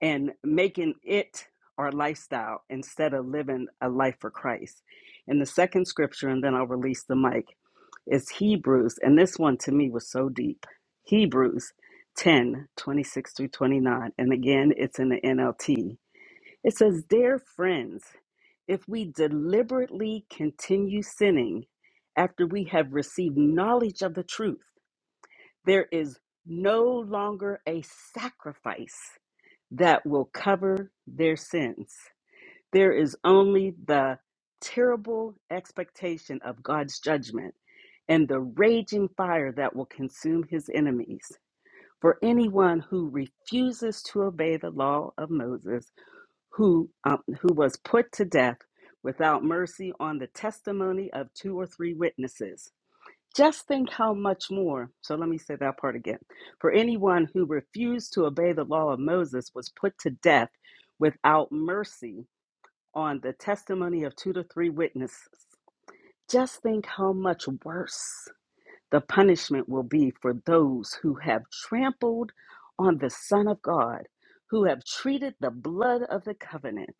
and making it our lifestyle instead of living a life for Christ. And the second scripture, and then I'll release the mic, is Hebrews. And this one to me was so deep. Hebrews 10 26 through 29. And again, it's in the NLT. It says, Dear friends, if we deliberately continue sinning after we have received knowledge of the truth, there is no longer a sacrifice that will cover their sins. There is only the terrible expectation of God's judgment and the raging fire that will consume his enemies. For anyone who refuses to obey the law of Moses, who, um, who was put to death without mercy on the testimony of two or three witnesses. Just think how much more. So let me say that part again. For anyone who refused to obey the law of Moses was put to death without mercy on the testimony of two to three witnesses. Just think how much worse the punishment will be for those who have trampled on the Son of God, who have treated the blood of the covenant,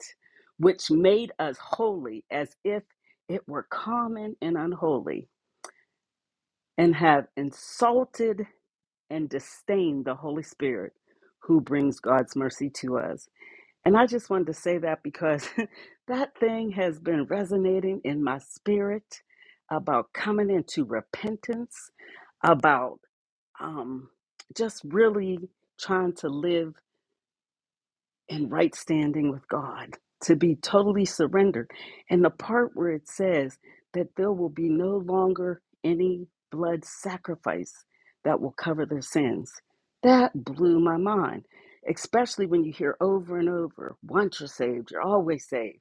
which made us holy, as if it were common and unholy, and have insulted and disdain the Holy Spirit who brings God's mercy to us. And I just wanted to say that because *laughs* that thing has been resonating in my spirit about coming into repentance, about um, just really trying to live and right standing with God, to be totally surrendered. And the part where it says that there will be no longer any blood sacrifice that will cover their sins, that blew my mind, especially when you hear over and over once you're saved, you're always saved.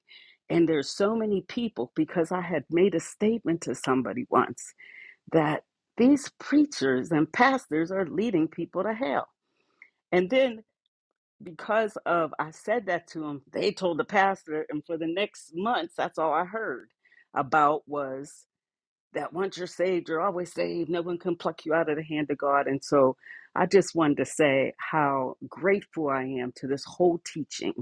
And there's so many people because I had made a statement to somebody once that these preachers and pastors are leading people to hell. And then because of I said that to him, they told the pastor, and for the next months, that's all I heard about was that once you're saved, you're always saved. No one can pluck you out of the hand of God. And so I just wanted to say how grateful I am to this whole teaching.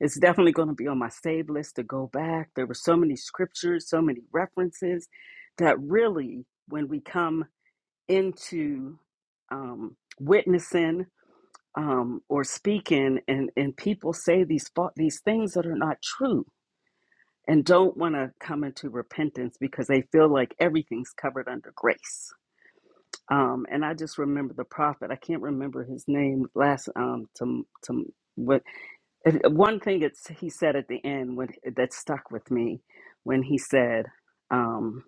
It's definitely going to be on my save list to go back. There were so many scriptures, so many references that really, when we come into um, witnessing um, or speaking, and and people say these fa- these things that are not true, and don't want to come into repentance because they feel like everything's covered under grace. Um, and I just remember the prophet. I can't remember his name last um to to what if- one thing it's he said at the end when that stuck with me when he said um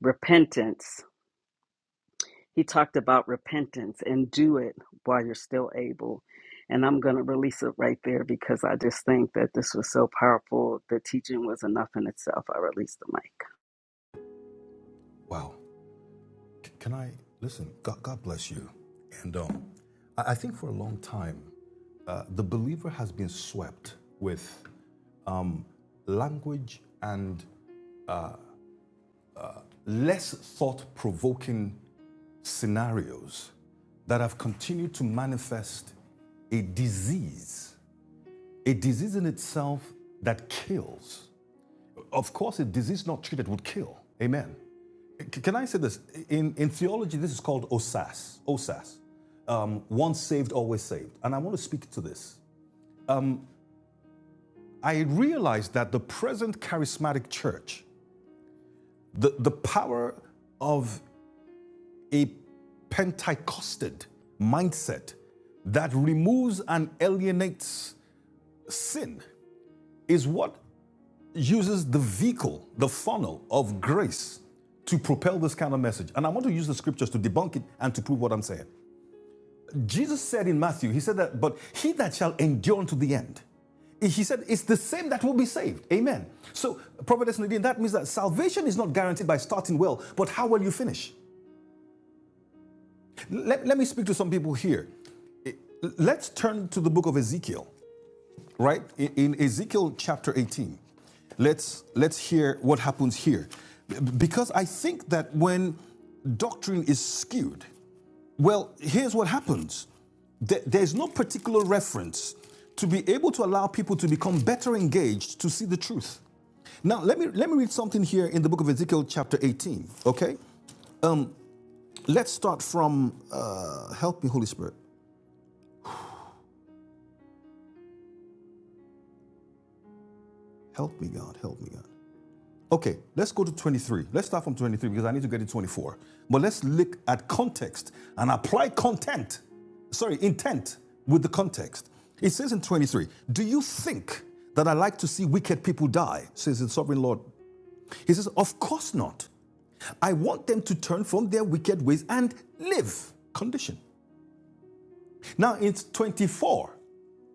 repentance He talked about repentance and do it while you're still able. And I'm going to release it right there because I just think that this was so powerful. The teaching was enough in itself. I released the mic.
Wow. Can I listen? God, God bless you. And um, I, I think for a long time, uh, the believer has been swept with um, language and less thought provoking scenarios that have continued to manifest a disease, a disease in itself that kills Of course, a disease not treated would kill. Amen. can I say this? In, in theology, this is called OSAS. OSAS. Um, once saved, always saved. And I want to speak to this. I realize that the present charismatic church, the, the power of a Pentecosted mindset that removes and alienates sin, is what uses the vehicle, the funnel of grace to propel this kind of message. And I want to use the scriptures to debunk it and to prove what I'm saying. Jesus said in Matthew, He said that, but he that shall endure unto the end, he said, it's the same that will be saved. Amen. So, Prophetess Nadine, that means that salvation is not guaranteed by starting well, but how well you finish. Let, let me speak to some people here. Let's turn to the book of Ezekiel. right? In, in Ezekiel chapter 18, let's, let's hear what happens here. Because I think that when doctrine is skewed, well, here's what happens there's no particular reference to be able to allow people to become better engaged to see the truth. Now, let me, let me read something here in the book of Ezekiel, chapter 18, okay? Let's start from, uh, help me, Holy Spirit. Help me, God, help me, God. Okay, let's go to 23. Let's start from 23 because I need to get to 24. But let's look at context and apply content, sorry, intent with the context. It says in 23, Do you think that I like to see wicked people die? says the sovereign Lord. He says, Of course not. I want them to turn from their wicked ways and live. Condition. Now it's 24.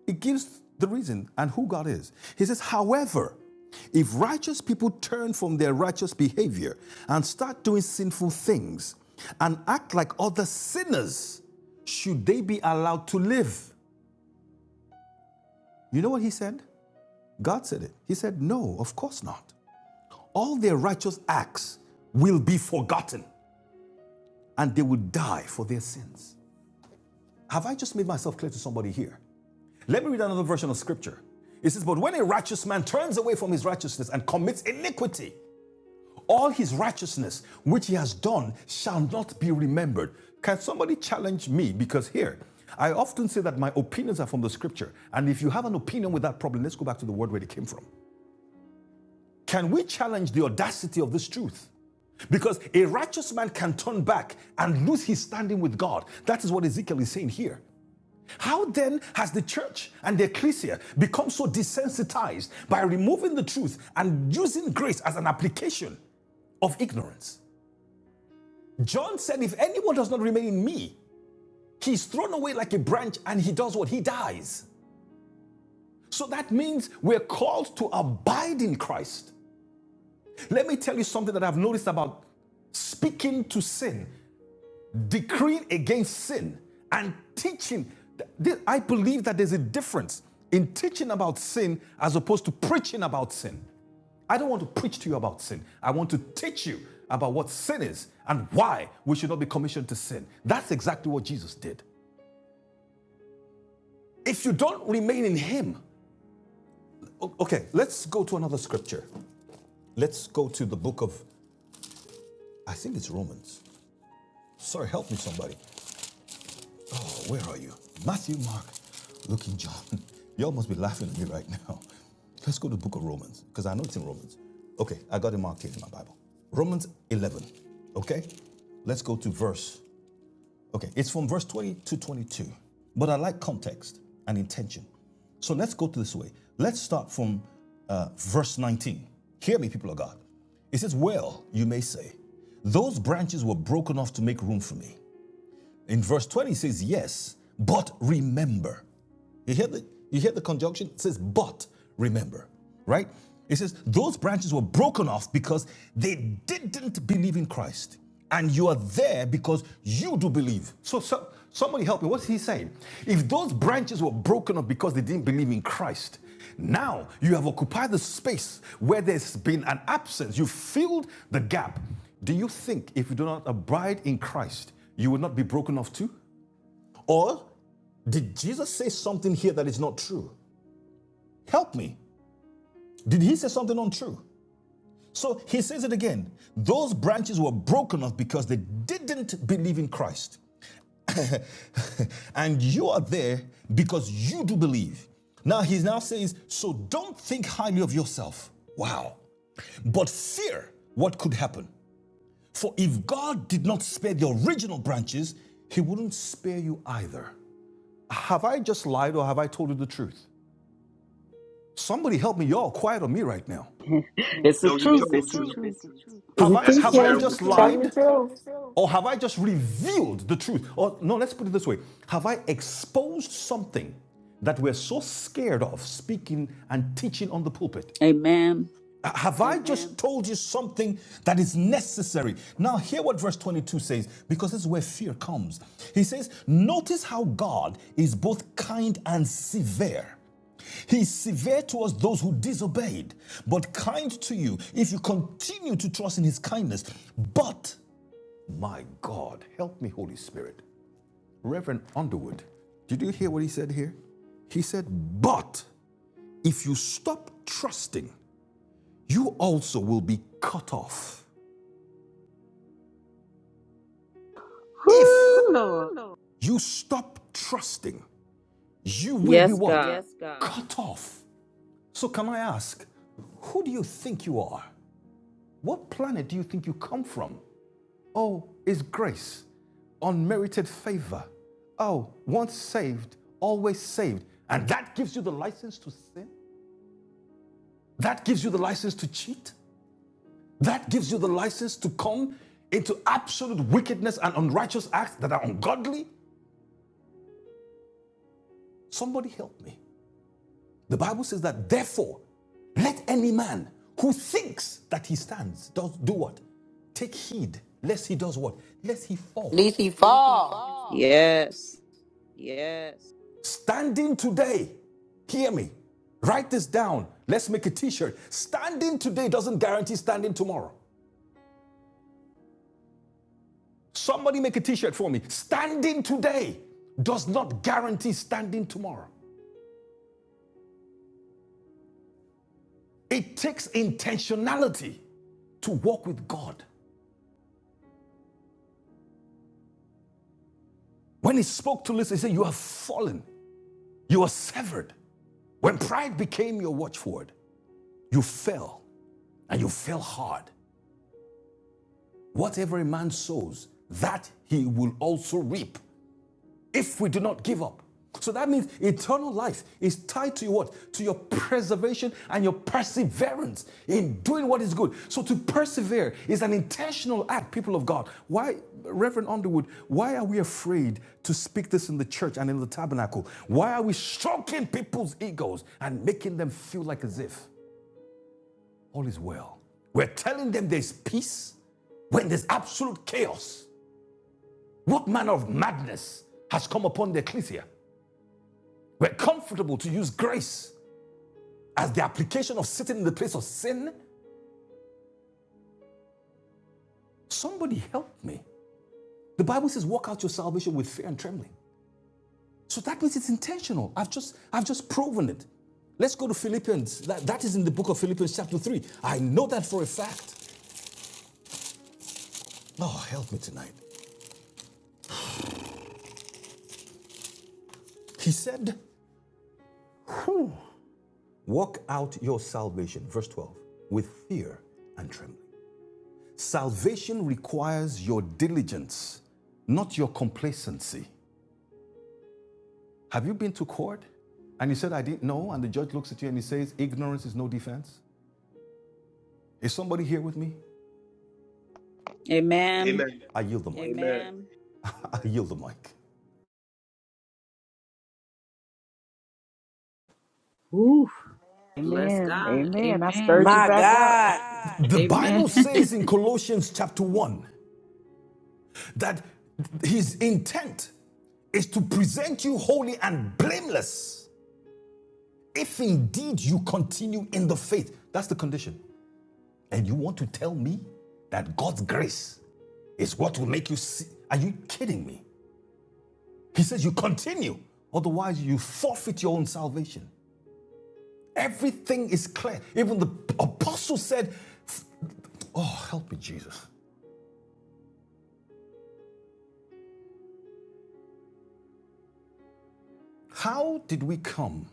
It gives the reason and who God is. He says, however, if righteous people turn from their righteous behavior and start doing sinful things and act like other sinners, should they be allowed to live? You know what he said? God said it. He said, No, of course not. All their righteous acts will be forgotten and they will die for their sins. Have I just made myself clear to somebody here? Let me read another version of scripture. It says, But when a righteous man turns away from his righteousness and commits iniquity, all his righteousness which he has done shall not be remembered. Can somebody challenge me? Because here, I often say that my opinions are from the scripture. And if you have an opinion with that problem, let's go back to the word where it came from. Can we challenge the audacity of this truth? Because a righteous man can turn back and lose his standing with God. That is what Ezekiel is saying here. How then has the church and the ecclesia become so desensitized by removing the truth and using grace as an application of ignorance? John said, If anyone does not remain in me, he's thrown away like a branch and he does what? He dies. So that means we're called to abide in Christ. Let me tell you something that I've noticed about speaking to sin decreeing against sin and teaching. I believe that there's a difference in teaching about sin as opposed to preaching about sin. I don't want to preach to you about sin. I want to teach you about what sin is and why we should not be commissioned to sin. That's exactly what Jesus did. If you don't remain in Him, okay, let's go to another scripture. Let's go to the book of, I think it's Romans. Sorry, help me, somebody. Where are you? Matthew, Mark, Luke, and John. *laughs* You all must be laughing at me right now. *laughs* Let's go to the book of Romans, because I know it's in Romans. Okay, I got it marked here in my Bible. Romans 11, okay? Let's go to verse, okay, it's from verse 20 to 22. But I like context and intention. So let's go to this way. Let's start from uh, verse 19. Hear me, people of God. It says, Well, you may say, those branches were broken off to make room for me. In verse 20 it says, Yes, but remember. You hear the you hear the conjunction? It says, but remember, right? It says, those branches were broken off because they didn't believe in Christ. And you are there because you do believe. So, so somebody help me. What's he saying? If those branches were broken off because they didn't believe in Christ, now you have occupied the space where there's been an absence. You filled the gap. Do you think if you do not abide in Christ, you will not be broken off too? Or did Jesus say something here that is not true? Help me. Did he say something untrue? So he says it again. Those branches were broken off because they didn't believe in Christ. *laughs* and you are there because you do believe. Now he now says, so don't think highly of yourself. Wow. But fear what could happen. For if God did not spare the original branches, he wouldn't spare you either. Have I just lied or have I told you the truth? Somebody help me. Y'all quiet on me right now.
*laughs* it's the
No, you
truth.
It's
told
the
the
It's the
truth.
truth.
truth.
It's the truth. Have
You
I
That's
have I
preaching,
comparable
just
to
telling
Luke.
the
lied?
truth.
Or have I just revealed the truth? Or no, let's put it this way. Have I exposed something that we're so scared of speaking and teaching on the pulpit?
Amen.
Uh, Have I just told you something that is necessary? Now, hear what verse 22 says, because this is where fear comes. He says, Notice how God is both kind and severe. He is severe towards those who disobeyed, but kind to you if you continue to trust in his kindness. But, my God, help me, Holy Spirit. Reverend Underwood, did you hear what he said here? He said, But if you stop trusting, you also will be cut off. If
Woo, Lord.
you stop trusting, you will be
Yes,
what?
God.
Yes, God. Cut off. So, can I ask, who do you think you are? What planet do you think you come from? Oh, is grace, unmerited favor. Oh, once saved, always saved. And that gives you the license to sin? That gives you the license to cheat? That gives you the license to come into absolute wickedness and unrighteous acts that are ungodly? Somebody help me. The Bible says that, therefore, let any man who thinks that he stands does do what? Take heed, lest he does what? Lest he falls.
Lisi
Lest he
Fall.
fall.
Yes.
Yes. Standing today, hear me. Write this down. Let's make a t shirt. Standing today doesn't guarantee standing tomorrow. Somebody make a t shirt for me. Standing today does not guarantee standing tomorrow. It takes intentionality to walk with God. When he spoke to Listen, he said, You have fallen, you are severed. When pride became your watchword, you fell and you fell hard. Whatever a man sows, that he will also reap. if we do not give up. So that means eternal life is tied to your what? To your preservation and your perseverance in doing what is good. So to persevere is an intentional act, people of God. Why, Reverend Underwood, why are we afraid to speak this in the church and in the tabernacle? Why are we stroking people's egos and making them feel like as if all is well? We're telling them there's peace when there's absolute chaos. What manner of madness has come upon the ecclesia? were comfortable to use grace as the application of sitting in the place of sin, somebody help me. The Bible says, walk out your salvation with fear and trembling. So that means it's intentional. I've just, I've just proven it. Let's go to Philippians. That, that is in the book of Philippians, chapter 3. I know that for a fact. Oh, help me tonight. He said, Walk out your salvation, verse 12, with fear and trembling. Salvation requires your diligence, not your complacency. Have you been to court? And you said, I didn't know. And the judge looks at you and he says, Ignorance is no defense. Is somebody here with me?
Amen.
Amen.
I yield the mic. Amen.
Amen.
*laughs* I yield the mic.
Ooh, bless
Amen.
God.
Amen. I
Amen.
stirred you
My
back up.
God.
The Bible
Amen. *laughs*
says in Colossians chapter 1 that his intent is to present you holy and
*laughs*
blameless if indeed you continue in the faith. That's the condition. And you want to tell me that God's grace is what will make you see? Are you kidding me? He says you continue, otherwise, you forfeit your own salvation. Everything is clear. Even the apostle said, Oh, help me, Jesus. How did we come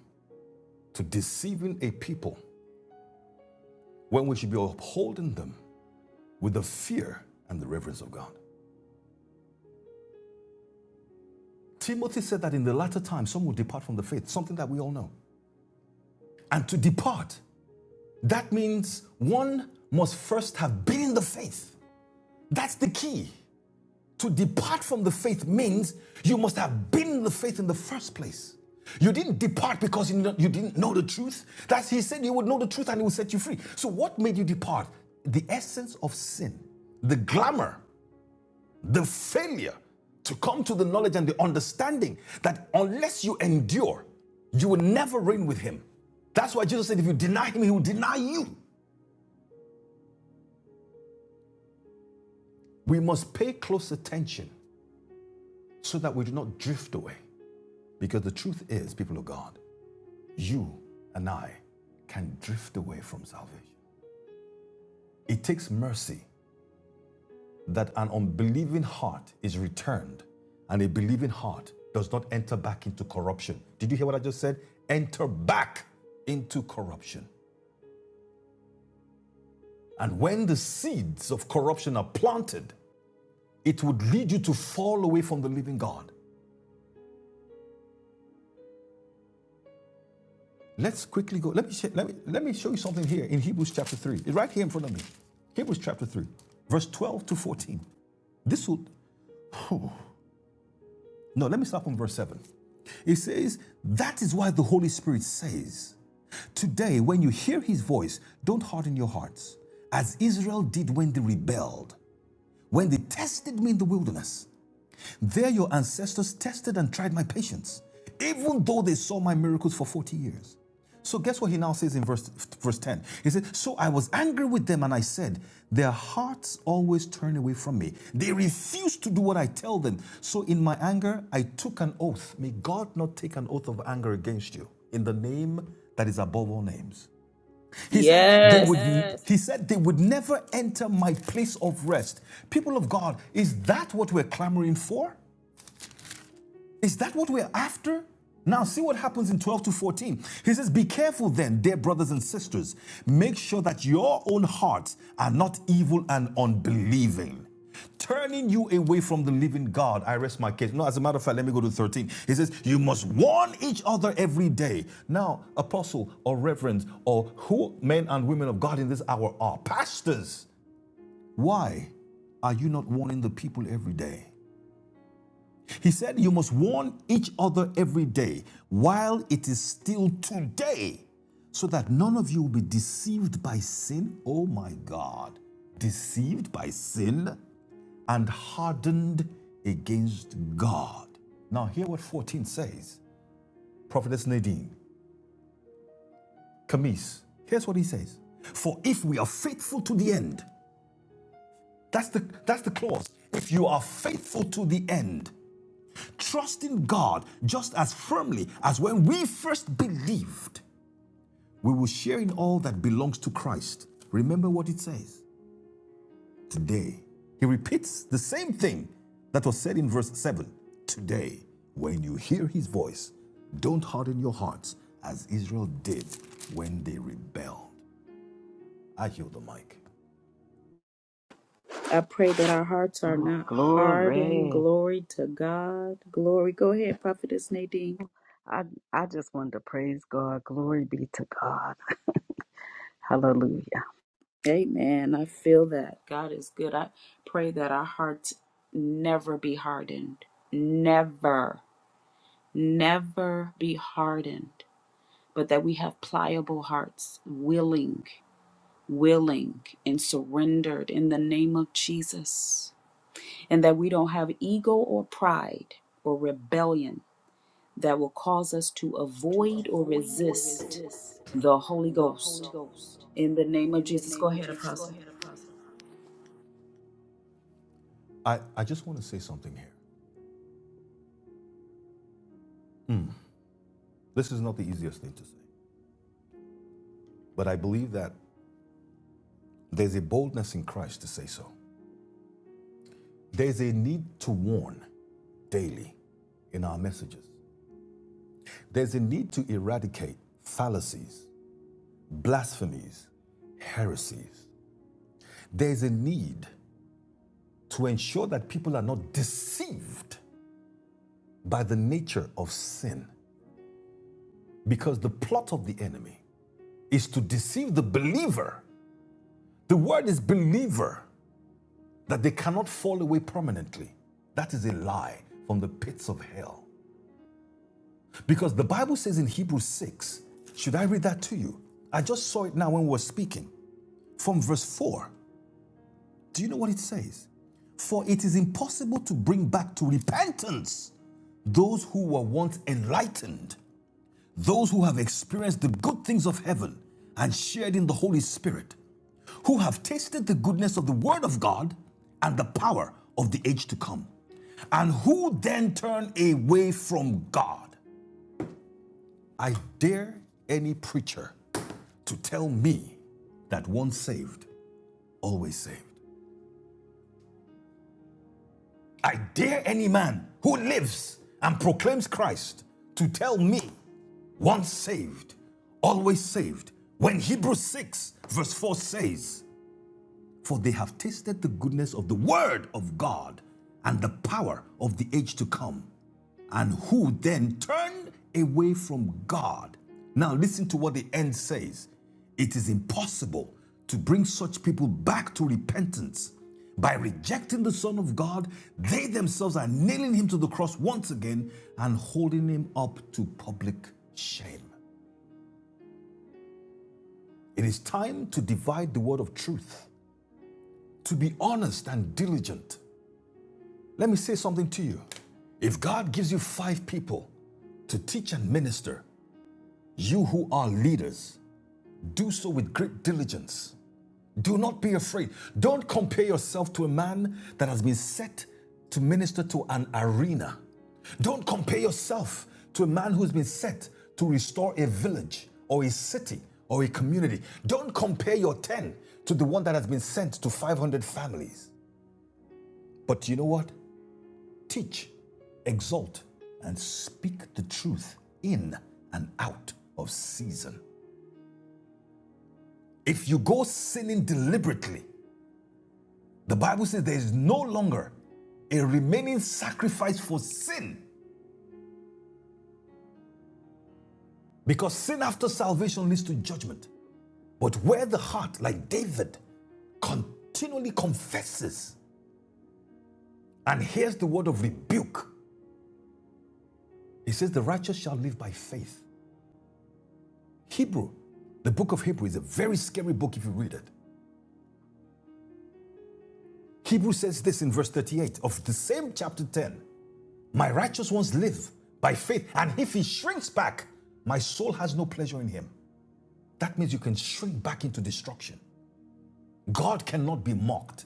to deceiving a people when we should be upholding them with the fear and the reverence of God? Timothy said that in the latter time, some will depart from the faith, something that we all know. And to depart, that means one must first have been in the faith. That's the key. to depart from the faith means you must have been in the faith in the first place. You didn't depart because you didn't- know the truth. That's he said you would know the truth and he would set you free. So what made you depart? The essence of sin, the glamour, the failure to come to the knowledge and the understanding that unless you endure, you will never reign with him. That's why Jesus said, if you deny him, he will deny you. We must pay close attention so that we do not drift away. Because the truth is, people of God, you and I can drift away from salvation. It takes mercy that an unbelieving heart is returned and a believing heart does not enter back into corruption. Did you hear what I just said? Enter back into corruption. And when the seeds of corruption are planted, it would lead you to fall away from the living God. Let's quickly go. Let me, sh- let me, let me show you something here in Hebrews chapter 3. It's right here in front of me. Hebrews chapter 3, verse 12 to 14. This will, Whew. No, let me start from verse 7. It says, That is why the Holy Spirit says, Today, when you hear his voice, don't harden your hearts, as Israel did when they rebelled, when they tested me in the wilderness. There, your ancestors tested and tried my patience, even though they saw my miracles for 40 years. So, guess what he now says in verse, verse 10? He said, So I was angry with them, and I said, Their hearts always turn away from me. They refuse to do what I tell them. So, in my anger, I took an oath. May God not take an oath of anger against you in the name that is above all names. He said yes. they would
yes.
Yes. he said they would never enter my place of rest. People of God, is that what we're clamoring for? Is that what we're after? Now, see what happens in 12 to 14. He says, Be careful then, dear brothers and sisters. Make sure that your own hearts are not evil and unbelieving, turning you away from the living God. I rest my case. No, as a matter of fact, let me go to 13. He says, You must warn each other every day. Now, apostle or reverend or who men and women of God in this hour are pastors. Why are you not warning the people every day? He said, You must warn each other every day while it is still today, so that none of you will be deceived by sin. Oh my God. Deceived by sin and hardened against God. Now, hear what 14 says. Prophetess Nadine, Camise. Here's what he says For if we are faithful to the end, that's the, that's the clause. If you are faithful to the end, trusting God just as firmly as when we first believed, we will share in all that belongs to Christ. Remember what it says today. He repeats the same thing that was said in verse 7. Today, when you hear his voice, don't harden your hearts as Israel did when they rebelled. I heal the mic.
I pray that our hearts are not hardened.
Glory.
Glory to God. Glory. Go ahead, Prophetess Nadine.
I, I just wanted to praise God. Glory be to God. Hallelujah.
Amen. I feel that. God is good. I pray that our hearts never be hardened. Never, never be hardened, but that we have pliable hearts, willing willing and surrendered in the name of Jesus, and that we don't have ego or pride or rebellion that will cause us to
to
avoid or
avoid or
resist
resist
the Holy
the Holy
Ghost.
Ghost.
In the name of
In the
Jesus, go
name of
ahead,
Jesus, go
Apostle.
ahead, Apostle. I, I just want to say something here. This is not the easiest thing to say, but I believe that there's a boldness in Christ to say so. There's a need to warn daily in our messages. There's a need to eradicate fallacies, blasphemies, heresies. There's a need to ensure that people are not deceived by the nature of sin because the plot of the enemy is to deceive the believer. The word is believer. that they cannot fall away permanently. That is a lie from the pits of hell. Because the Bible says in Hebrews 6, should I read that to you? I just saw it now when we were speaking. From verse 4, do you know what it says? For it is impossible to bring back to repentance those who were once enlightened, those who have experienced the good things of heaven and shared in the Holy Spirit, who have tasted the goodness of the Word of God and the power of the age to come, and who then turn away from God. I dare any preacher to tell me that once saved, always saved. I dare any man who lives and proclaims Christ to tell me, once saved, always saved, when Hebrews 6, verse 4 says, for they have tasted the goodness of the word of God and the power of the age to come, and who then turned away from God. Now, listen to what the end says it is impossible to bring such people back to repentance. By rejecting the Son of God, they themselves are nailing him to the cross once again and holding him up to public shame. It is time to divide the word of truth, to be honest and diligent, Let me say something to you. If God gives you five people to teach and minister, you who are leaders, do so with great diligence. Do not be afraid. Don't compare yourself to a man that has been set to minister to an arena. Don't compare yourself to a man who's been set to restore a village or a city or a community. Don't compare your 10 to the one that has been sent to 500 families. But you know what? teach, exalt, and speak the truth in and out of season. If you go sinning deliberately, the Bible says there is no longer a remaining sacrifice for sin because sin after salvation leads to judgment. But where the heart, like David, continually confesses and hears the word of rebuke, he says, The righteous shall live by faith. Hebrew, the book of Hebrew is a very scary book if you read it. Hebrew says this in verse 38 of the same chapter 10 My righteous ones live by faith, and if he shrinks back, my soul has no pleasure in him. That means you can shrink back into destruction. God cannot be mocked.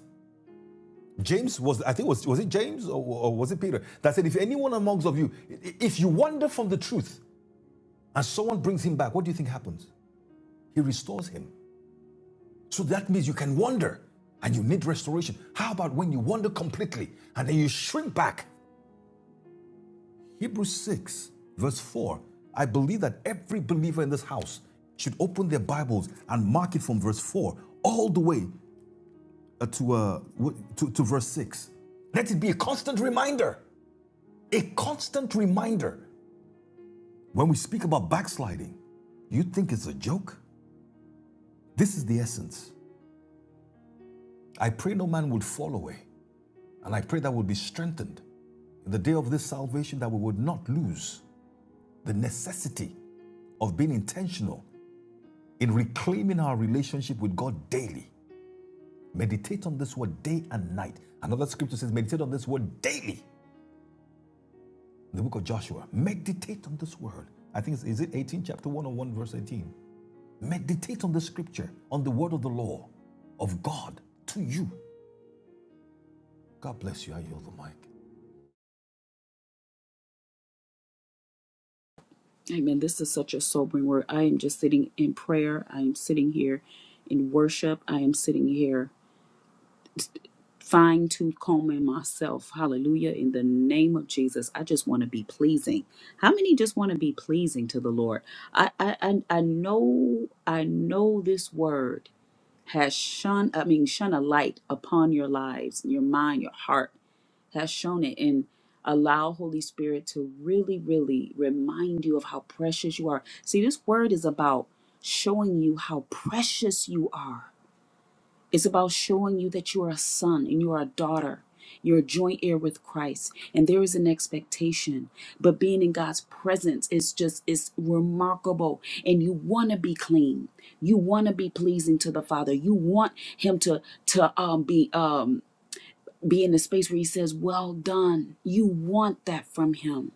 James was, I think, was, was it James or, or was it Peter that said, If anyone amongst of you, if you wander from the truth and someone brings him back, what do you think happens? He restores him. So that means you can wander and you need restoration. How about when you wander completely and then you shrink back Hebrews 6, verse 4. I believe that every believer in this house should open their Bibles and mark it from verse 4 all the way uh, to, uh, to, to verse 6. Let it be a constant reminder, a constant reminder. When we speak about backsliding, you think it's a joke? This is the essence. I pray no man would fall away, and I pray that we'll be strengthened in the day of this salvation, that we would not lose the necessity of being intentional in reclaiming our relationship with God daily. Meditate on this word day and night. Another scripture says, meditate on this word daily. In the book of Joshua, meditate on this word. I think it's, is it 18, chapter 101, verse 18. Meditate on the scripture, on the word of the law of God to you. God bless you. I yield the mic.
Amen. This is such a sobering word. I am just sitting in prayer. I am sitting here in worship. I am sitting here fine tooth combing myself. Hallelujah. In the name of Jesus, I just want to be pleasing. How many just want to be pleasing to the Lord? I, I, I, I know, I know this word has shone, I mean, shone a light upon your lives, your mind, your heart has shown it and allow Holy Spirit to really, really remind you of how precious you are. See, this word is about showing you how precious you are it's about showing you that you are a son and you are a daughter. You're a joint heir with Christ, and there is an expectation. But being in God's presence is just is remarkable, and you want to be clean. You want to be pleasing to the Father. You want Him to to um, be um, be in the space where He says, "Well done." You want that from Him.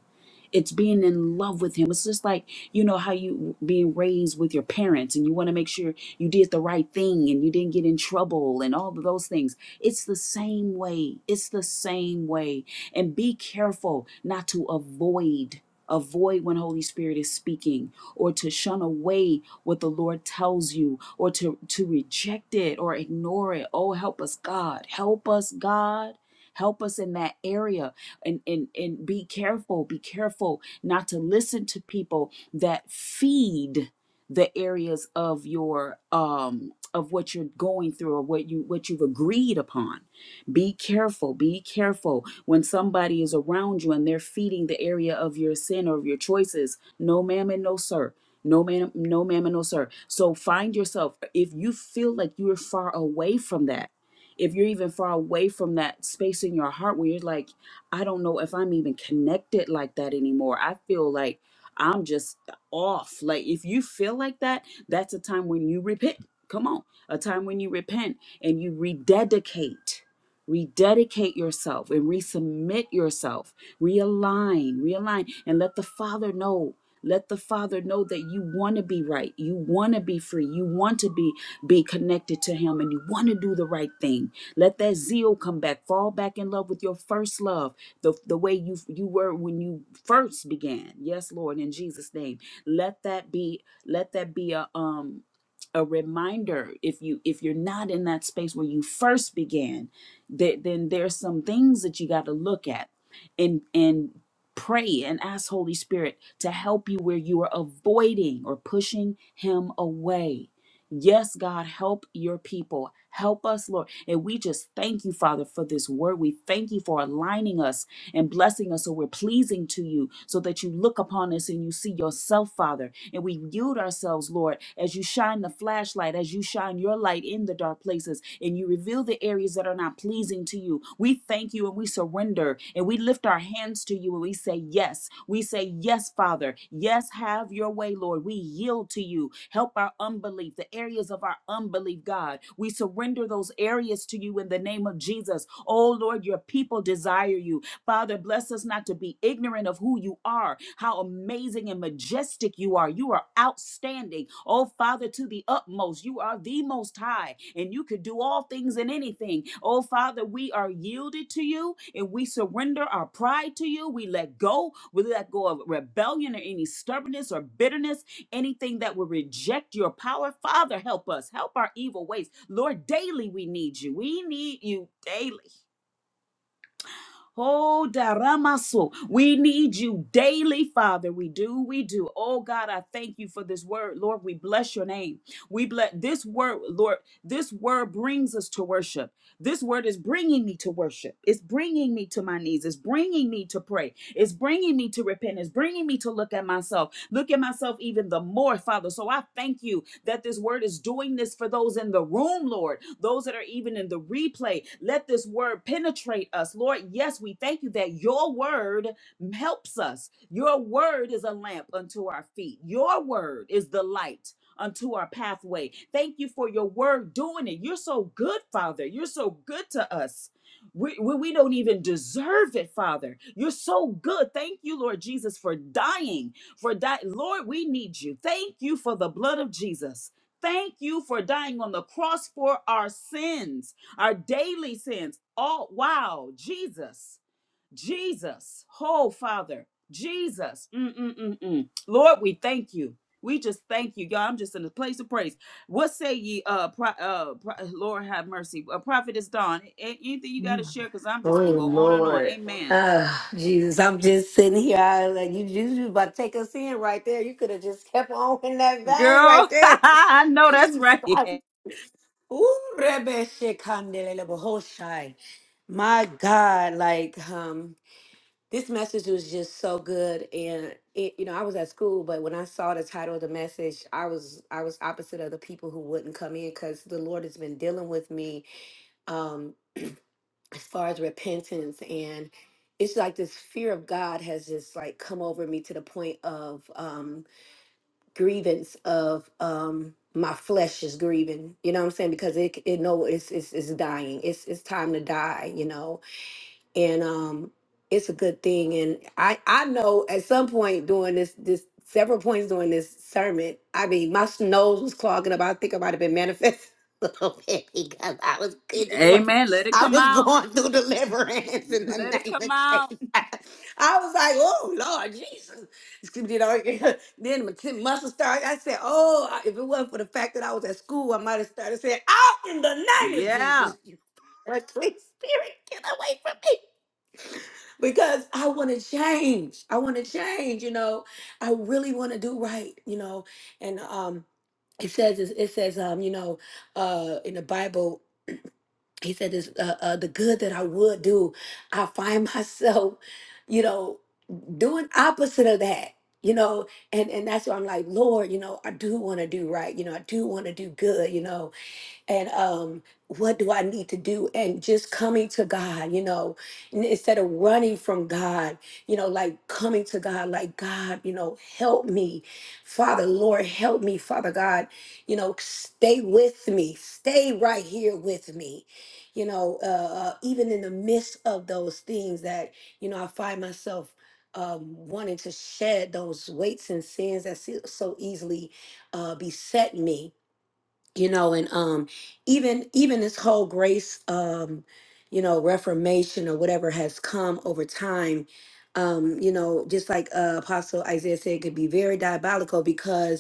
It's being in love with him. It's just like, you know, how you being raised with your parents and you want to make sure you did the right thing and you didn't get in trouble and all of those things. It's the same way. It's the same way. And be careful not to avoid avoid when holy spirit is speaking or to shun away what the lord tells you or to to reject it or ignore it oh help us god help us god help us in that area and and and be careful be careful not to listen to people that feed the areas of your um of what you're going through or what you what you've agreed upon be careful be careful when somebody is around you and they're feeding the area of your sin or of your choices no ma'am and no sir no ma'am no ma'am and no sir so find yourself if you feel like you're far away from that if you're even far away from that space in your heart where you're like I don't know if I'm even connected like that anymore. I feel like I'm just off. Like if you feel like that, that's a time when you repent. Come on. A time when you repent and you rededicate. Rededicate yourself and resubmit yourself. Realign, realign, and let the Father know. Let the Father know that you want to be right. You want to be free. You want to be be connected to Him, and you want to do the right thing. Let that zeal come back. Fall back in love with your first love the, the way you you were when you first began. Yes, Lord, in Jesus' name. Let that be let that be a um a reminder if you if you're not in that space where you first began, that then there's some things that you got to look at and and pray and ask Holy Spirit to help you where you are avoiding or pushing him away. Yes, God, help your people. Help us, Lord. And we just thank you, Father, for this word. We thank you for aligning us and blessing us so we're pleasing to you, so that you look upon us and you see yourself, Father. And we yield ourselves, Lord, as you shine the flashlight, as you shine your light in the dark places, and you reveal the the areas that are not pleasing to you. We thank you and we surrender and we lift our hands to you and we say, Yes. We say, Yes, Father. Yes, have your way, Lord. We yield to you. Help our unbelief, the areas of our unbelief, God. We surrender those areas to you in the name of Jesus. Oh, Lord, your people desire you. Father, bless us not to be ignorant of who you are, how amazing and majestic you are. You are outstanding. Oh, Father, to the utmost, you are the most high, and you could do all things and anything. Oh, Father, we are yielded to you and we surrender our pride to you. We let go. We let go of rebellion or any stubbornness or bitterness, anything that will reject your power. Father, help us. Help our evil ways. Lord, daily we need you. We need you daily. Oh, Daramaso, we need you daily, Father. We do, we do. Oh, God, I thank you for this word, Lord. We bless your name. We bless this word, Lord. This word brings us to worship. This word is bringing me to worship. It's bringing me to my knees. It's bringing me to pray. It's bringing me to repent. It's bringing me to look at myself. Look at myself even the more, Father. So I thank you that this word is doing this for those in the room, Lord, those that are even in the replay. Let this word penetrate us, Lord. Yes, we thank you that your word helps us. Your word is a lamp unto our feet, your word is the light unto our pathway. Thank you for your word doing it. You're so good, Father. You're so good to us. We, we, we don't even deserve it, Father. You're so good. Thank you, Lord Jesus, for dying for that. Lord, we need you. Thank you for the blood of Jesus. Thank you for dying on the cross for our sins, our daily sins. Oh, wow. Jesus, Jesus, oh, Father, Jesus. Mm-mm-mm-mm. Lord, we thank you. We just thank you, y'all. I'm just in a place of praise. What say ye, uh, pro- uh pro- Lord have mercy. A prophet is dawn. A- anything you got to
Oh
share? Because I'm just going to go on and on.
Lord.
Amen.
Ah, Jesus, I'm just sitting here. I was like you, you was about to take us in right there. You could have just kept on in that vein right
Girl, *laughs*
there.
I
*laughs*
know that's
Jesus.
right. *laughs*
Ooh, Rebbe Shekandelele Bohoshai. My God, like um, this message was just so good, and it, you know I was at school, but when I saw the title of the message, I was I was opposite of the people who wouldn't come in because the Lord has been dealing with me um, far as repentance and it's like this fear of God is this like point of um grievance of um my flesh is grieving, you know what I'm saying? Because it it know it's it's it's dying. It's it's time to die, you know. And um it's a good thing. And I I know at some point during this this several points during this sermon, I mean my s- nose was clogging up. *laughs* process a little bit because I was good.
Amen. Let it
I
come
was
out.
going through deliverance in the
Let it
name
come
of
out.
Jesus. I was like, oh Lord Jesus. You know, *laughs* then my tin- muscle started. I said, oh, I- if it wasn't for the fact that I was at school, I might have started saying, out in the name of
Yeah.
Jesus, you *laughs* unclean spirit, get away from me because I want to change. I want to change, you know. I really want to do right, you know. And um it says it says um you know uh in the bible he said this uh, uh the good that i would do i find *laughs* myself you know doing opposite of that you know and and that's why i'm like lord you know i do want to do right you know i do want to do good you know and um what do i need to do and just coming to god you know n- instead of running from god you know like coming to god like god you know help me father lord help me father god you know stay with me stay right here with me you know uh, uh, even in the midst of those things that you know i find myself um, wanting to shed those weights and sins that so so easily uh, beset me you know and um even even this whole grace um you know reformation or whatever has come over time um you know just like uh, apostle isaiah said it could be very diabolical because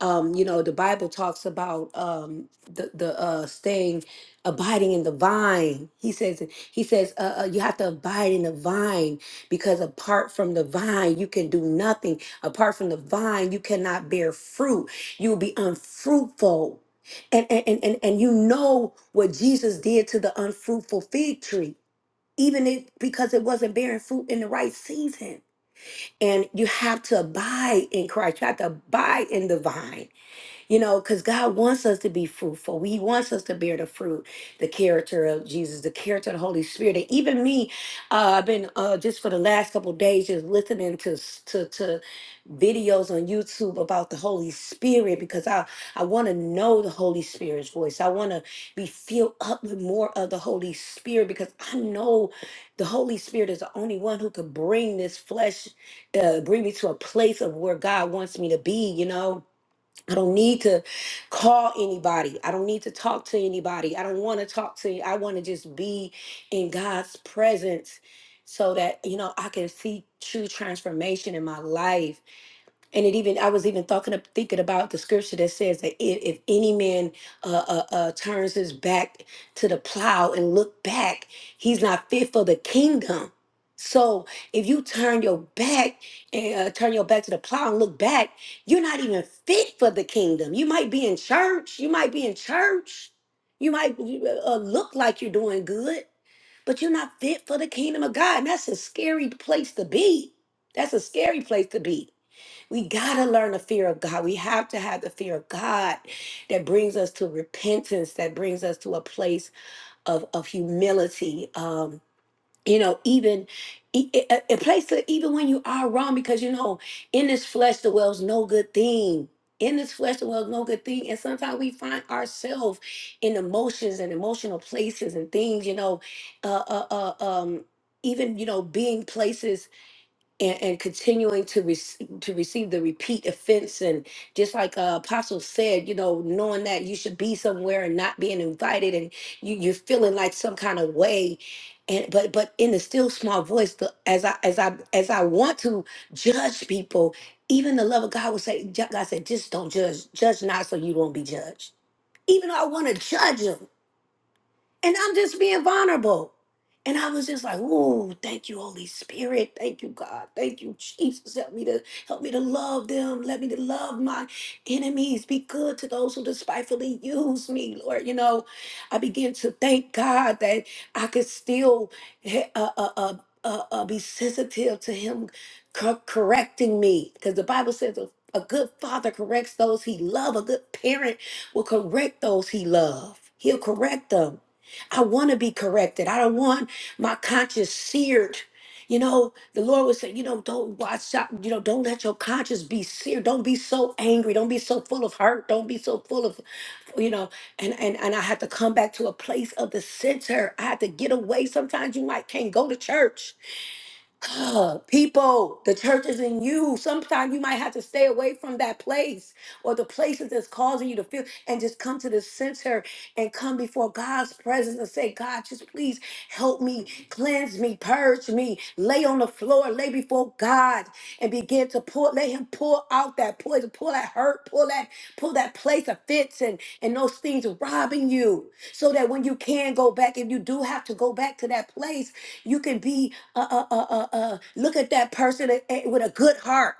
um, you know, the Bible talks about um, the the uh, staying, abiding in the vine. He says he says uh, uh, you have to abide in the vine because apart from the vine you can do nothing. Apart from the vine you cannot bear fruit. You will be unfruitful, and and and and and you know what Jesus did to the unfruitful fig tree, even it because it wasn't bearing fruit in the right season. And you have to abide in Christ. You have to abide in the vine you know, because God wants us to be fruitful. He wants us to bear the fruit, the character of Jesus, the character of the Holy Spirit. And even me, uh, I've been uh, just for the last couple of days just listening to, s- to to videos on YouTube about the Holy Spirit because I I want to know the Holy Spirit's voice. I want to be filled up with more of the Holy Spirit because I know the Holy Spirit is the only one who could bring this flesh, uh, bring me to a place of where God wants me to be. You know I don't need to call anybody. I don't need to talk to anybody. I don't want to talk to you. I want to just be in God's presence so that, you know, I can see true transformation in my life and it even I was even talking of thinking about the scripture that says that if, if any man uh, uh, uh, turns his back to the plow and look back, he's not fit for the kingdom. So if you turn your back and uh, turn your back to the plow and look back, you're not even fit for the kingdom. You might be in church. You might be in church. You might uh, uh, look like you're doing good, but you're not fit for the kingdom of God. And that's a scary place to be. That's a scary place to be. We got to learn the fear of God. We have to have the fear of God that brings us to repentance, that brings us to a place of, of humility. Um, you know, even e- e- a a place that even when you are wrong, because you know, in this flesh dwells no good thing. In this flesh dwells no good thing. And sometimes we find ourselves in emotions and emotional places and things, you know, uh, uh, uh, um, even, you know, being places and, and continuing to re- to receive the repeat offense and just like uh, apostle said you know knowing that you should be somewhere and not being invited and you, you're feeling like some kind of way and but but in the still small voice the, as i as i as i want to judge people even the love of god would say Ju- god said just don't judge judge not so you won't be judged even though i want to judge them and I'm just being vulnerable. And I was just like, "Ooh, thank you, Holy Spirit. Thank you, God. Thank you, Jesus. Help me to help me to love them. Let me to love my enemies. Be good to those who despitefully use me, Lord." You know, I began to thank God that I could still eh, uh, uh, uh, uh, uh, be sensitive to Him cor- correcting me, because the Bible says a, a good father corrects those he love. A good parent will correct those he love. He'll correct them. I want to be corrected. I don't want my conscience seared. You know, the Lord would say, you know, don't watch out. You know, don't let your conscience be seared. Don't be so angry. Don't be so full of hurt. Don't be so full of, you know. And and and I had to come back to a place of the center. I had to get away. Sometimes you might can't go to church *gasps* People, the church is in you. Sometimes you might have to stay away from that place or the places that's causing you to feel and just come to the center and come before God's presence and say, God, just please help me, cleanse me, purge me, lay on the floor, lay before God and begin to pour, let him pour out that poison, pull that hurt, pull that, pull that place of fits and, and those things robbing you so that when you can go back, if you do have to go back to that place, you can be uh, uh, uh, uh, uh. Look at that person a- a- with a good heart.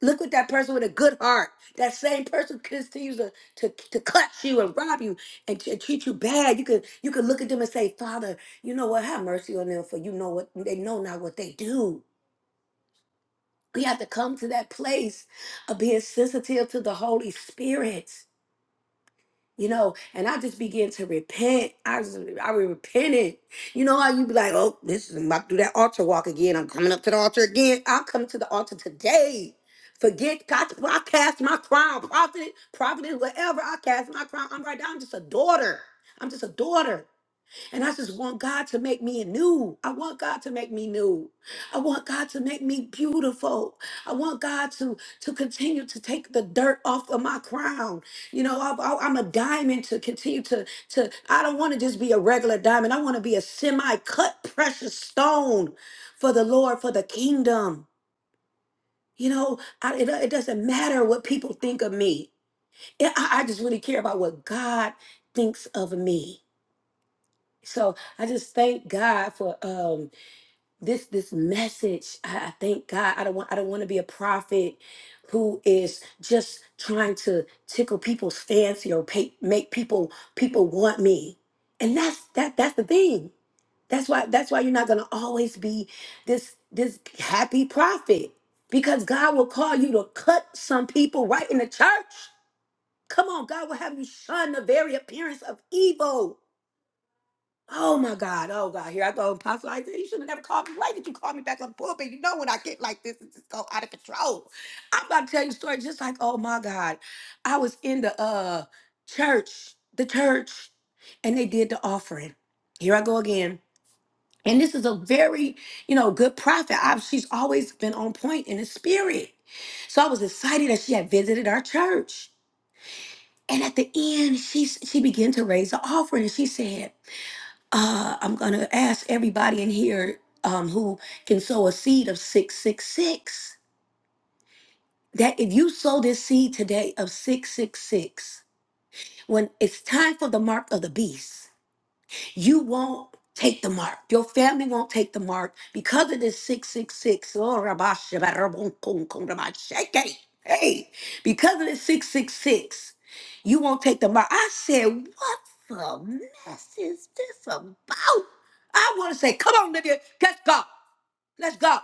Look at that person with a good heart. That same person continues to, to, to cut you and rob you and to treat you bad. You could you could look at them and say, Father, you know what? Have mercy on them, for you know what they know not what they do. We have to come to that place of being sensitive to the Holy Spirit. you know, and I just began to repent. I just, I repented. You know how you be like, oh, this is I'm about to do that altar walk again. I'm coming up to the altar again. I'll come to the altar today. Forget God, well, I cast my crown, prophet, prophet, whatever. I cast my crown. I'm right now. I'm just a daughter. I'm just a daughter. And I just want God to make me new. I want God to make me new. I want God to make me beautiful. I want God to to continue to take the dirt off of my crown. You know, I, I, I'm a diamond to continue to to. I don't want to just be a regular diamond. I want to be a semi-cut precious stone for the Lord, for the kingdom. You know, I, it, it doesn't matter what people think of me. I, I I just really care about what God thinks of me. So I just thank God for um this this message. I, I thank God. I don't want I don't want to be a prophet who is just trying to tickle people's fancy or pay, make people people want me. And that's that that's the thing. That's why that's why you're not gonna always be this this happy prophet. Because God will call you to cut some people right in the church. Come on, God will have you shun the very appearance of evil. Oh my God. Oh God. Here I go. Apostle Isaiah, you should have never called me. Why did you call me back on the pulpit? You know when I get like this, it's just go out of control. I'm about to tell you a story just like, oh my God. I was in the uh church, the church, and they did the offering. Here I go again. And this is a very, you know, good prophet. I, she's always been on point in the spirit. So I was excited that she had visited our church. And at the end, she she began to raise the offering and she said, uh, I'm going to ask everybody in here um, who can sow a seed of 666 that if you sow this seed today of 666, when it's time for the mark of the beast, you won't take the mark. Your family won't take the mark because of this 666. Oh, rabba shabba rabon kong kong rabba shake. Hey, because of this 666, you won't take the mark. I said, what the mess is this about? I want to say, come on, Lydia, let's go. Let's go.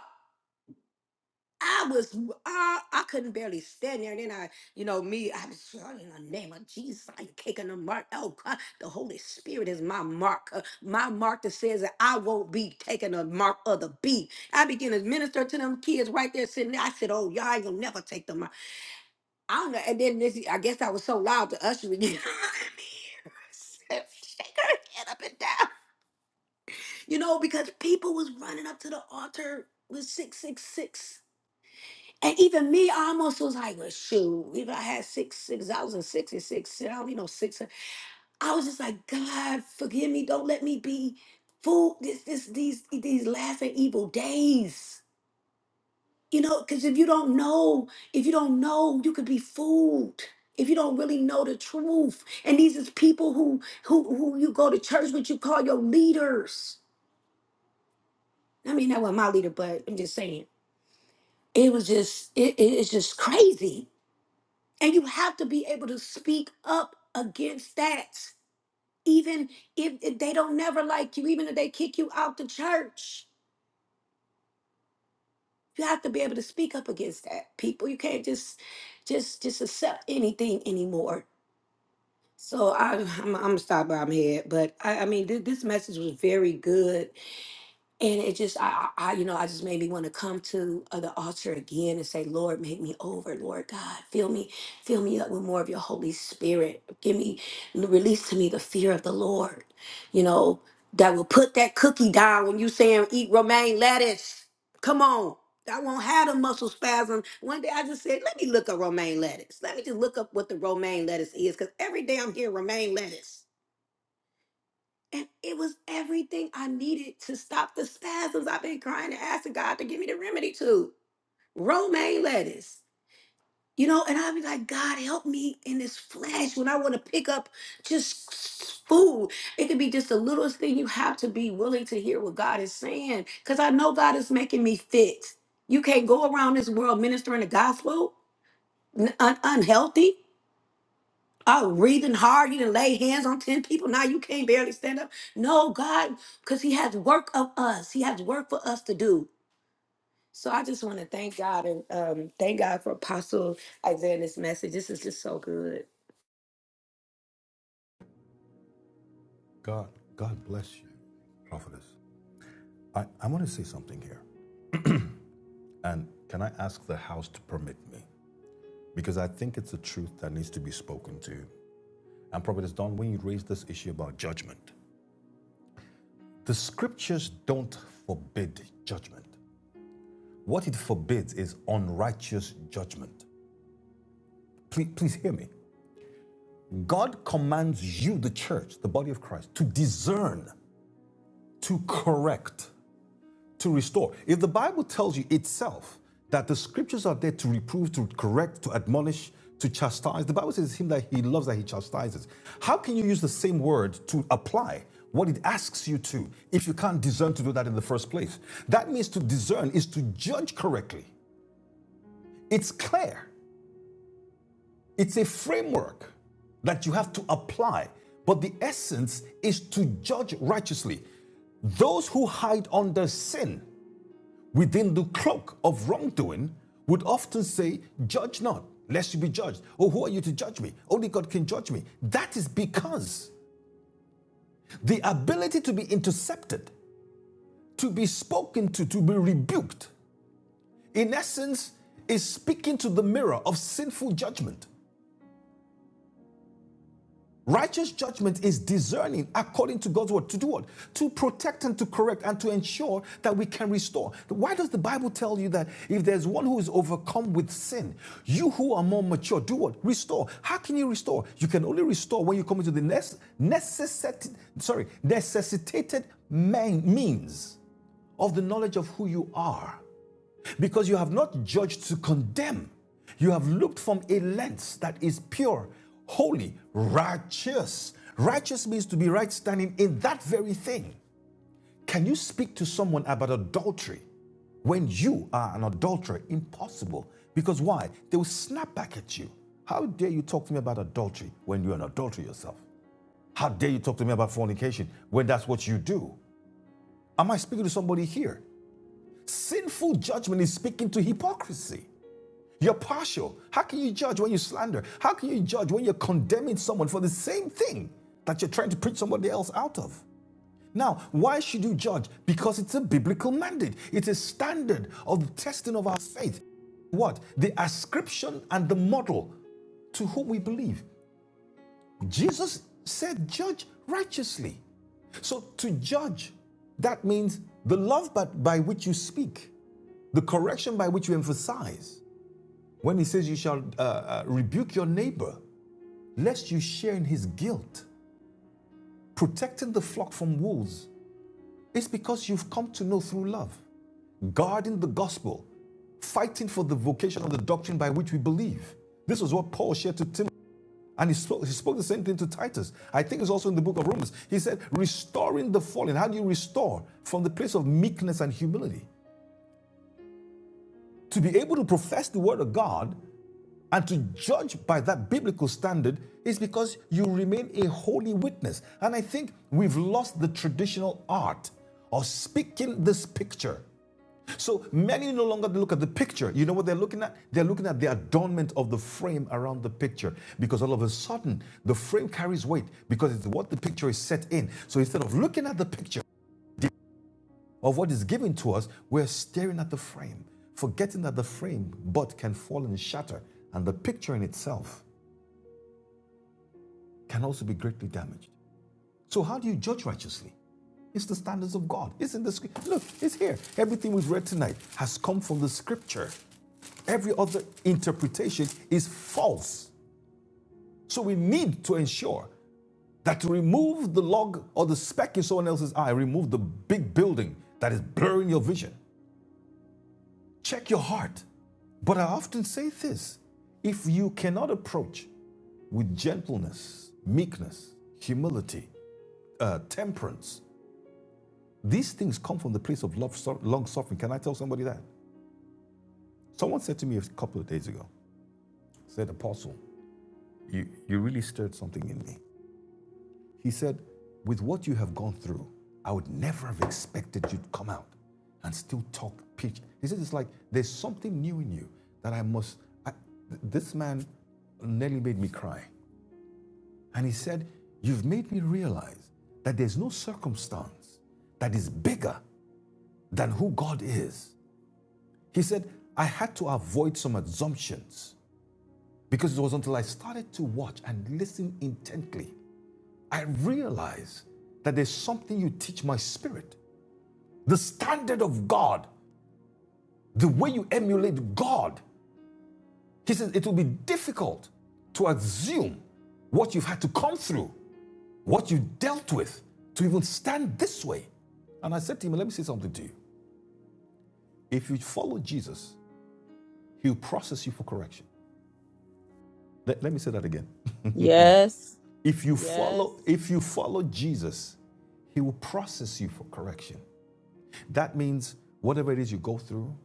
I was, uh, I couldn't barely stand there. And then I, you know, me, I was uh, in the name of Jesus, I ain't taking a mark. Oh, God, the Holy Spirit is my mark. uh, my mark that says that I won't be taking a mark of the beat. I begin to minister to them kids right there sitting there. I said, oh, y'all ain't gonna never take the mark. I don't know. And then this, I guess I was so loud to usher again. *laughs* Shake her head up and down. You know, because people was running up to the altar with 666 and even me, I almost was like, well, shoot, even I had six, six, I was in 66, shit, I don't even know, six. I was just like, God, forgive me. Don't let me be fooled this, this, these, these last and evil days. You know, because if you don't know, if you don't know, you could be fooled. If you don't really know the truth. And these is people who who who you go to church with, you call your leaders. I mean, that wasn't my leader, but I'm just saying. It was just, it, it- it's just crazy And you have to be able to speak up against that, even if, if they don't never like you, even if they kick you out the church. You have to be able to speak up against that, people. You can't just just just accept anything anymore. So I, I'm, I'm gonna stop where I'm at, but I, I mean, th- this message was very good, and it just I, I I, you know i just made me want to come to uh, the altar again and say lord make me over lord god fill me fill me up with more of your holy spirit give me release to me the fear of the lord you know that will put that cookie down when you saying eat romaine lettuce come on I won't have a muscle spasm. One day I just said, let me look up romaine lettuce. Let me just look up what the romaine lettuce is, because every day I'm hearing romaine lettuce. And it was everything I needed to stop the spasms I've been crying and asking God to give me the remedy to. Romaine lettuce. You know, and I'd be like, God, help me in this flesh when I want to pick up just s- food. It could be just the littlest thing you have to be willing to hear what God is saying. Because I know God is making me fit. You can't go around this world ministering the gospel n- un- unhealthy. Oh, breathing hard. You didn't lay hands on 10 people. Now you can't barely stand up. No, God, because He has work of us. He has work for us to do. So I just want to thank God and um, thank God for Apostle Isaiah and this message. This is just so good.
God, God bless you, prophetess. I, I want to say something here. And can I ask the house to permit me? Because I think it's a truth that needs to be spoken to And Prophet Don, when you raise this issue about judgment, the scriptures don't forbid judgment. What it forbids is unrighteous judgment. Please, please hear me. God commands you, the church, the body of Christ, to discern, to correct, to restore. If the Bible tells you itself that the scriptures are there to reprove, to correct, to admonish, to chastise, the Bible says it's him that he loves that he chastises. How can you use the same word to apply what it asks you to if you can't discern to do that in the first place? That means to discern is to judge correctly. It's clear, it's a framework that you have to apply, but the essence is to judge righteously. Those who hide under sin within the cloak of wrongdoing would often say, Judge not, lest you be judged. Or who are you to judge me? Only God can judge me. That is because the ability to be intercepted, to be spoken to, to be rebuked, in essence, is speaking to the mirror of sinful judgment. Righteous judgment is discerning according to God's word to do what? To protect and to correct and to ensure that we can restore. Why does the Bible tell you that if there's one who is overcome with sin, you who are more mature, do what? Restore. How can you restore? You can only restore when you come into the nece- necessitated, sorry, necessitated means of the knowledge of who you are. Because you have not judged to condemn. You have looked from a lens that is pure, holy, righteous. Righteous means to be right standing in that very thing. Can you speak to someone about adultery when you are an adulterer? Impossible. Because why? They will snap back at you. How dare you talk to me about adultery when you're an adulterer yourself? How dare you talk to me about fornication when that's what you do? Am I speaking to somebody here? Sinful judgment is speaking to hypocrisy. You're partial. How can you judge when you slander? How can you judge when you're condemning someone for the same thing that you're trying to preach somebody else out of? Now, why should you judge? Because it's a biblical mandate, it's a standard of the testing of our faith. What? The ascription and the model to who we believe. Jesus said, judge righteously. So to judge, that means the love by, by which you speak, the correction by which you emphasize. When he says you shall uh, uh, rebuke your neighbor, lest you share in his guilt. Protecting the flock from wolves is because you've come to know through love, guarding the gospel, fighting for the vocation of the doctrine by which we believe. This was what Paul shared to Timothy. And he spoke, he spoke the same thing to Titus. I think it's also in the book of Romans. He said, restoring the fallen. How do you restore? From the place of meekness and humility. To be able to profess the word of God And to judge by that biblical standard is because you remain a holy witness. And I think we've lost the traditional art of speaking this picture. So many no longer look at the picture. You know what they're looking at? They're looking at the adornment of the frame around the picture because all of a sudden the frame carries weight because it's what the picture is set in. So instead of looking at the picture of what is given to us, we're staring at the frame, forgetting that the frame but can fall and shatter and the picture in itself can also be greatly damaged. So, how do you judge righteously? It's the standards of God. It's in the script. Look, it's here. Everything we've read tonight has come from the scripture. Every other interpretation is false. So, we need to ensure that to remove the log or the speck in someone else's eye, remove the big building that is blurring your vision. Check your heart. But I often say this if you cannot approach with gentleness, meekness, humility, uh, temperance, These things come from the place of love, so- long suffering. Can I tell somebody that? Someone said to me a couple of days ago, said, Apostle, you, you really stirred something in me. He said, With what you have gone through, I would never have expected you'd come out and still talk pitch. He said, It's like there's something new in you that I must. I, th- this man nearly made me cry. And he said, You've made me realize that there's no circumstance that is bigger than who God is. He said, I had to avoid some assumptions because it was until I started to watch and listen intently, I realized that there's something you teach my spirit. The standard of God, the way you emulate God. He says it will be difficult to assume what you've had to come through, what you dealt with to even stand this way. And I said to him, Let me say something to you. If you follow Jesus, he'll process you for correction. Let, let me say that again.
Yes.
If you Yes. follow if you follow Jesus, he will process you for correction. That means whatever it is you go through,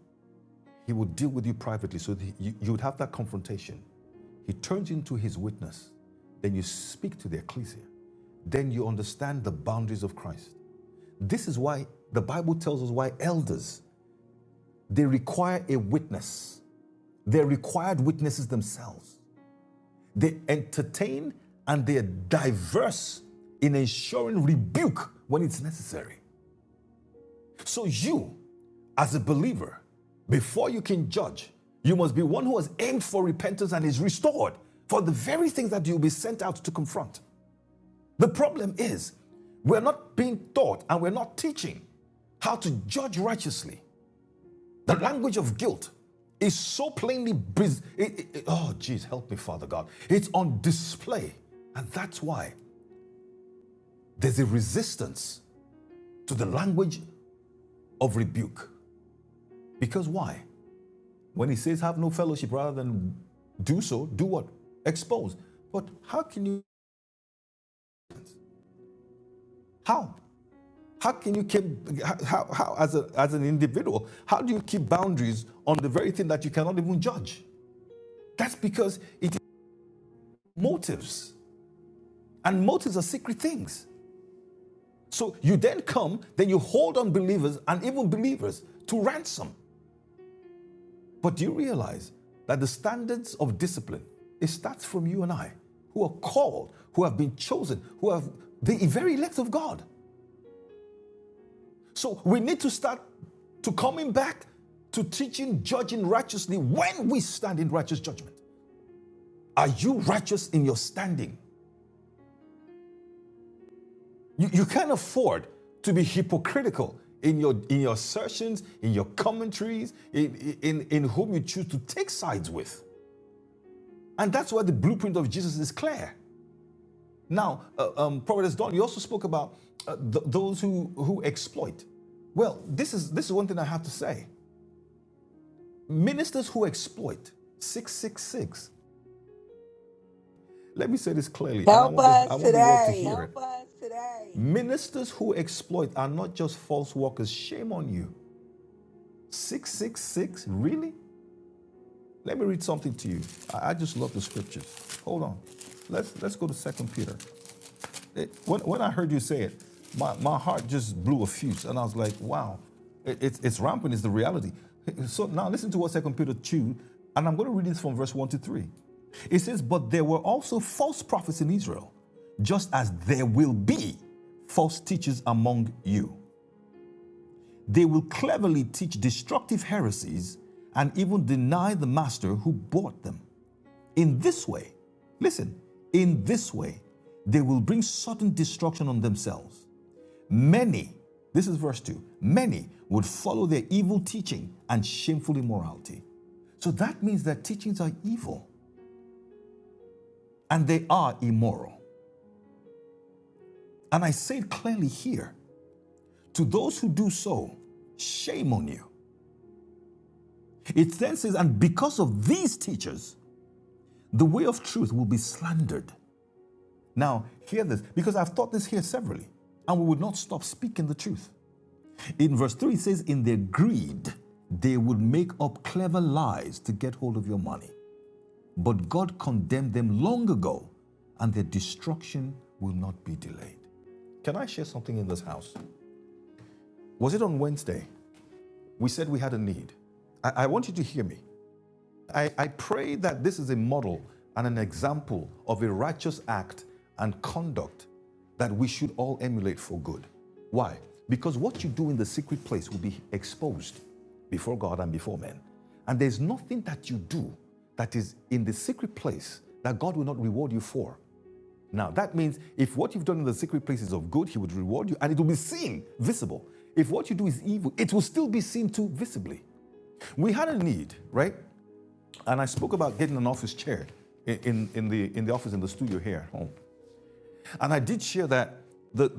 he will deal with you privately so you, you would have that confrontation. He turns into his witness. Then you speak to the ecclesia. Then you understand the boundaries of Christ. This is why the Bible tells us why elders they require a witness. They're required witnesses themselves. They entertain and they are diverse in ensuring rebuke when it's necessary. So, you, as a believer, before you can judge, you must be one who has aimed for repentance and is restored for the very things that you'll be sent out to confront. The problem is, we're not being taught and we're not teaching how to judge righteously the language of guilt is so plainly, it- it- it- oh, geez, help me, Father God. It's on display. And that's why there's a resistance to the language of rebuke. Because why? When he says, have no fellowship rather than do so, do what? Expose. But how can you, how? How can you keep, how, how as, a, as an individual, how do you keep boundaries on the very thing that you cannot even judge? That's because it is motives. And motives are secret things. So you then come, then you hold unbelievers and even believers to ransom. But do you realize that the standards of discipline it starts from you and I, who are called, who have been chosen, who have the very elect of God. So we need to start to coming back to teaching, judging righteously when we stand in righteous judgment. Are you righteous in your standing? You, you can't afford to be hypocritical in your in your assertions, in your commentaries, in, in, in whom you choose to take sides with. And that's why the blueprint of Jesus is clear. Now, uh, um, Providence Don, you also spoke about uh, th- those who, who exploit. Well, this is this is one thing I have to say. Ministers who exploit 666. Let me say this clearly, and I
Help
want the, I
us
want the world to
today.
hear it. Ministers who exploit are not just false workers. Shame on you. 666? Really? Let me read something to you. I, just love the scriptures. Hold on. Let's let's go to Second Peter. It- when, when I heard you say it, my, my heart just blew a fuse, and I was like, wow, it, it's it's rampant. Is the reality. So now listen to what Second Peter two, and I'm going to read this from verse one to three. It says, "But there were also false prophets in Israel, just as there will be false teachers among you." They will cleverly teach destructive heresies and even deny the master who bought them. In this way, listen, in this way, they will bring sudden destruction on themselves. Many, this is verse 2, many would follow their evil teaching and shameful immorality. So that means their teachings are evil and they are immoral. And I say it clearly here to those who do so, shame on you. It then says, and because of these teachers, The way of truth will be slandered. Now, hear this, because I've taught this here severally, and we would not stop speaking the truth. In verse 3, it says, In their greed, they would make up clever lies to get hold of your money. But God condemned them long ago, and their destruction will not be delayed. Can I share something in this house? Was it on Wednesday? We said we had a need. I, I want you to hear me. I, I pray that this is a model and an example of a righteous act and conduct that we should all emulate for good. Why? Because what you do in the secret place will be exposed before God and before men. And there's nothing that you do that is in the secret place that God will not reward you for. Now, that means if what you've done in the secret place is of good, He would reward you and it will be seen, visible. If what you do is evil, it will still be seen too visibly. We had a need, right? And I spoke about getting an office chair in, in, in the, in the office in the studio here at home. And I did share that the,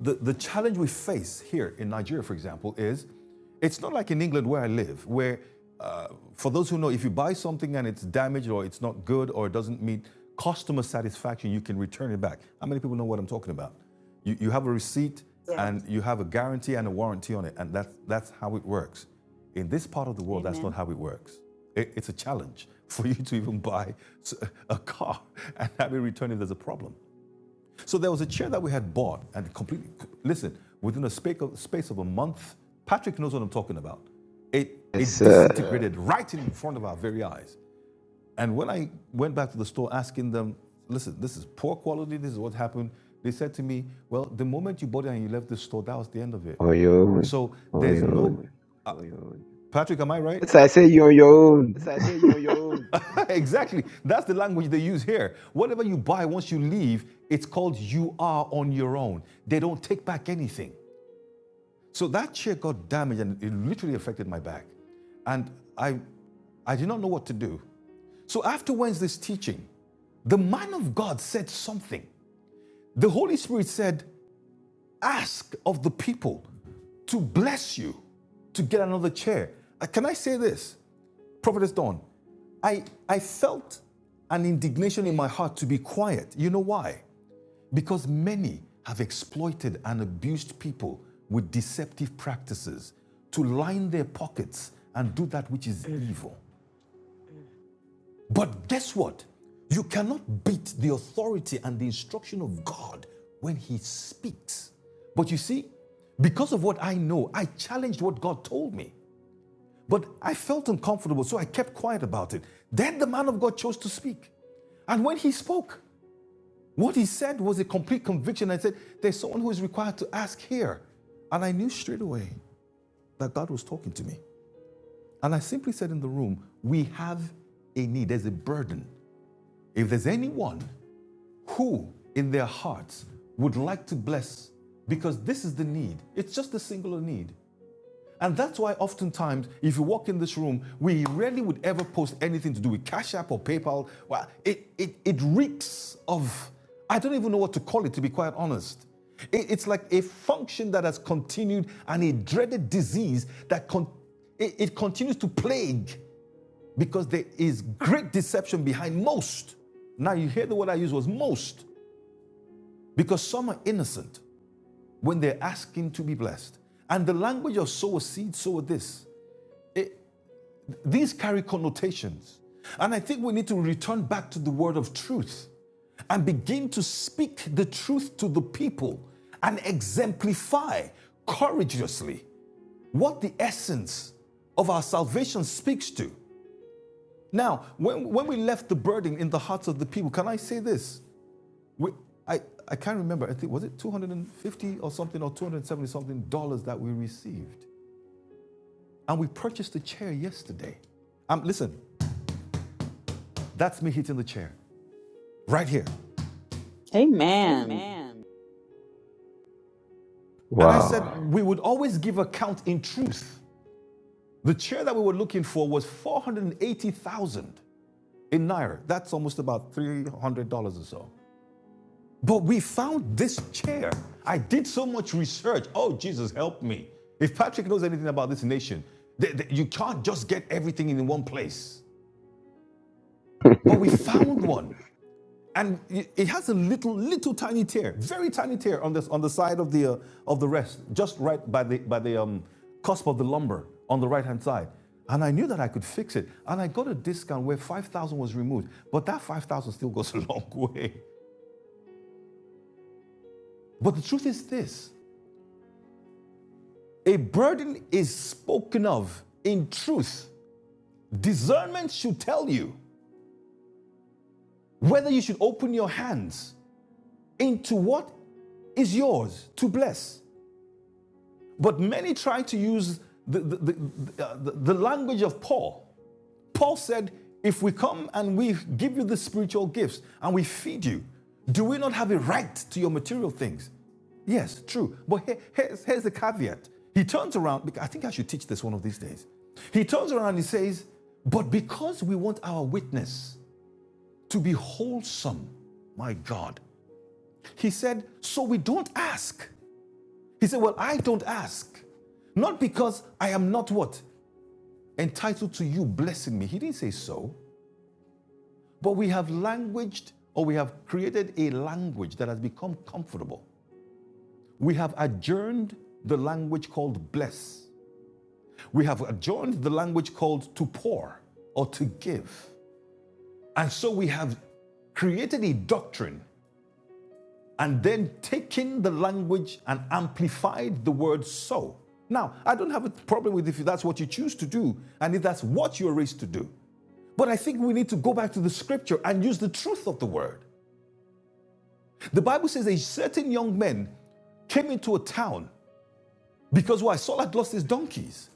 the, the challenge we face here in Nigeria, for example, is it's not like in England where I live, where uh, for those who know, if you buy something and it's damaged or it's not good or it doesn't meet customer satisfaction, you can return it back. How many people know what I'm talking about? You, you have a receipt
So,
and you have a guarantee and a warranty on it, and that's, that's how it works. In this part of the world, Amen. that's not how it works. It- it's a challenge *laughs* for you to even buy a car and have it returned if there's a problem. So there was a chair that we had bought and completely, listen, within a space of, space of a month, Patrick knows what I'm talking about. It,
Yes,
it
sir.
disintegrated yeah. right in front of our very eyes. And when I went back to the store asking them, listen, this is poor quality, this is what happened, they said to me, well, the moment you bought it and you left the store, that was the end of it.
On your own.
So
On
there's oy
your own.
no. Oy, oy. Patrick, am I right?
Yes, I say you on your own.
So I say you're on your own. *laughs* exactly. That's the language they use here. Whatever you buy once you leave, it's called you are on your own. They don't take back anything. So that chair got damaged and it literally affected my back. And I I did not know what to do. So after Wednesday's teaching, the man of God said something. The Holy Spirit said, Ask of the people to bless you to get another chair. Uh, Can I say this? Prophetess Dawn, I, I felt an indignation in my heart to be quiet. You know why? Because many have exploited and abused people with deceptive practices to line their pockets and do that which is evil. But guess what? You cannot beat the authority and the instruction of God when He speaks. But you see, because of what I know, I challenged what God told me. But I felt uncomfortable, so I kept quiet about it. Then the man of God chose to speak. And when he spoke, what he said was a complete conviction. I said, There's someone who is required to ask here. And I knew straight away that God was talking to me. And I simply said in the room, We have a need, there's a burden. If there's anyone who in their hearts would like to bless, because this is the need, it's just a singular need. And that's why oftentimes, if you walk in this room, we rarely would ever post anything to do with Cash App or PayPal. Well, it, it, it reeks of, I don't even know what to call it, to be quite honest. It- it's like a function that has continued and a dreaded disease that con- it, it continues to plague because there is great deception behind most. Now, you hear the word I use was most because some are innocent when they're asking to be blessed. And the language of sow a seed, sow a this. It, These carry connotations. And I think we need to return back to the word of truth and begin to speak the truth to the people and exemplify courageously what the essence of our salvation speaks to. Now, when, when we left the burden in the hearts of the people, can I say this? We, I, I can't remember, I think, was it 250 or something or 270 something dollars that we received? And we purchased a chair yesterday. Um, listen, that's me hitting the chair. right here.
Amen.
Amen. And I said,
Wow.
Wow. we would always give account in truth. The chair that we were looking for was 480,000 in Naira. That's almost about $300 or so. But we found this chair. I did so much research. Oh, Jesus, help me. If Patrick knows anything about this nation, th- th- you can't just get everything in one place.
*laughs*
But we found *laughs* one. and it has a little, little tiny tear, very tiny tear on this on the side of the uh, of the rest, just right by the by the um, cusp of the lumbar on the right hand side. And I knew that I could fix it, and I got a discount where five thousand was removed. But that five thousand still goes *laughs* a long way. But the truth is this: a burden is spoken of in truth. Discernment should tell you whether you should open your hands into what is yours to bless But many try to use the, the, the, uh, the, the language of Paul. Paul said, If we come and we give you the spiritual gifts and we feed you, do we not have a right to your material things? Yes, true. But here- here's, here's the caveat. He turns around, bec- I think I should teach this one of these days. He turns around and he says, But because we want our witness to be wholesome, my God, he said, So we don't ask. He said, Well, I don't ask. Not because I am not what? Entitled to you blessing me. He didn't say so. But we have languaged or we have created a language that has become comfortable. We have adjourned the language called bless. We have adjourned the language called to pour or to give. And so we have created a doctrine and then taken the language and amplified the word so. Now, I don't have a problem with if that's what you choose to do and if that's what you're raised to do. But I think we need to go back to the scripture and use the truth of the word. The Bible says a certain young man came into a town because why? Saul had lost his donkeys.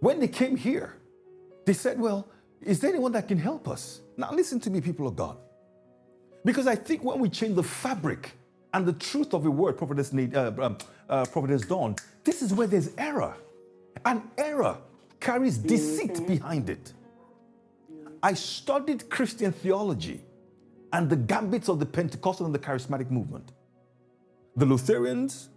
When they came here, they said, Well, is there anyone that can help us? Now, listen to me, people of God. Because I think when we change the fabric and the truth of the word, Prophetess, need, uh, um, uh, Prophetess Dawn, this is where there's error. And error carries deceit
hmm
behind it. I studied Christian theology and the gambits of the Pentecostal and the charismatic movement, the Lutherans,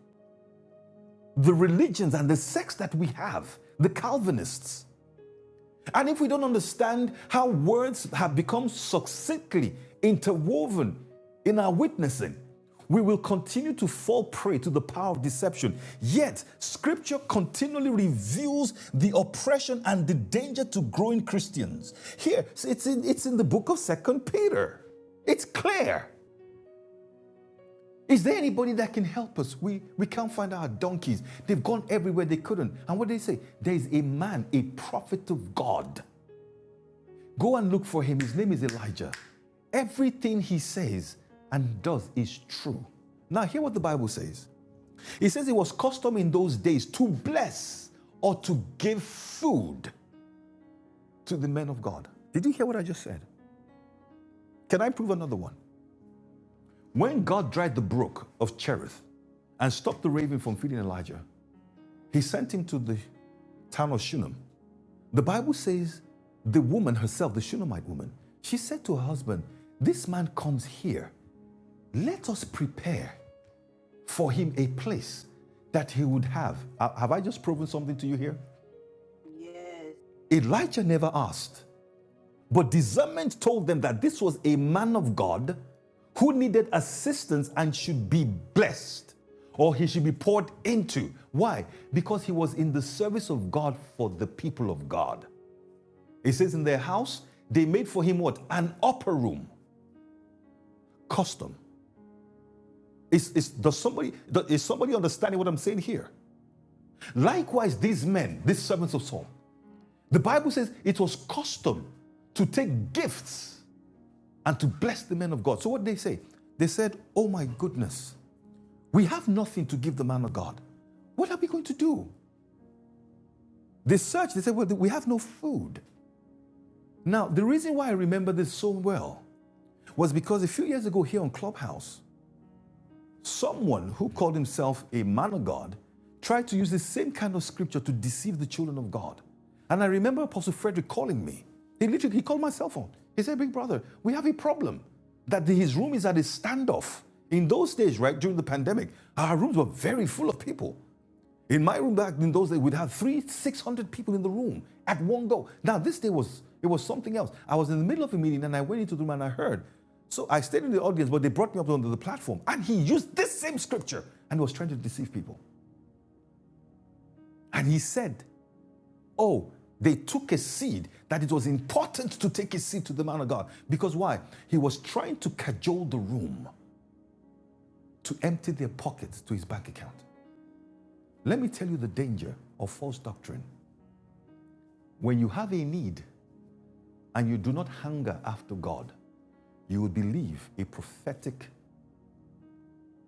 the religions and the sects that we have, the Calvinists. And if we don't understand how words have become succinctly interwoven in our witnessing, we will continue to fall prey to the power of deception. Yet, scripture continually reveals the oppression and the danger to growing Christians. Here, it's in, it's in the book of Second Peter. It's clear. Is there anybody that can help us? We, we can't find our donkeys. They've gone everywhere they couldn't. And what did they say? There is a man, a prophet of God Go and look for him. His name is Elijah. Everything he says and does is true. Now, hear what the Bible says. It says it was custom in those days to bless or to give food to the men of God. Did you hear what I just said? Can I prove another one? When God dried the brook of Cherith and stopped the raven from feeding Elijah, he sent him to the town of Shunem. The Bible says the woman herself, the Shunammite woman, she said to her husband, This man comes here Let us prepare for him a place that he would have. Ha- Have I just proven something to you here? Elijah never asked, but discernment told them that this was a man of God who needed assistance and should be blessed or he should be poured into. Why? Because he was in the service of God for the people of God. It says in their house, they made for him what? An upper room. Custom. Is, is, does somebody, is somebody understanding what I'm saying here? Likewise, these men, these servants of Saul, the Bible says it was custom to take gifts and to bless the men of God. So what did they say? They said, Oh my goodness, we have nothing to give the man of God. What are we going to do? They searched, they said, Well, we have no food. Now, the reason why I remember this so well was because a few years ago here on Clubhouse, Someone who called himself a man of God tried to use the same kind of scripture to deceive the children of God. And I remember Apostle Frederick calling me. He literally he called my cell phone. He said, Big brother, we have a problem. That the- his room is at a standoff. In those days, right, during the pandemic, our rooms were very full of people. In my room back in those days, we'd have three, six hundred people in the room at one go. Now this day was it was something else. I was in the middle of a meeting and I went into the room and I heard. So I stayed in the audience, but they brought me up onto the platform and he used this same scripture and was trying to deceive people. And he said, "Oh, they took a seed that it was important to take a seed to the man of God because why? He was trying to cajole the room to empty their pockets to his bank account. Let me tell you the danger of false doctrine. When you have a need and you do not hunger after God, you will believe a prophetic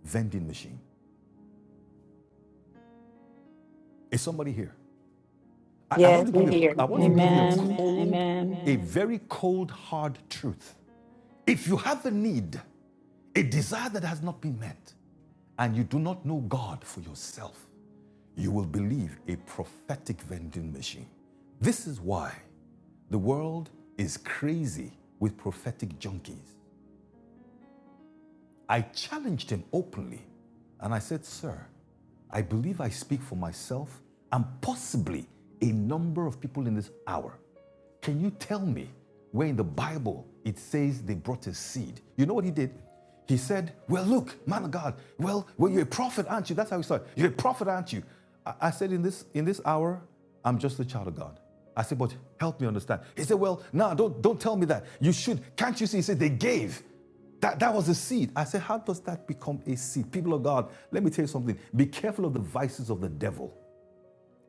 vending machine. Is somebody here? I, I want
yes,
to give
we're
Yes, you. I
here.
I'm want here. to give you a
Amen.
Amen.
Amen.
cold, Amen. a
Amen.
very cold, hard truth. If you have a need, a desire that has not been met, and you do not know God for yourself, you will believe a prophetic vending machine. This is why the world is crazy with prophetic junkies. I challenged him openly and I said, Sir, I believe I speak for myself and possibly a number of people in this hour. Can you tell me where in the Bible it says they brought a seed? You know what he did? He said, Well, look, man of God, well, well, you're a prophet, aren't you? That's how he started. You're a prophet, aren't you? I, I said, in this, in this hour, I'm just a child of God. I said, but help me understand. He said, well, no, don't, don't tell me that. You should. Can't you see? He said, they gave. That, that was a seed. I said, How does that become a seed? People of God, let me tell you something. Be careful of the vices of the devil.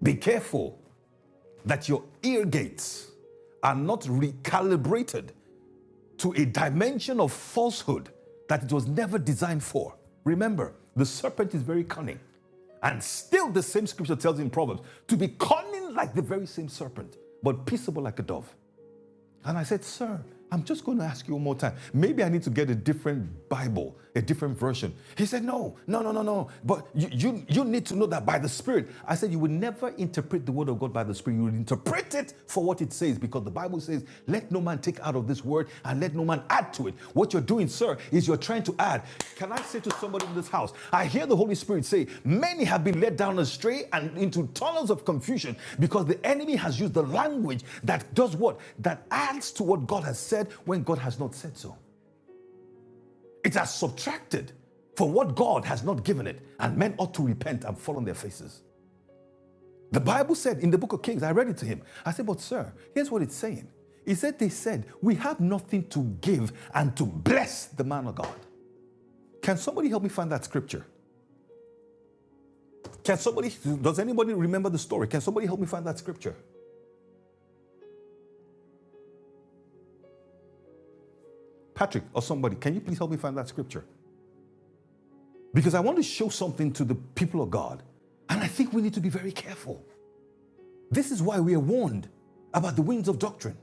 Be careful that your ear gates are not recalibrated to a dimension of falsehood that it was never designed for. Remember, the serpent is very cunning. And still, the same scripture tells in Proverbs to be cunning like the very same serpent, but peaceable like a dove. And I said, Sir, I'm just going to ask you one more time. Maybe I need to get a different Bible, a different version. He said, No, no, no, no, no. But you, you, you need to know that by the Spirit. I said, You will never interpret the Word of God by the Spirit. You will interpret it for what it says because the Bible says, Let no man take out of this Word and let no man add to it. What you're doing, sir, is you're trying to add. Can I say to somebody in this house, I hear the Holy Spirit say, Many have been led down astray and into tunnels of confusion because the enemy has used the language that does what? That adds to what God has said when God has not said so. It has subtracted for what God has not given it, and men ought to repent and fall on their faces. The Bible said in the book of Kings, I read it to him. I said, But sir, here's what it's saying. He said, They said, We have nothing to give and to bless the man of God. Can somebody help me find that scripture? Can somebody, does anybody remember the story? Can somebody help me find that scripture? Patrick or somebody, can you please help me find that scripture? Because I want to show something to the people of God. And I think we need to be very careful. This is why we are warned about the winds of doctrine.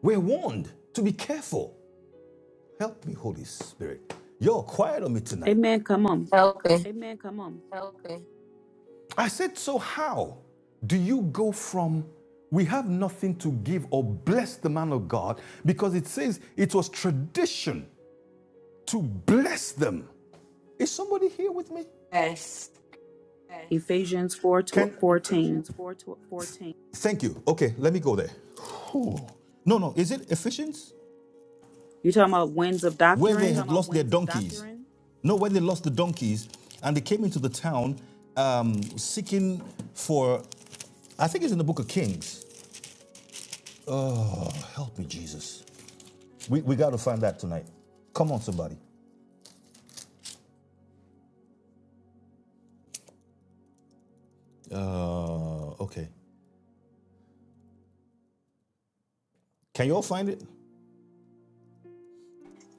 We're warned to be careful. Help me, Holy Spirit. You're quiet on me tonight.
Amen. Come on.
Helping.
Amen. Come on. I said, So how do you go from we have nothing to give or bless the man of God because it says it was tradition to bless them? Is somebody here with me?
Yes.
Ephesians 4 to
Can
14.
Ephesians 4 to 14. thank you. Okay, let me go there. Whew. No, no, is it Ephesians?
You talking about winds of
Where they had
doctrine?
lost their donkeys. doctrine? No, when they lost the donkeys and they came into the town um, seeking for, I think it's in the book of Kings. Help me, Jesus. We, we got to find that tonight. Come on, somebody. Uh, okay. Can you all find it?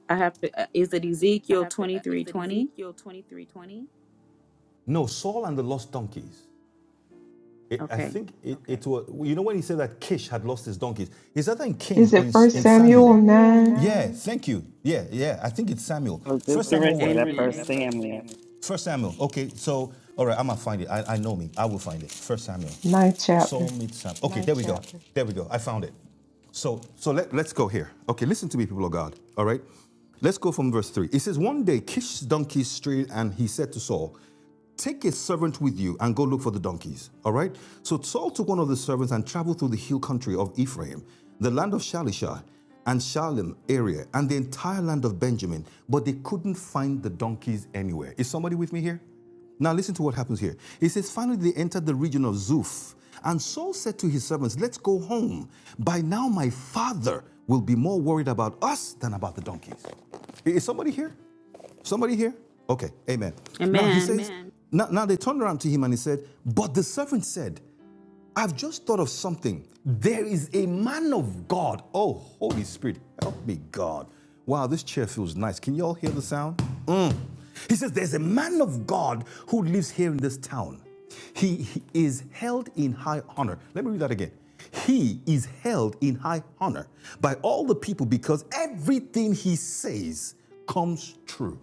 I have to. uh, Is it
I
Ezekiel
have to.
twenty
uh,
three
Is it
twenty?
Ezekiel twenty three twenty? No, Saul and the lost donkeys. It, I
Okay.
think it, okay. it was, you know, when he said that Kish had lost his donkeys, is that in Kings
Is
or in,
it
Is
First
in it Samuel?
Samuel
Samuel
9?
nine? Yeah, thank you. Yeah, yeah, I think it's Samuel.
I was just
First
going
Samuel
to say
what?
that
right.
first
Amen.
first
Samuel.
Samuel. First Samuel. Okay, so, all right, I'm going to find it. I, I know me. I will find it. First Samuel.
Ninth
So
chapter.
meet Sam. Okay, there we go. There we go. I found it. So, so let, let's go here. Okay, listen to me, people of God. All right. Let's go from verse 3. It says, One day Kish's donkeys strayed, and he said to Saul, Take a servant with you and go look for the donkeys. All right? So Saul took one of the servants and traveled through the hill country of Ephraim, the land of Shalishah and Shalem area, and the entire land of Benjamin, but they couldn't find the donkeys anywhere. Is somebody with me here? Now listen to what happens here. It says, Finally, they entered the region of Zuf. And Saul said to his servants, Let's go home. By now, my father will be more worried about us than about the donkeys. Is somebody here? Somebody here? Okay, amen. Now he
Amen.
says, now, now they turned around to him and he said, But the servant said, I've just thought of something. There is a man of God. Oh, Holy Spirit, help me, God. Wow, this chair feels nice. Can you all hear the sound? Mm. He says, There's a man of God who lives here in this town. He, he is held in high honor. Let me read that again. He is held in high honor by all the people because everything he says comes true.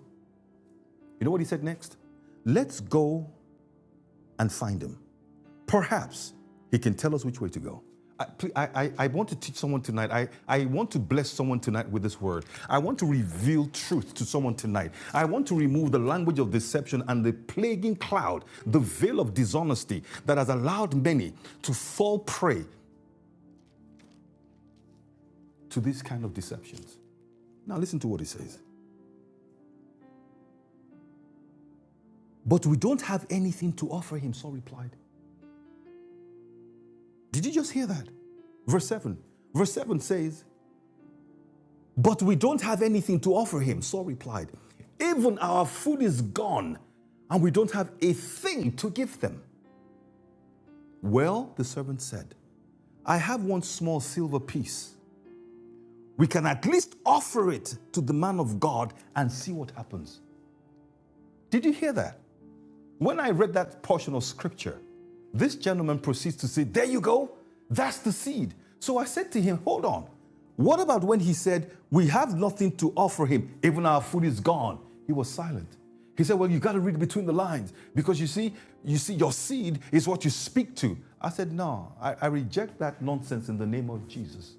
You know what he said next? Let's go and find him. Perhaps he can tell us which way to go. I, I, I, I want to teach someone tonight. I, I want to bless someone tonight with this word. I want to reveal truth to someone tonight. I want to remove the language of deception and the plaguing cloud, the veil of dishonesty that has allowed many to fall prey to these kind of deceptions. Now, listen to what he says. But we don't have anything to offer him, Saul replied. Did you just hear that? Verse 7. Verse 7 says, But we don't have anything to offer him. Saul replied, Even our food is gone, and we don't have a thing to give them. Well, the servant said, I have one small silver piece. We can at least offer it to the man of God and see what happens. Did you hear that? When I read that portion of scripture, this gentleman proceeds to say, There you go, that's the seed. So I said to him, Hold on. What about when he said, We have nothing to offer him, even our food is gone? He was silent. He said, Well, you got to read between the lines because you see, you see, your seed is what you speak to. I said, No, I, I reject that nonsense in the name of Jesus.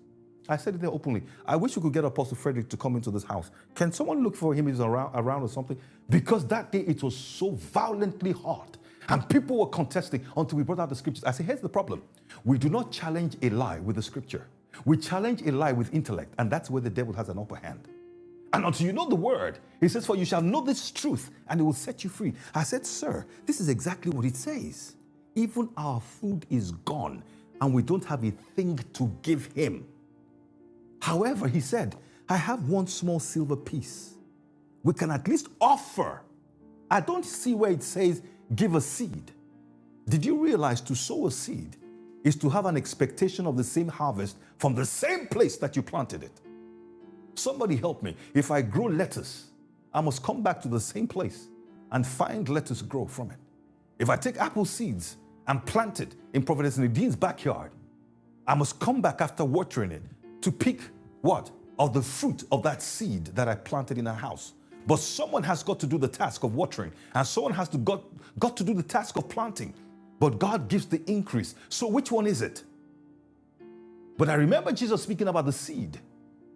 I said it there openly. I wish we could get Apostle Frederick to come into this house. Can someone look for him? He's around, around or something. Because that day it was so violently hot. And people were contesting until we brought out the scriptures. I said, here's the problem. We do not challenge a lie with the scripture. We challenge a lie with intellect. And that's where the devil has an upper hand. And until you know the word, he says, For you shall know this truth, and it will set you free. I said, Sir, this is exactly what it says. Even our food is gone, and we don't have a thing to give him. However, he said, I have one small silver piece. We can at least offer. I don't see where it says give a seed. Did you realize to sow a seed is to have an expectation of the same harvest from the same place that you planted it? Somebody help me. If I grow lettuce, I must come back to the same place and find lettuce grow from it. If I take apple seeds and plant it in Prophetess Nadine's backyard, I must come back after watering it to pick what? Of the fruit of that seed that I planted in our house. But someone has got to do the task of watering, and someone has to got, got to do the task of planting. But God gives the increase. So which one is it? But I remember Jesus speaking about the seed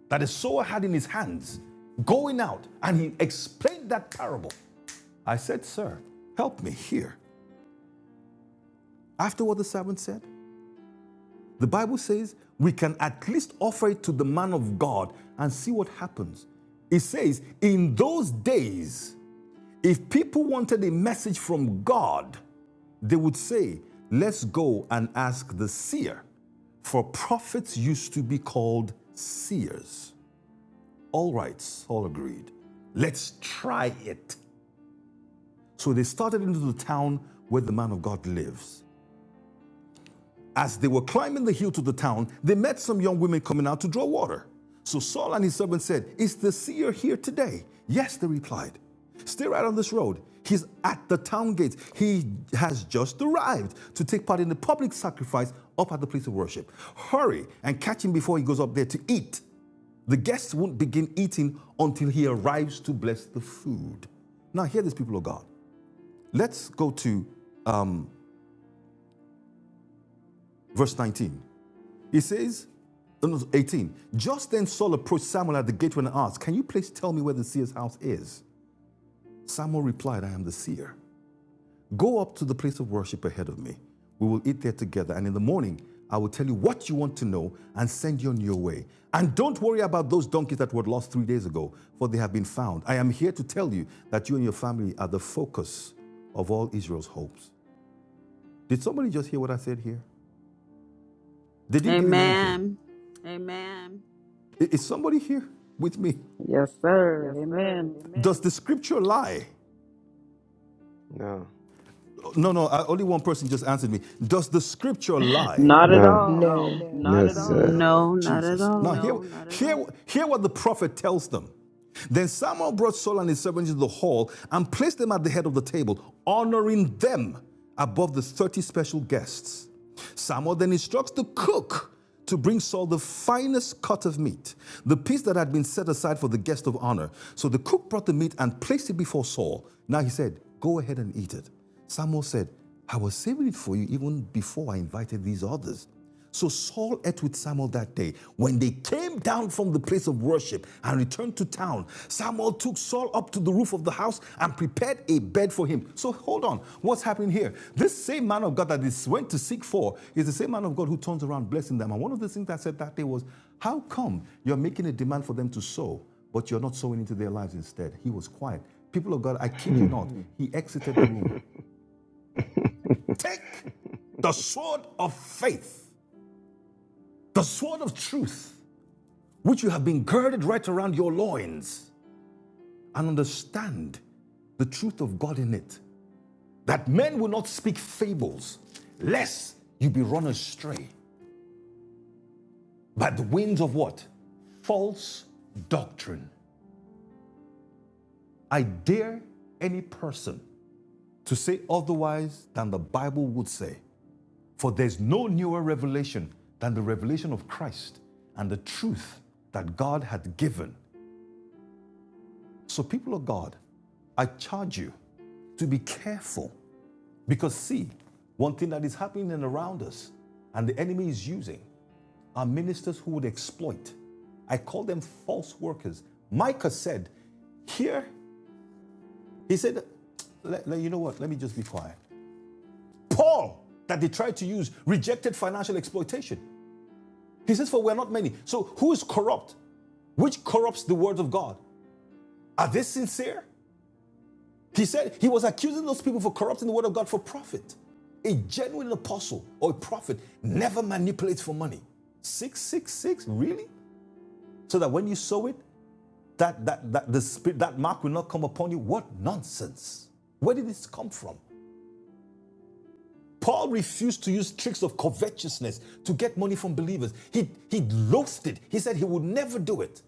that the sower had in his hands going out, and he explained that parable. I said, Sir, help me here. After what the servant said, The Bible says we can at least offer it to the man of God and see what happens. It says, in those days, if people wanted a message from God, they would say, Let's go and ask the seer. For prophets used to be called seers. All right, all agreed. Let's try it. So they started into the town where the man of God lives. As they were climbing the hill to the town, they met some young women coming out to draw water. So Saul and his servant said, Is the seer here today? Yes, they replied. Stay right on this road. He's at the town gate. He has just arrived to take part in the public sacrifice up at the place of worship. Hurry and catch him before he goes up there to eat. The guests won't begin eating until he arrives to bless the food. Now, hear this, people of God. Let's go to um, verse 19. He says, no, no, 18. Just then Saul approached Samuel at the gateway and asked, Can you please tell me where the seer's house is? Samuel replied, I am the seer. Go up to the place of worship ahead of me. We will eat there together, and in the morning I will tell you what you want to know and send you on your way. And don't worry about those donkeys that were lost three days ago, for they have been found. I am here to tell you that you and your family are the focus of all Israel's hopes. Did somebody just hear what I said here? They didn't give him anything.
Amen.
Amen. Is somebody here with me?
Yes, sir. Amen.
Amen. Does the scripture lie? No. No, no, I, only one person just answered me. Does the scripture lie?
Not
N-
at
no.
all.
No.
No.
Not
No,
at No, all. Yes,
sir.
sir.
No, not at
Jesus. Now No,
all.
hear, No, not at hear, all. hear what the prophet tells them. Then Samuel brought Saul and his servants into the hall and placed them at the head of the table, honoring them above the 30 special guests. Samuel then instructs the cook to bring Saul the finest cut of meat, the piece that had been set aside for the guest of honor. So the cook brought the meat and placed it before Saul. Now he said, Go ahead and eat it. Samuel said, I was saving it for you even before I invited these others. So Saul ate with Samuel that day. When they came down from the place of worship and returned to town, Samuel took Saul up to the roof of the house and prepared a bed for him. So hold on, what's happening here? This same man of God that is went to seek for is the same man of God who turns around blessing them. And one of the things I said that day was, how come you're making a demand for them to sow, but you're not sowing into their lives instead? He was quiet. People of God, I kid you
Hmm.
not, he exited
*laughs*
the room. *laughs* Take the sword of faith, the sword of truth which you have been girded right around your loins, and understand the truth of God in it, that men will not speak fables, lest you be run astray by the winds of what? False doctrine. I dare any person to say otherwise than the Bible would say, for there's no newer revelation than the revelation of Christ and the truth that God had given. So, people of God, I charge you to be careful Because, see, one thing that is happening around us and the enemy is using are ministers who would exploit. I call them false workers. Micah said, Here, he said, "Let- let- You know what? Let me just be quiet. Paul, that they tried to use, rejected financial exploitation. He says, For we're not many. So, who is corrupt? Which corrupts the word of God? Are they sincere? He said he was accusing those people for corrupting the word of God for profit. A genuine apostle or a prophet never manipulates for money. 666, really? So that when you sow it, that, that, that, the spirit, that mark will not come upon you? What nonsense. Where did this come from? Paul refused to use tricks of covetousness to get money from believers. He, he loathed it. He said he would never do it.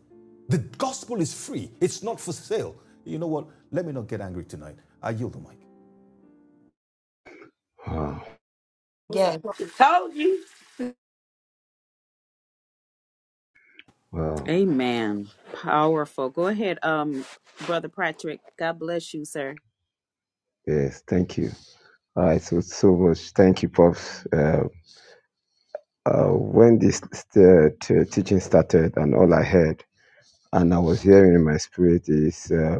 The gospel is free, it's not for sale. You know what? Let me not get angry tonight. I yield the mic.
wow.
Yes. Told you.
Wow.
Amen. Powerful. Go ahead, um, Brother Patrick. God bless you, sir.
Yes, thank you. All right, so, so much. Thank you, Pops. Uh, uh, when this uh, t- teaching started and all I heard, and I was hearing in my spirit is. uh,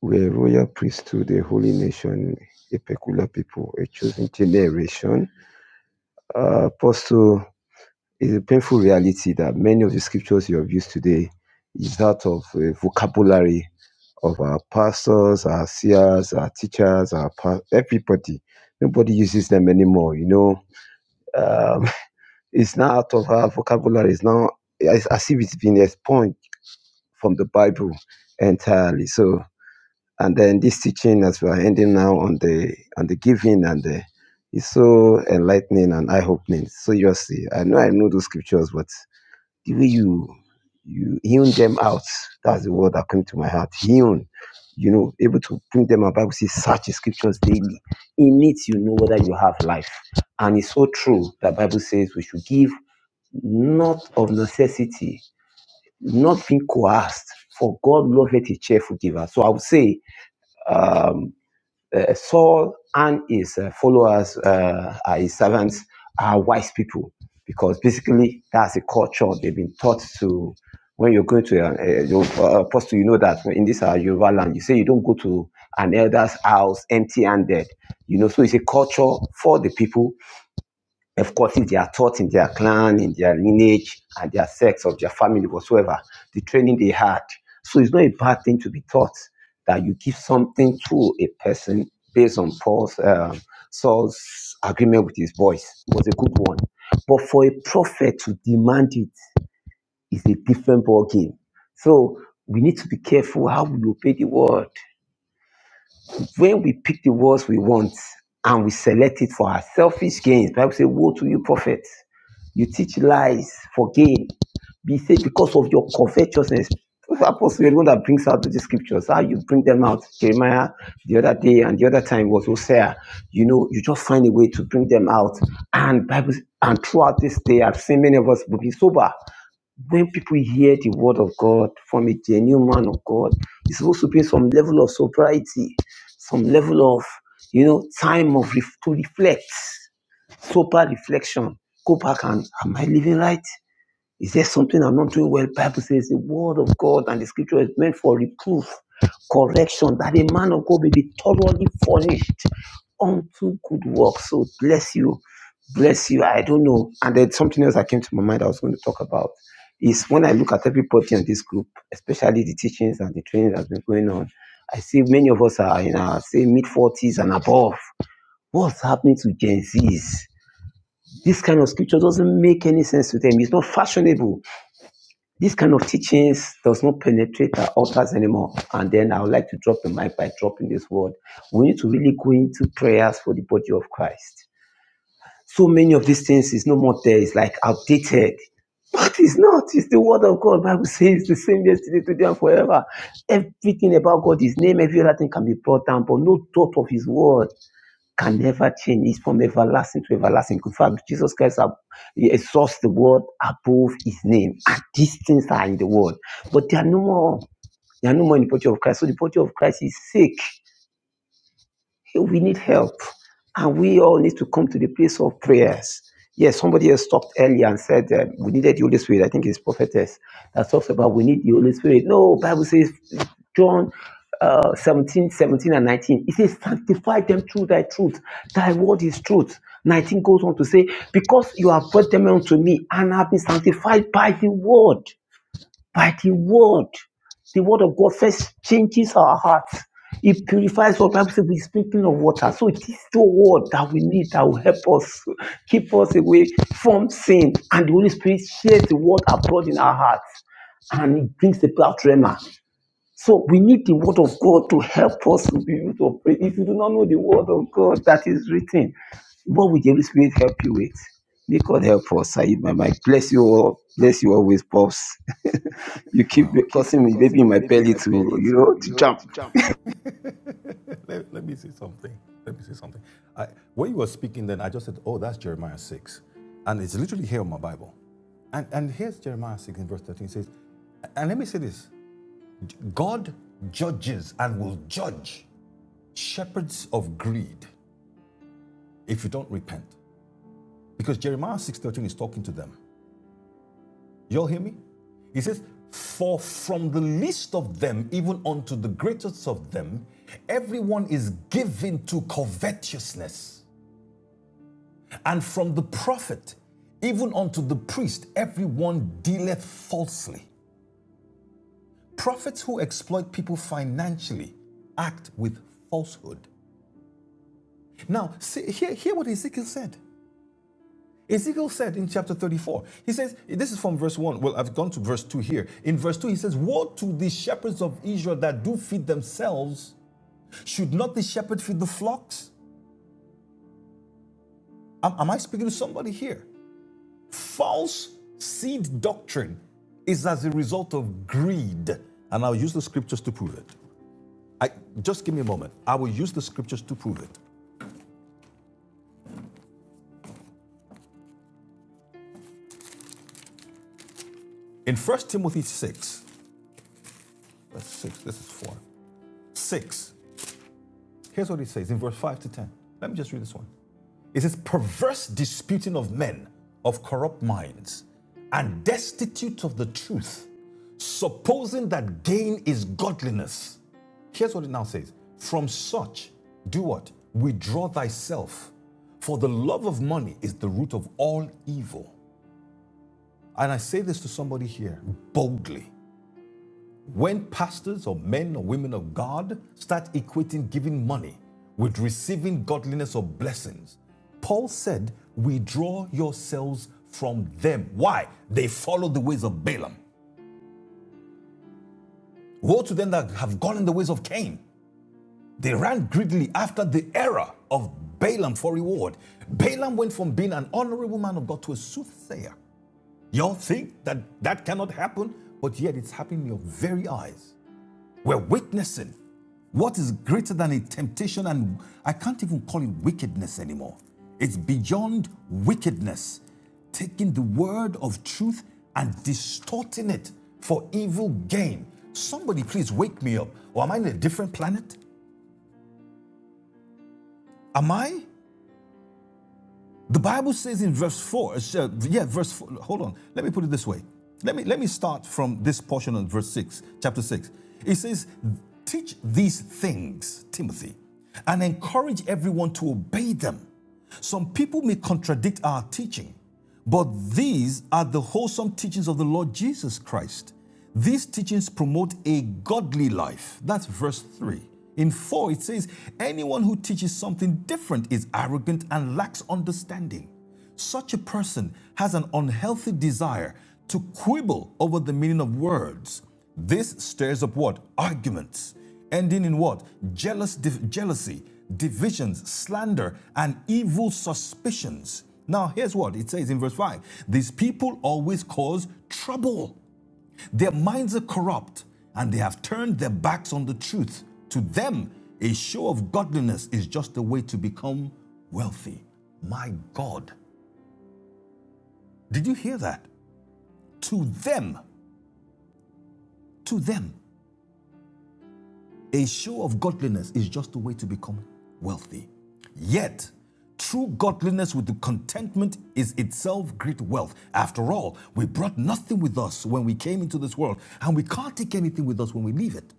We're a royal priesthood, a holy nation, a peculiar people, a chosen generation. Uh, Apostle, it's a painful reality that many of the scriptures you have used today is that of a vocabulary of our pastors, our seers, our teachers, our pa- everybody. Nobody uses them anymore, you know. Um, *laughs* it's now out of our vocabulary. It's now it's as if it's been expunged from the Bible entirely. So and then this teaching as we are ending now on the on the giving and the it's so enlightening and eye-opening. So you see, I know I know those scriptures, but the way you you hewn them out, that's the word that came to my heart. Hewn, you know, able to bring them out. Bible says, search the scriptures daily. In it, you know whether you have life, and it's so true that Bible says we should give not of necessity, not being coerced. For God loveth a cheerful giver. So I would say uh, Saul and his uh, followers, uh, are his servants, are wise people because basically that's a culture they've been taught to. When you're going to a, your uh, apostle, you know that in this uh, Yoruba land, you say you don't go to an elder's house empty-handed. You know, so it's a culture for the people of course, if they are taught in their clan, in their lineage, and their sex of their family, whatsoever, the training they had. So it's not a bad thing to be taught that you give something to a person based on Paul's um, Saul's agreement with his voice It was a good one. But for a prophet to demand it is a different ball game. So we need to be careful how we obey the word when we pick the words we want and we select it for our selfish gains, Bible says, Woe to you, prophet. You teach lies for gain. Be saved because of your covetousness. Apostle, you're the one that brings out the scriptures. How you bring them out. Jeremiah the other day and the other time was Hosea. You know, you just find a way to bring them out. And Bible and throughout this day, I've seen many of us will be sober when people hear the word of God from a genuine man of God, it's supposed to be some level of sobriety some level of you know time of ref- to reflect sober reflection go back and am i living right is there something I'm not doing well? Bible says the word of God and the scripture is meant for reproof, correction, that a man of God may be thoroughly furnished unto good works. So bless you. Bless you. I don't know. And then something else that came to my mind I was going to talk about is when I look at everybody on this group, especially the teachings and the training that's been going on, I see many of us are in our say mid 40s and above. What's happening to Gen Zs? This kind of scripture doesn't make any sense to them. It's not fashionable this kind of teachings does not penetrate our altars anymore. And then I would like to drop the mic by dropping this word. We need to really go into prayers for the body of Christ. So many of these things is no more there. It's like outdated. It is not. It's the word of God. The Bible says it's the same yesterday, today, and forever. Everything about God, His name, every other thing can be brought down, but no thought of His word can never change. It's from everlasting to everlasting. In fact, Jesus Christ ab- he exalts the world. above his name. And these things are in the world. But they are no more. They are no more in the body of Christ. So the body of Christ is sick we need help and we all need to come to the place of prayers yes somebody else talked earlier and said uh, we needed the holy spirit i think it's prophetess that talks about we need the holy spirit no bible says john uh, 17 seventeen and 19 it says sanctify them through thy truth thy word is truth 19 goes on to say because you have brought them unto me and have been sanctified by the word by the word. The word of God first changes our hearts. It purifies what Bible says we're speaking of water. So it is the word that we need that will help us keep us away from sin. And the Holy Spirit shares the word abroad in our hearts and it brings about rema. So we need the word of God to help us to be able to pray. If you do not know the word of God that is written, what will the Holy Spirit help you with? May God help us. I my mic. Bless you all. Bless you always, boss. *laughs* you keep
Wow. You keep
causing me maybe
causing
in
me,
my
baby, in
belly
my
to,
belly
you know,
to, you
to
know,
jump.
to jump. *laughs* let, let me say something. Let me say something. I, when you were speaking, then I just said, "Oh, that's Jeremiah 6. and it's literally here in my Bible. And and here's Jeremiah six in verse thirteen it says, and let me say this: God judges and will judge shepherds of greed if you don't repent, because Jeremiah six thirteen is talking to them. Y'all hear me? He says, For from the least of them, even unto the greatest of them, everyone is given to covetousness. And from the prophet, even unto the priest, everyone dealeth falsely. Prophets who exploit people financially act with falsehood. Now, see, hear, hear what Ezekiel said. Ezekiel said in chapter 34, he says, this is from verse 1. Well, I've gone to verse 2 here. In verse 2, he says, Woe to the shepherds of Israel that do feed themselves. Should not the shepherd feed the flocks? Am, am I speaking to somebody here? False seed doctrine is as a result of greed. And I'll use the scriptures to prove it. I, just give me a moment. I will use the scriptures to prove it. In First Timothy 6, that's 6, this is 4. 6, here's what he says in verse 5 to 10. Let me just read this one. It says, perverse disputing of men of corrupt minds and destitute of the truth, supposing that gain is godliness. Here's what it now says From such, do what? Withdraw thyself. For the love of money is the root of all evil. And I say this to somebody here boldly when pastors or men or women of God start equating giving money with receiving godliness or blessings, Paul said, Withdraw yourselves from them. Why? They follow the ways of Balaam. Woe to them that have gone in the ways of Cain. They ran greedily after the error of Balaam for reward. Balaam went from being an honorable man of God to a soothsayer. Y'all think that that cannot happen, but yet it's happening in your very eyes. We're witnessing what is greater than a temptation, and I can't even call it wickedness anymore. It's beyond wickedness, taking the word of truth and distorting it for evil gain. Somebody, please wake me up. Or am I in a different planet? Am I The Bible says in verse 4, uh, uh, yeah, verse 4, hold on, let me put it this way. Let me, let me start from this portion of verse 6, chapter 6. It says, Teach these things, Timothy, and encourage everyone to obey them. Some people may contradict our teaching, but these are the wholesome teachings of the Lord Jesus Christ. These teachings promote a godly life. That's verse 3. In 4, it says, Anyone who teaches something different is arrogant and lacks understanding. Such a person has an unhealthy desire to quibble over the meaning of words. This stirs up what? Arguments, ending in what? Jealous, div- jealousy, divisions, slander, and evil suspicions. Now, here's what it says in verse 5 These people always cause trouble. Their minds are corrupt, and they have turned their backs on the truth. To them, a show of godliness is just a way to become wealthy. My God. Did you hear that? To them, to them, a show of godliness is just a way to become wealthy. Yet, true godliness with the contentment is itself great wealth. After all, we brought nothing with us when we came into this world, and we can't take anything with us when we leave it.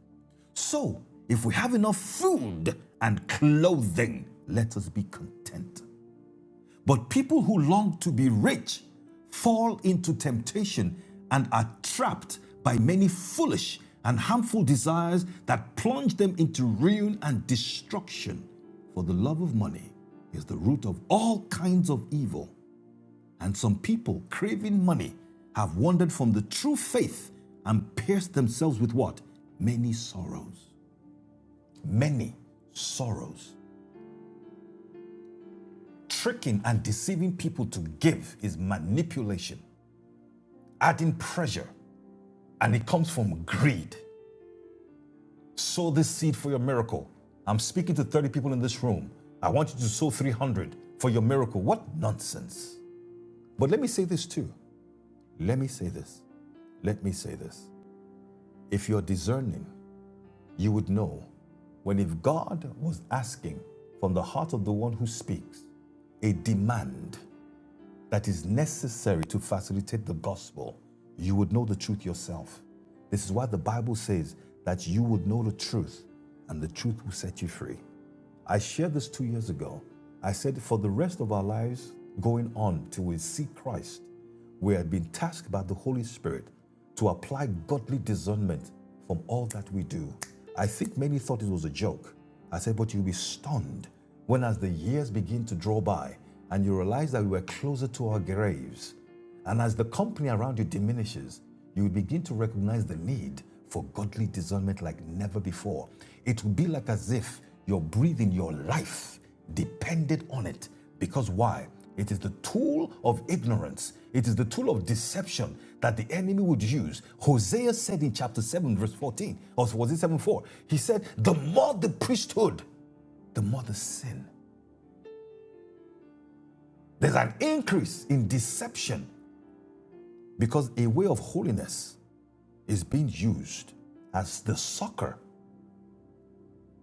So, if we have enough food and clothing, let us be content. But people who long to be rich fall into temptation and are trapped by many foolish and harmful desires that plunge them into ruin and destruction. For the love of money is the root of all kinds of evil, and some people craving money have wandered from the true faith and pierced themselves with what? Many sorrows. Many sorrows. Tricking and deceiving people to give is manipulation. adding pressure, and it comes from greed. Sow this seed for your miracle. I'm speaking to 30 people in this room. I want you to sow 300 for your miracle. What nonsense. But let me say this too. Let me say this. Let me say this. If you're discerning, you would know when if God was asking from the heart of the one who speaks a demand, that is necessary to facilitate the gospel, you would know the truth yourself. This is why the Bible says that you would know the truth and the truth will set you free. I shared this two years ago. I said, for the rest of our lives going on till we see Christ, we have been tasked by the Holy Spirit to apply godly discernment from all that we do. I think many thought it was a joke. I said, but you'll be stunned when, as the years begin to draw by and you realize that we were closer to our graves, and as the company around you diminishes, you will begin to recognize the need for godly discernment like never before. It will be like as if your breathing, your life depended on it. Because why? It is the tool of ignorance. It is the tool of deception that the enemy would use. Hosea said in chapter 7, verse 14, or was it 7 4? He said, The more the priesthood, the more the sin. There's an increase in deception because a way of holiness is being used as the sucker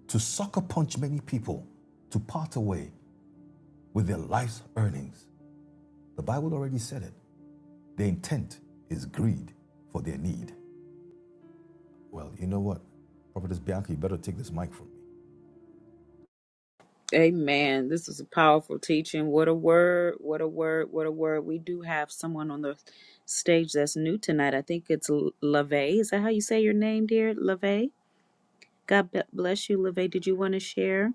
to sucker punch many people to part away with their life's earnings. The Bible already said it. Their intent is greed for their need. Well, you know what? Prophetess Bianca, you better take this mic from me.
Amen. This is a powerful teaching. What a word. What a word. What a word. We do have someone on the stage that's new tonight. I think it's L- LaVey. Is that how you say your name, dear? LaVey? God be- bless you, LaVey. Did you want to share?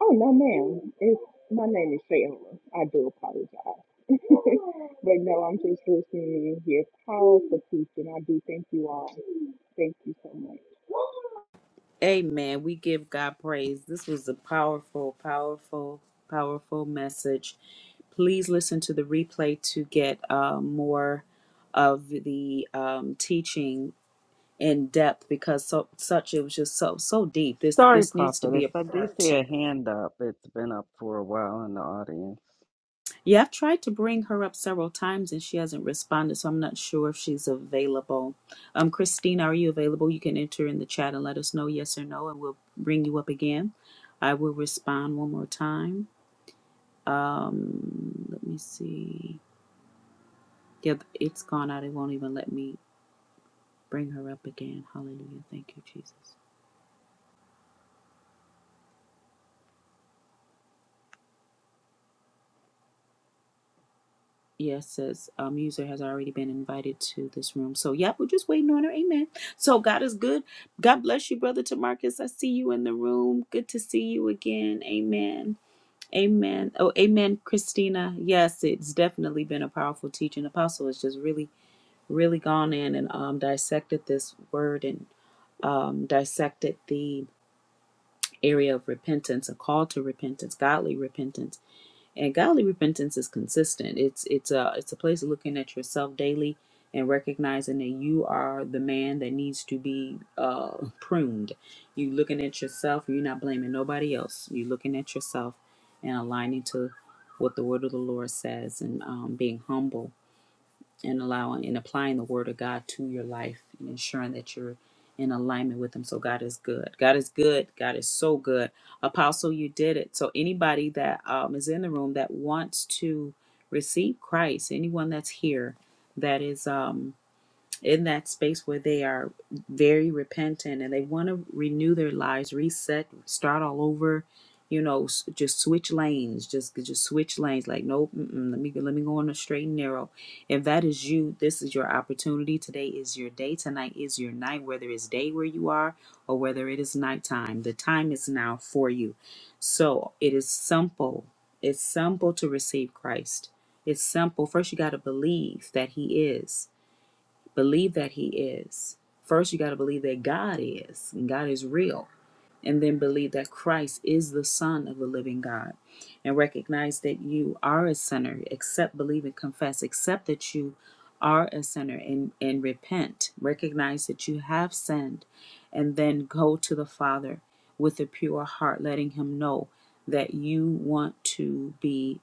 Oh no, ma'am. It's my name is Shayla. I do apologize, *laughs* but no, I'm just listening to you here. Powerful teaching. I do thank you all. Thank you so much.
Amen. We give God praise. This was a powerful, powerful, powerful message. Please listen to the replay to get uh, more of the um, teaching in depth because so such it was just so so deep. This
Sorry,
this needs to be
prophetess.
a
I do
part
see a
two.
hand up. It's been up for a while in the audience.
Yeah, I've tried to bring her up several times and she hasn't responded, so I'm not sure if she's available. Um, Christine, are you available? You can enter in the chat and let us know yes or no, and we'll bring you up again. I will respond one more time. Um, let me see. Yeah, it's gone out. It won't even let me bring her up again. Hallelujah. Thank you, Jesus. Yes, says um, user has already been invited to this room. So, yep, we're just waiting on her. Amen. So, God is good. God bless you, brother Tamarcus. I see you in the room. Good to see you again. Amen. Amen. Oh, amen, Christina. Yes, it's definitely been a powerful teaching. Apostle has just really, really gone in and um, dissected this word and um, dissected the area of repentance, a call to repentance, godly repentance and godly repentance is consistent. It's it's a it's a place of looking at yourself daily and recognizing that you are the man that needs to be uh, pruned. You looking at yourself. You're not blaming nobody else. You're looking at yourself and aligning to what the word of the Lord says and um, being humble and allowing and applying the word of God to your life and ensuring that you're in alignment with him. So God is good. God is good. God is so good. Apostle, you did it. So anybody that um, is in the room that wants to receive Christ, anyone that's here that is um in that space where they are very repentant and they want to renew their lives, reset, start all over, you know, s- just switch lanes, just just switch lanes. Like, nope, mm-mm, let me let me go on a straight and narrow. If that is you, this is your opportunity. Today is your day. Tonight is your night. Whether it's day where you are or whether it is nighttime, the time is now for you. So it is simple. It's simple to receive Christ. It's simple. First, you got to believe that He is. Believe that He is. First, you got to believe that God is, and God is real. And then believe that Christ is the Son of the living God. And recognize that you are a sinner. Accept, believe, and confess. Accept that you are a sinner and, and repent. Recognize that you have sinned. And then go to the Father with a pure heart, letting Him know that you want to be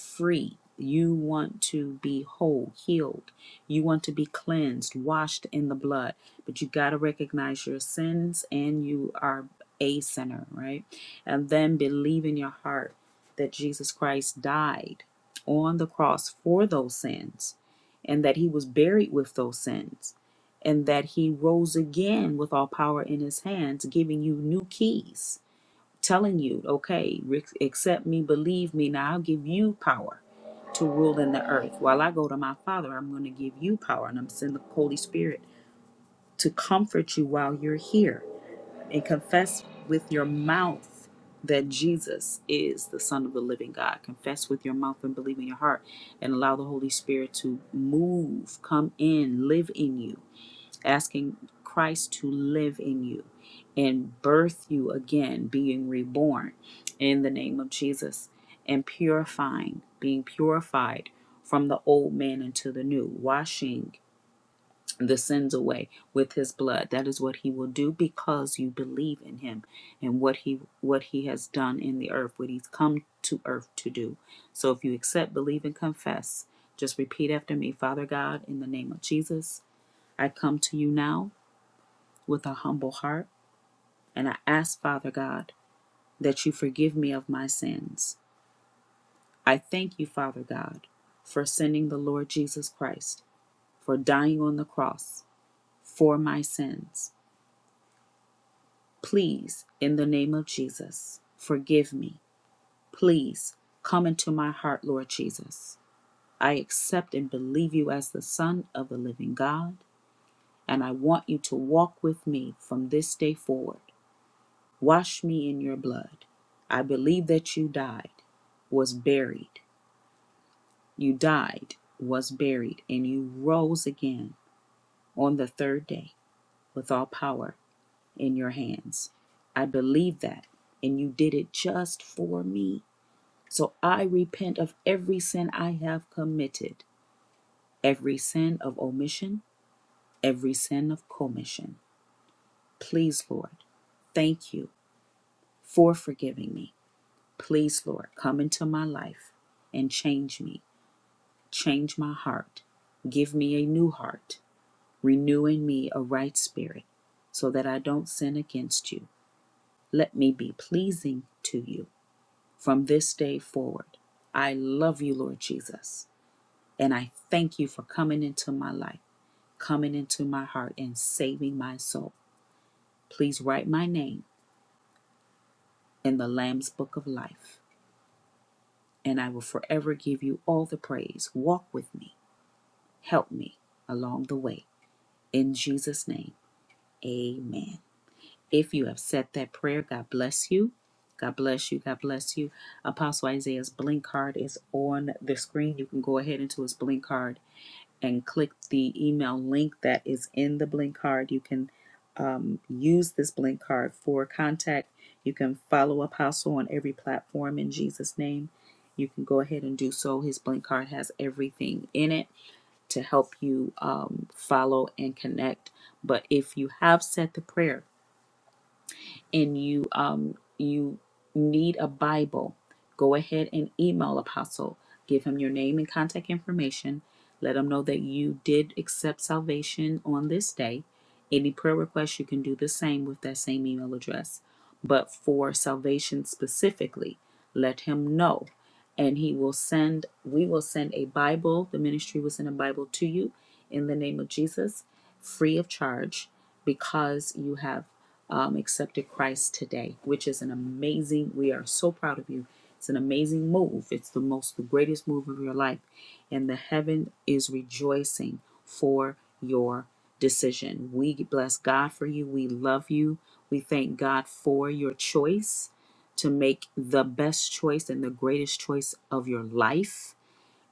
free. You want to be whole, healed. You want to be cleansed, washed in the blood. But you got to recognize your sins and you are a sinner, right? And then believe in your heart that Jesus Christ died on the cross for those sins and that he was buried with those sins and that he rose again with all power in his hands, giving you new keys telling you, okay, re- accept me, believe me. Now I'll give you power to rule in the earth. While I go to my Father, I'm going to give you power, and I'm sending the Holy Spirit to comfort you while you're here and confess with your mouth that Jesus is the Son of the living God. Confess with your mouth and believe in your heart and allow the Holy Spirit to move, come in, live in you asking Christ to live in you and birth you again, being reborn in the name of Jesus and purifying, being purified from the old man into the new, washing the sins away with his blood. That is what he will do because you believe in him and what he what he has done in the earth, what he's come to earth to do. So if you accept, believe and confess, just repeat after me, Father God, in the name of Jesus, I come to you now with a humble heart, and I ask, Father God, that you forgive me of my sins. I thank you, Father God, for sending the Lord Jesus Christ, for dying on the cross for my sins. Please, in the name of Jesus, forgive me. Please come into my heart, Lord Jesus. I accept and believe you as the Son of the living God, and I want you to walk with me from this day forward. Wash me in your blood. I believe that you died, was buried. You died, was buried, and you rose again on the third day with all power in your hands. I believe that, and you did it just for me. So I repent of every sin I have committed, every sin of omission, every sin of commission. Please, Lord, thank you for forgiving me. Please, Lord, come into my life and change me. Change my heart. Give me a new heart. Renew in me a right spirit so that I don't sin against you. Let me be pleasing to you from this day forward. I love you, Lord Jesus, and I thank you for coming into my life, coming into my heart, and saving my soul. Please write my name in the Lamb's Book of Life, and I will forever give you all the praise. Walk with me Help me along the way. In Jesus' name, amen. If you have said that prayer, God bless you. God bless you. God bless you. Apostle Isaiah's blink card is on the screen. You can go ahead into his blink card and click the email link that is in the blink card. You can um, use this blink card for contact. You can follow Apostle on every platform in Jesus' name. You can go ahead and do so. His blink card has everything in it to help you um, follow and connect. But if you have said the prayer and you um, you need a Bible, go ahead and email Apostle. Give him your name and contact information. Let him know that you did accept salvation on this day. Any prayer request, you can do the same with that same email address. But for salvation specifically, let him know and he will send we will send a bible the ministry will send a bible to you in the name of jesus free of charge because you have um, accepted christ today which is an amazing we are so proud of you it's an amazing move it's the most the greatest move of your life and the heaven is rejoicing for your decision we bless god for you we love you we thank god for your choice to make the best choice and the greatest choice of your life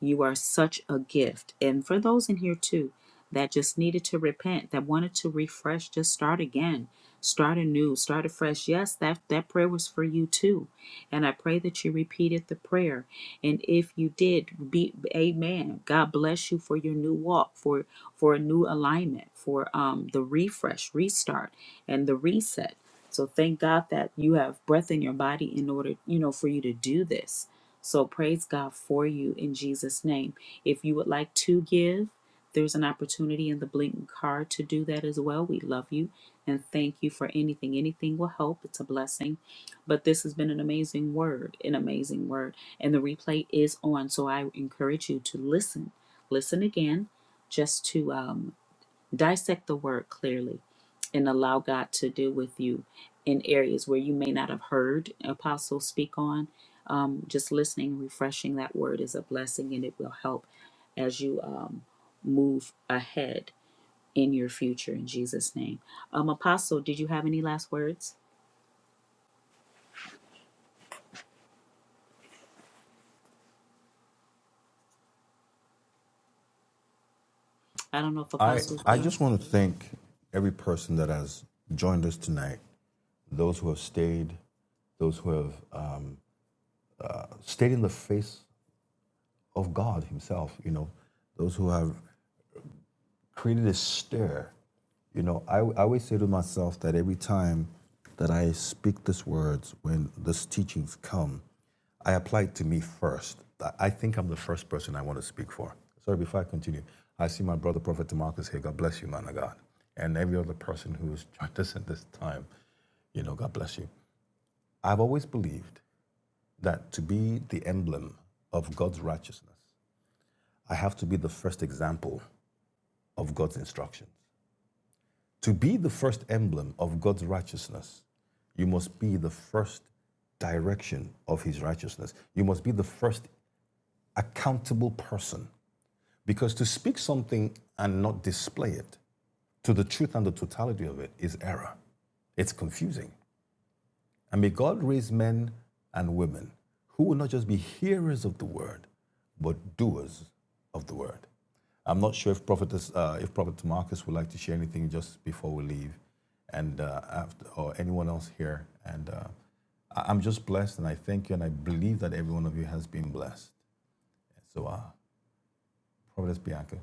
you are such a gift. And for those in here too that just needed to repent, that wanted to refresh, just start again, start anew, start afresh. Yes, that, that prayer was for you too. And I pray that you repeated the prayer. And if you did, be amen. God bless you for your new walk, for for a new alignment, for um the refresh, restart, and the reset. So thank God that you have breath in your body in order, you know, for you to do this. So praise God for you in Jesus' name. If you would like to give, there's an opportunity in the blinking card to do that as well. We love you and thank you for anything. Anything will help. It's a blessing. But this has been an amazing word, an amazing word. And the replay is on. So I encourage you to listen. Listen again just to um, dissect the word clearly and allow God to deal with you in areas where you may not have heard Apostle speak on. Um, just listening, refreshing that word is a blessing and it will help as you um, move ahead in your future in Jesus' name. Um, Apostle, did you have any last words? I don't know if
I,
Apostle's
I
there.
just want to thank every person that has joined us tonight, those who have stayed, those who have um, uh, stayed in the face of God Himself, you know, those who have created a stir. You know, I, I always say to myself that every time that I speak these words, when these teachings come, I apply it to me first. I- I think I'm the first person I want to speak for. Sorry, before I continue, I see my brother, Prophet Tamarcus here. God bless you, man of God. And every other person who has joined us at this time, you know, God bless you. I've always believed that to be the emblem of God's righteousness, I have to be the first example of God's instruction. To be the first emblem of God's righteousness, you must be the first direction of his righteousness. You must be the first accountable person. Because to speak something and not display it to the truth and the totality of it is error. It's confusing. And may God raise men and women who will not just be hearers of the word, but doers of the word. I'm not sure if Prophet, uh, if Prophet Marcus would like to share anything just before we leave, and uh, after, or anyone else here. And uh, I- am just blessed, and I thank you, and I believe that every one of you has been blessed. So, uh, Prophet Bianca.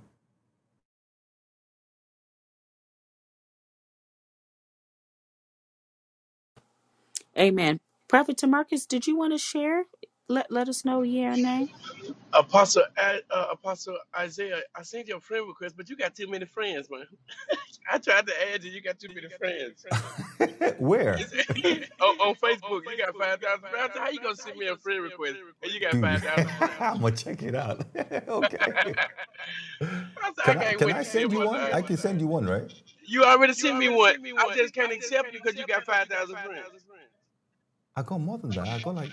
Amen. Prophet Tamarcus, did you want to share? Let, let us know yeah or nay.
Apostle I- uh, Apostle Isaiah, I sent you a friend request, but you got too many friends, man. I tried to add you, you got too many friends.
*laughs* Where?
It's- *laughs* on, on
*laughs* Oh, on
Facebook, you got
Facebook, you
five
got
thousand
five
friends.
thousand
How you
friends.
gonna
How
send
you
me a
gonna send
friend
me a
request
friend
and
request
you got
when you Dude, *laughs* you
five thousand
got five thousand *laughs* I'm gonna
friends?
friends? check it out. *laughs* okay.
I said, I
Can I
can't
can *laughs* I I
wait
can't
to see
send you wait to
Apostle
one? see I
Isaiah.
one can send you one, right? to
You already
You You
sent me
already
one.
sent me
I
one.
just
I
can't
just
accept
can't
you because you
accept you
got
because
five
you got
thousand
five
friends.
thousand friends. I got more than that. I got like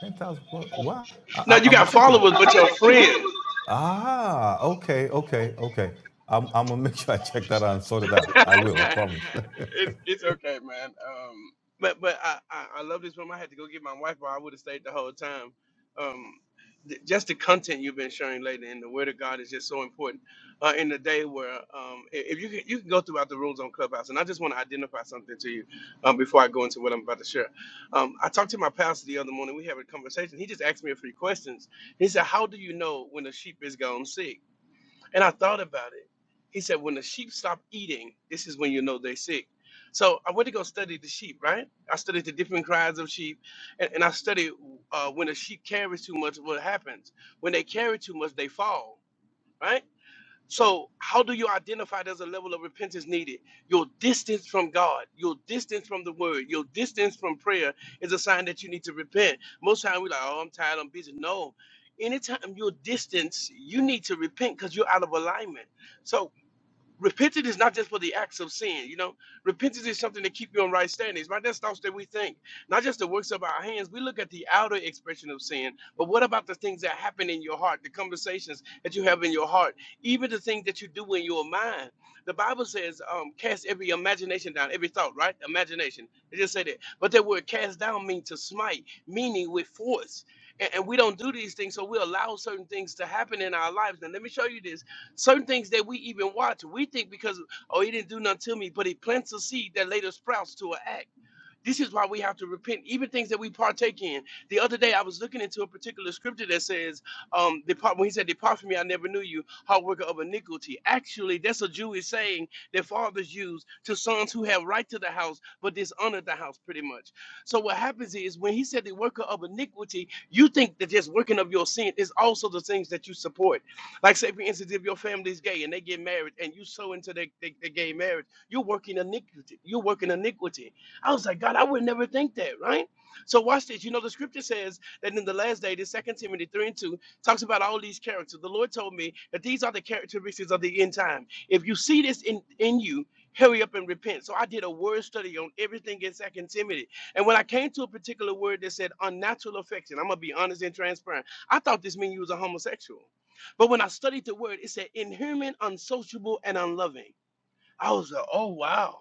ten thousand. plus. Wow. I, I, No,
No,
I'm you
you
gonna
got
got check it out.
followers,
followers,
but
but
your
your
friends.
friends. Ah. Okay. Okay. Okay. I'm I'm gonna make sure I check that out and sort it out. I will. I
*laughs*
promise. *laughs*
it's it's okay, man. Um, but but I, I I love this room. I had to go get my wife, or I would have stayed the whole time. Um, th- just the content you've been sharing lately and the word of God is just so important uh, in the day where um, i- if you can, you can go throughout the rules on Clubhouse, and I just want to identify something to you um, before I go into what I'm about to share. Um, I talked to my pastor the other morning. We had a conversation. He just asked me a few questions. He said, "How do you know when a sheep is gone sick?" And I thought about it. He said, when the sheep stop eating, this is when you know they're sick. So I went to go study the sheep, right? I studied the different kinds of sheep, and, and I studied uh, when a sheep carries too much, what happens. When they carry too much, they fall, right? So, how do you identify there's a level of repentance needed? Your distance from God, your distance from the word, your distance from prayer is a sign that you need to repent. Most times, we're like, oh, I'm tired, I'm busy. No. Anytime you're distance, you need to repent because you're out of alignment. So repentance is not just for the acts of sin you know repentance is something to keep you on right standings right that's thoughts that we think not just the works of our hands we look at the outer expression of sin but what about the things that happen in your heart the conversations that you have in your heart even the things that you do in your mind the bible says um, cast every imagination down every thought right imagination it just said it but that word cast down means to smite meaning with force and, and we don't do these things so we allow certain things to happen in our lives and let me show you this Certain things that we even watch, we think because, oh, he didn't do nothing to me, but he plants a seed that later sprouts to an act. This is why we have to repent, even things that we partake in. The other day, I was looking into a particular scripture that says, um, depart, when he said, Depart from me, I never knew you, hard worker of iniquity. Actually, that's a Jewish saying that fathers use to sons who have right to the house, but dishonor the house, pretty much. So, what happens is when he said, The worker of iniquity, you think that just working of your sin is also the things that you support. Like, say, for instance, if your family's gay and they get married and you sow into their, their, their gay marriage, you're working iniquity. You're working iniquity. I was like, God, I would never think that, right? So watch this. You know, the scripture says that in the last day, the second Timothy 3 and 2 talks about all these characters. The Lord told me that these are the characteristics of the end time. If you see this in, in you, hurry up and repent. So I did a word study on everything in Second Timothy. And when I came to a particular word that said unnatural affection, I'm gonna be honest and transparent. I thought this meant you was a homosexual. But when I studied the word, it said inhuman, unsociable, and unloving. I was like, oh wow.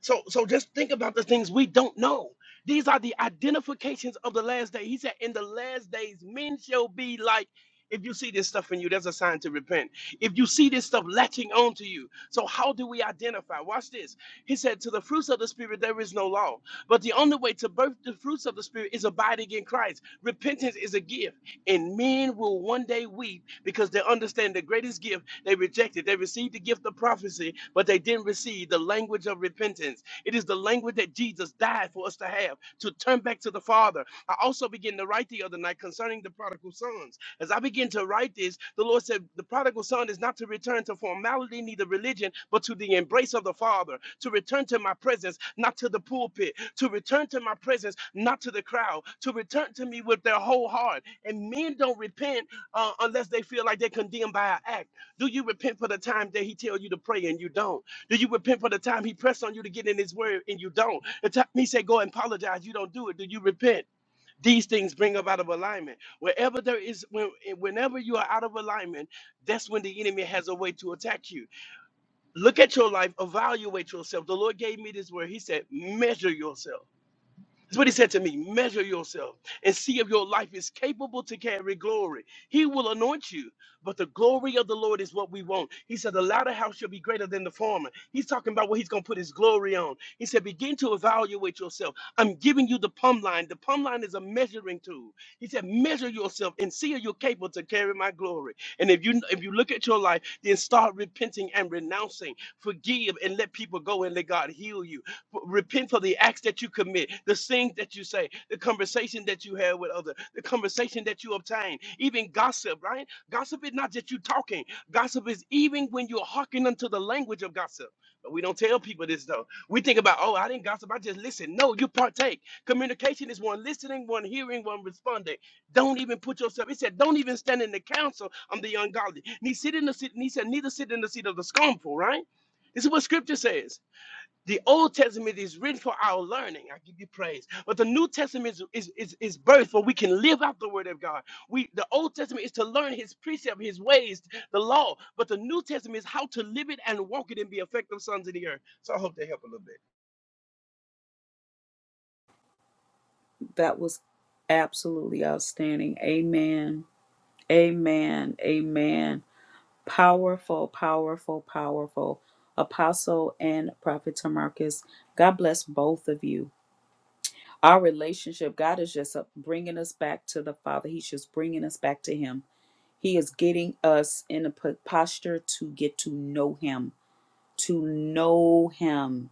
So so just think about the things we don't know. These are the identifications of the last day. He said, In the last days, men shall be like. If you see this stuff in you, that's a sign to repent. If you see this stuff latching on to you, so how do we identify? Watch this. He said, To the fruits of the Spirit, there is no law. But the only way to birth the fruits of the Spirit is abiding in Christ. Repentance is a gift, and men will one day weep because they understand the greatest gift they rejected. They received the gift of prophecy, but they didn't receive the language of repentance. It is the language that Jesus died for us to have to turn back to the Father. I also began to write the other night concerning the prodigal sons. As I began to write this, the Lord said, The prodigal son is not to return to formality, neither religion, but to the embrace of the Father, to return to my presence, not to the pulpit, to return to my presence, not to the crowd, to return to me with their whole heart. And men don't repent uh, unless they feel like they're condemned by our acts. Do you repent for the time that he tell you to pray and you don't? Do you repent for the time he pressed on you to get in his word and you don't? The time he said go and apologize, you don't do it. Do you repent? These things bring up out of alignment. Wherever there is, when, eh, whenever you are out of alignment, that's when the enemy has a way to attack you. Look at your life, evaluate yourself. The Lord gave me this word. He said, measure yourself. That's what he said to me. Measure yourself and see if your life is capable to carry glory. He will anoint you, but the glory of the Lord is what we want. He said, The latter house shall be greater than the former. He's talking about what he's going to put his glory on. He said, Begin to evaluate yourself. I'm giving you the plumb line. The plumb line is a measuring tool. He said, Measure yourself and see if you're capable to carry my glory. And if you if you look at your life, then start repenting and renouncing. Forgive and let people go and let God heal you Repent for the acts that you commit, the things that you say, the conversation that you have with others, the conversation that you obtain, even gossip, right? Gossip is not just you talking. Gossip is even when you're hearkening unto the language of gossip. But we don't tell people this though. We think about, oh, I didn't gossip, I just listen. No, you partake. Communication is one listening, one hearing, one responding. Don't even put yourself. He said, don't even stand in the council of the ungodly. And He, sit in the seat, and he said, neither sit in the seat of the scornful, right? This is what scripture says. The Old Testament is written for our learning. I give you praise. But the New Testament is, is, is, is birth where we can live out the word of God. We the Old Testament is to learn his precept, his ways, the law. But the New Testament is how to live it and walk it and be effective sons of the earth. So I hope they help a little bit.
That was absolutely outstanding. Amen. Amen. Amen. Powerful, powerful, powerful. Apostle and Prophet Tamarcus, God bless both of you. Our relationship, God is just uh, bringing us back to the Father. He's just bringing us back to Him. He is getting us in a po- posture to get to know Him, to know Him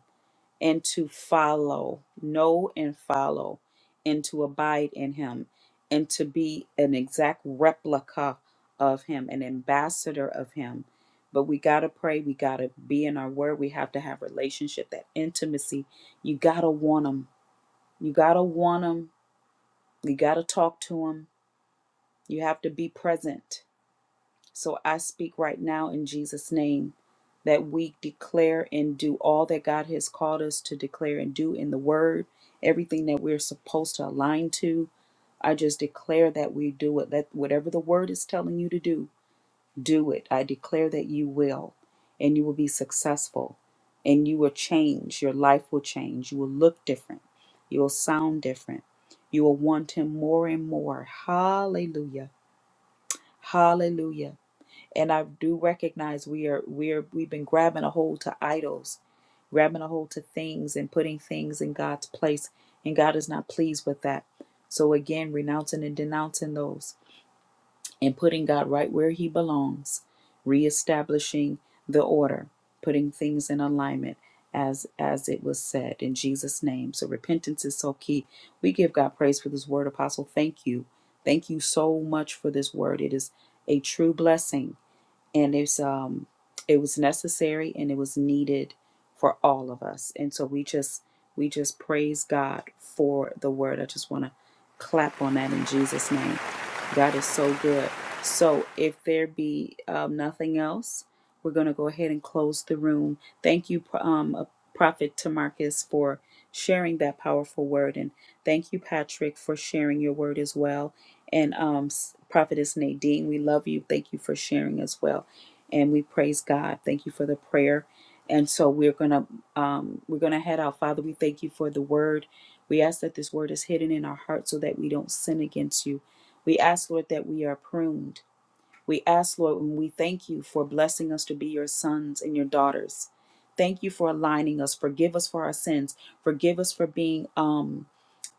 and to follow, know and follow, and to abide in him, and to be an exact replica of him, an ambassador of him. But we got to pray. We got to be in our word. We have to have relationship, that intimacy. You got to want him. You got to want him. You got to talk to him. You have to be present. So I speak right now in Jesus' name that we declare and do all that God has called us to declare and do in the Word, everything that we're supposed to align to. I just declare that we do it. That whatever the Word is telling you to do, do it. I declare that you will, and you will be successful, and you will change. Your life will change. You will look different. You will sound different. You will want Him more and more. Hallelujah. Hallelujah and I do recognize we are we are we've been grabbing a hold to idols, grabbing a hold to things and putting things in God's place, and God is not pleased with that. So again, renouncing and denouncing those and putting God right where he belongs, reestablishing the order, putting things in alignment as as it was said in Jesus name. So repentance is so key. We give God praise for this word apostle. Thank you. Thank you so much for this word. It is a true blessing and it's um it was necessary and it was needed for all of us and so we just we just praise god for the word i just want to clap on that in jesus name god is so good so if there be um, nothing else we're going to go ahead and close the room thank you um, uh, prophet tamarcus for sharing that powerful word and thank you patrick for sharing your word as well and um, Prophetess Nadine, we love you. Thank you for sharing as well. And we praise God. Thank you for the prayer. And so we're gonna um, we're gonna head out. Father, we thank you for the word. We ask that this word is hidden in our hearts, so that we don't sin against you. We ask, Lord, that we are pruned. We ask, Lord, and we thank you for blessing us to be your sons and your daughters. Thank you for aligning us. Forgive us for our sins. Forgive us for being um,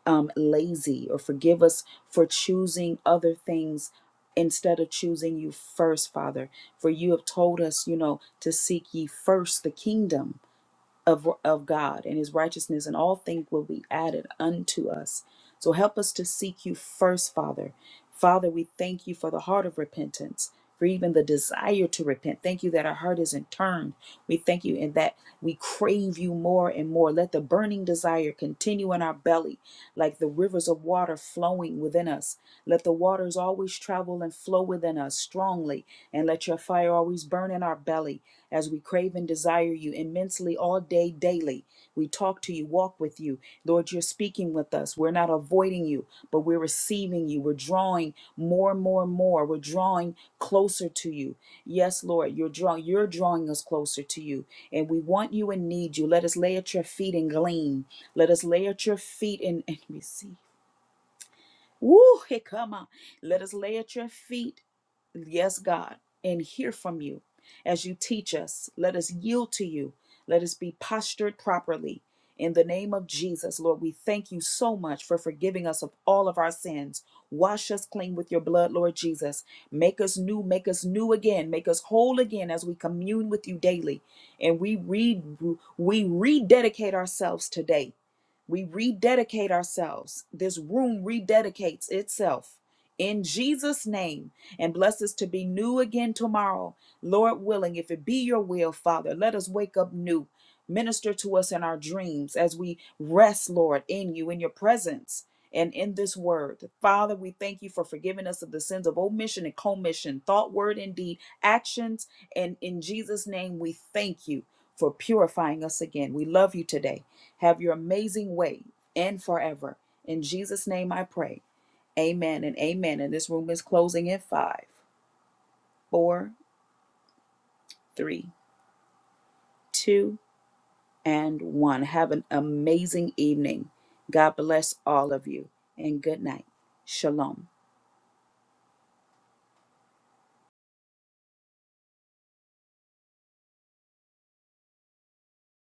um, lazy or forgive us for choosing other things instead of choosing you first, Father. For you have told us, you know, to seek ye first the kingdom of, of God and his righteousness, and all things will be added unto us. So help us to seek you first, Father. Father, we thank you for the heart of repentance, for even the desire to repent. Thank you that our heart isn't turned. We thank you in that we crave you more and more. Let the burning desire continue in our belly, like the rivers of water flowing within us. Let the waters always travel and flow within us strongly, and let your fire always burn in our belly as we crave and desire you immensely all day, daily. We talk to you, walk with you. Lord, you're speaking with us. We're not avoiding you, but we're receiving you. We're drawing more and more and more. We're drawing closer to you. Yes, Lord, you're drawing, you're drawing us closer to you. And we want you and need you. Let us lay at your feet and glean. Let us lay at your feet and, and *laughs* receive. Woo, hey, come on. Let us lay at your feet, yes, God, and hear from you as you teach us. Let us yield to you. Let us be postured properly. In the name of Jesus, Lord, we thank you so much for forgiving us of all of our sins. Wash us clean with your blood, Lord Jesus. Make us new, make us new again, make us whole again as we commune with you daily. And we read, we rededicate ourselves today we rededicate ourselves. This room rededicates itself in Jesus' name and bless us to be new again tomorrow. Lord willing, if it be your will, Father, let us wake up new. Minister to us in our dreams as we rest, Lord, in you, in your presence. And in this word, Father, we thank you for forgiving us of the sins of omission and commission, thought, word, and deed, actions. And in Jesus' name, we thank you for purifying us again. We love you today. Have your amazing way and forever. In Jesus' name I pray. Amen and amen. And this room is closing in five, four, three, two, and one. Have an amazing evening. God bless all of you and good night. Shalom.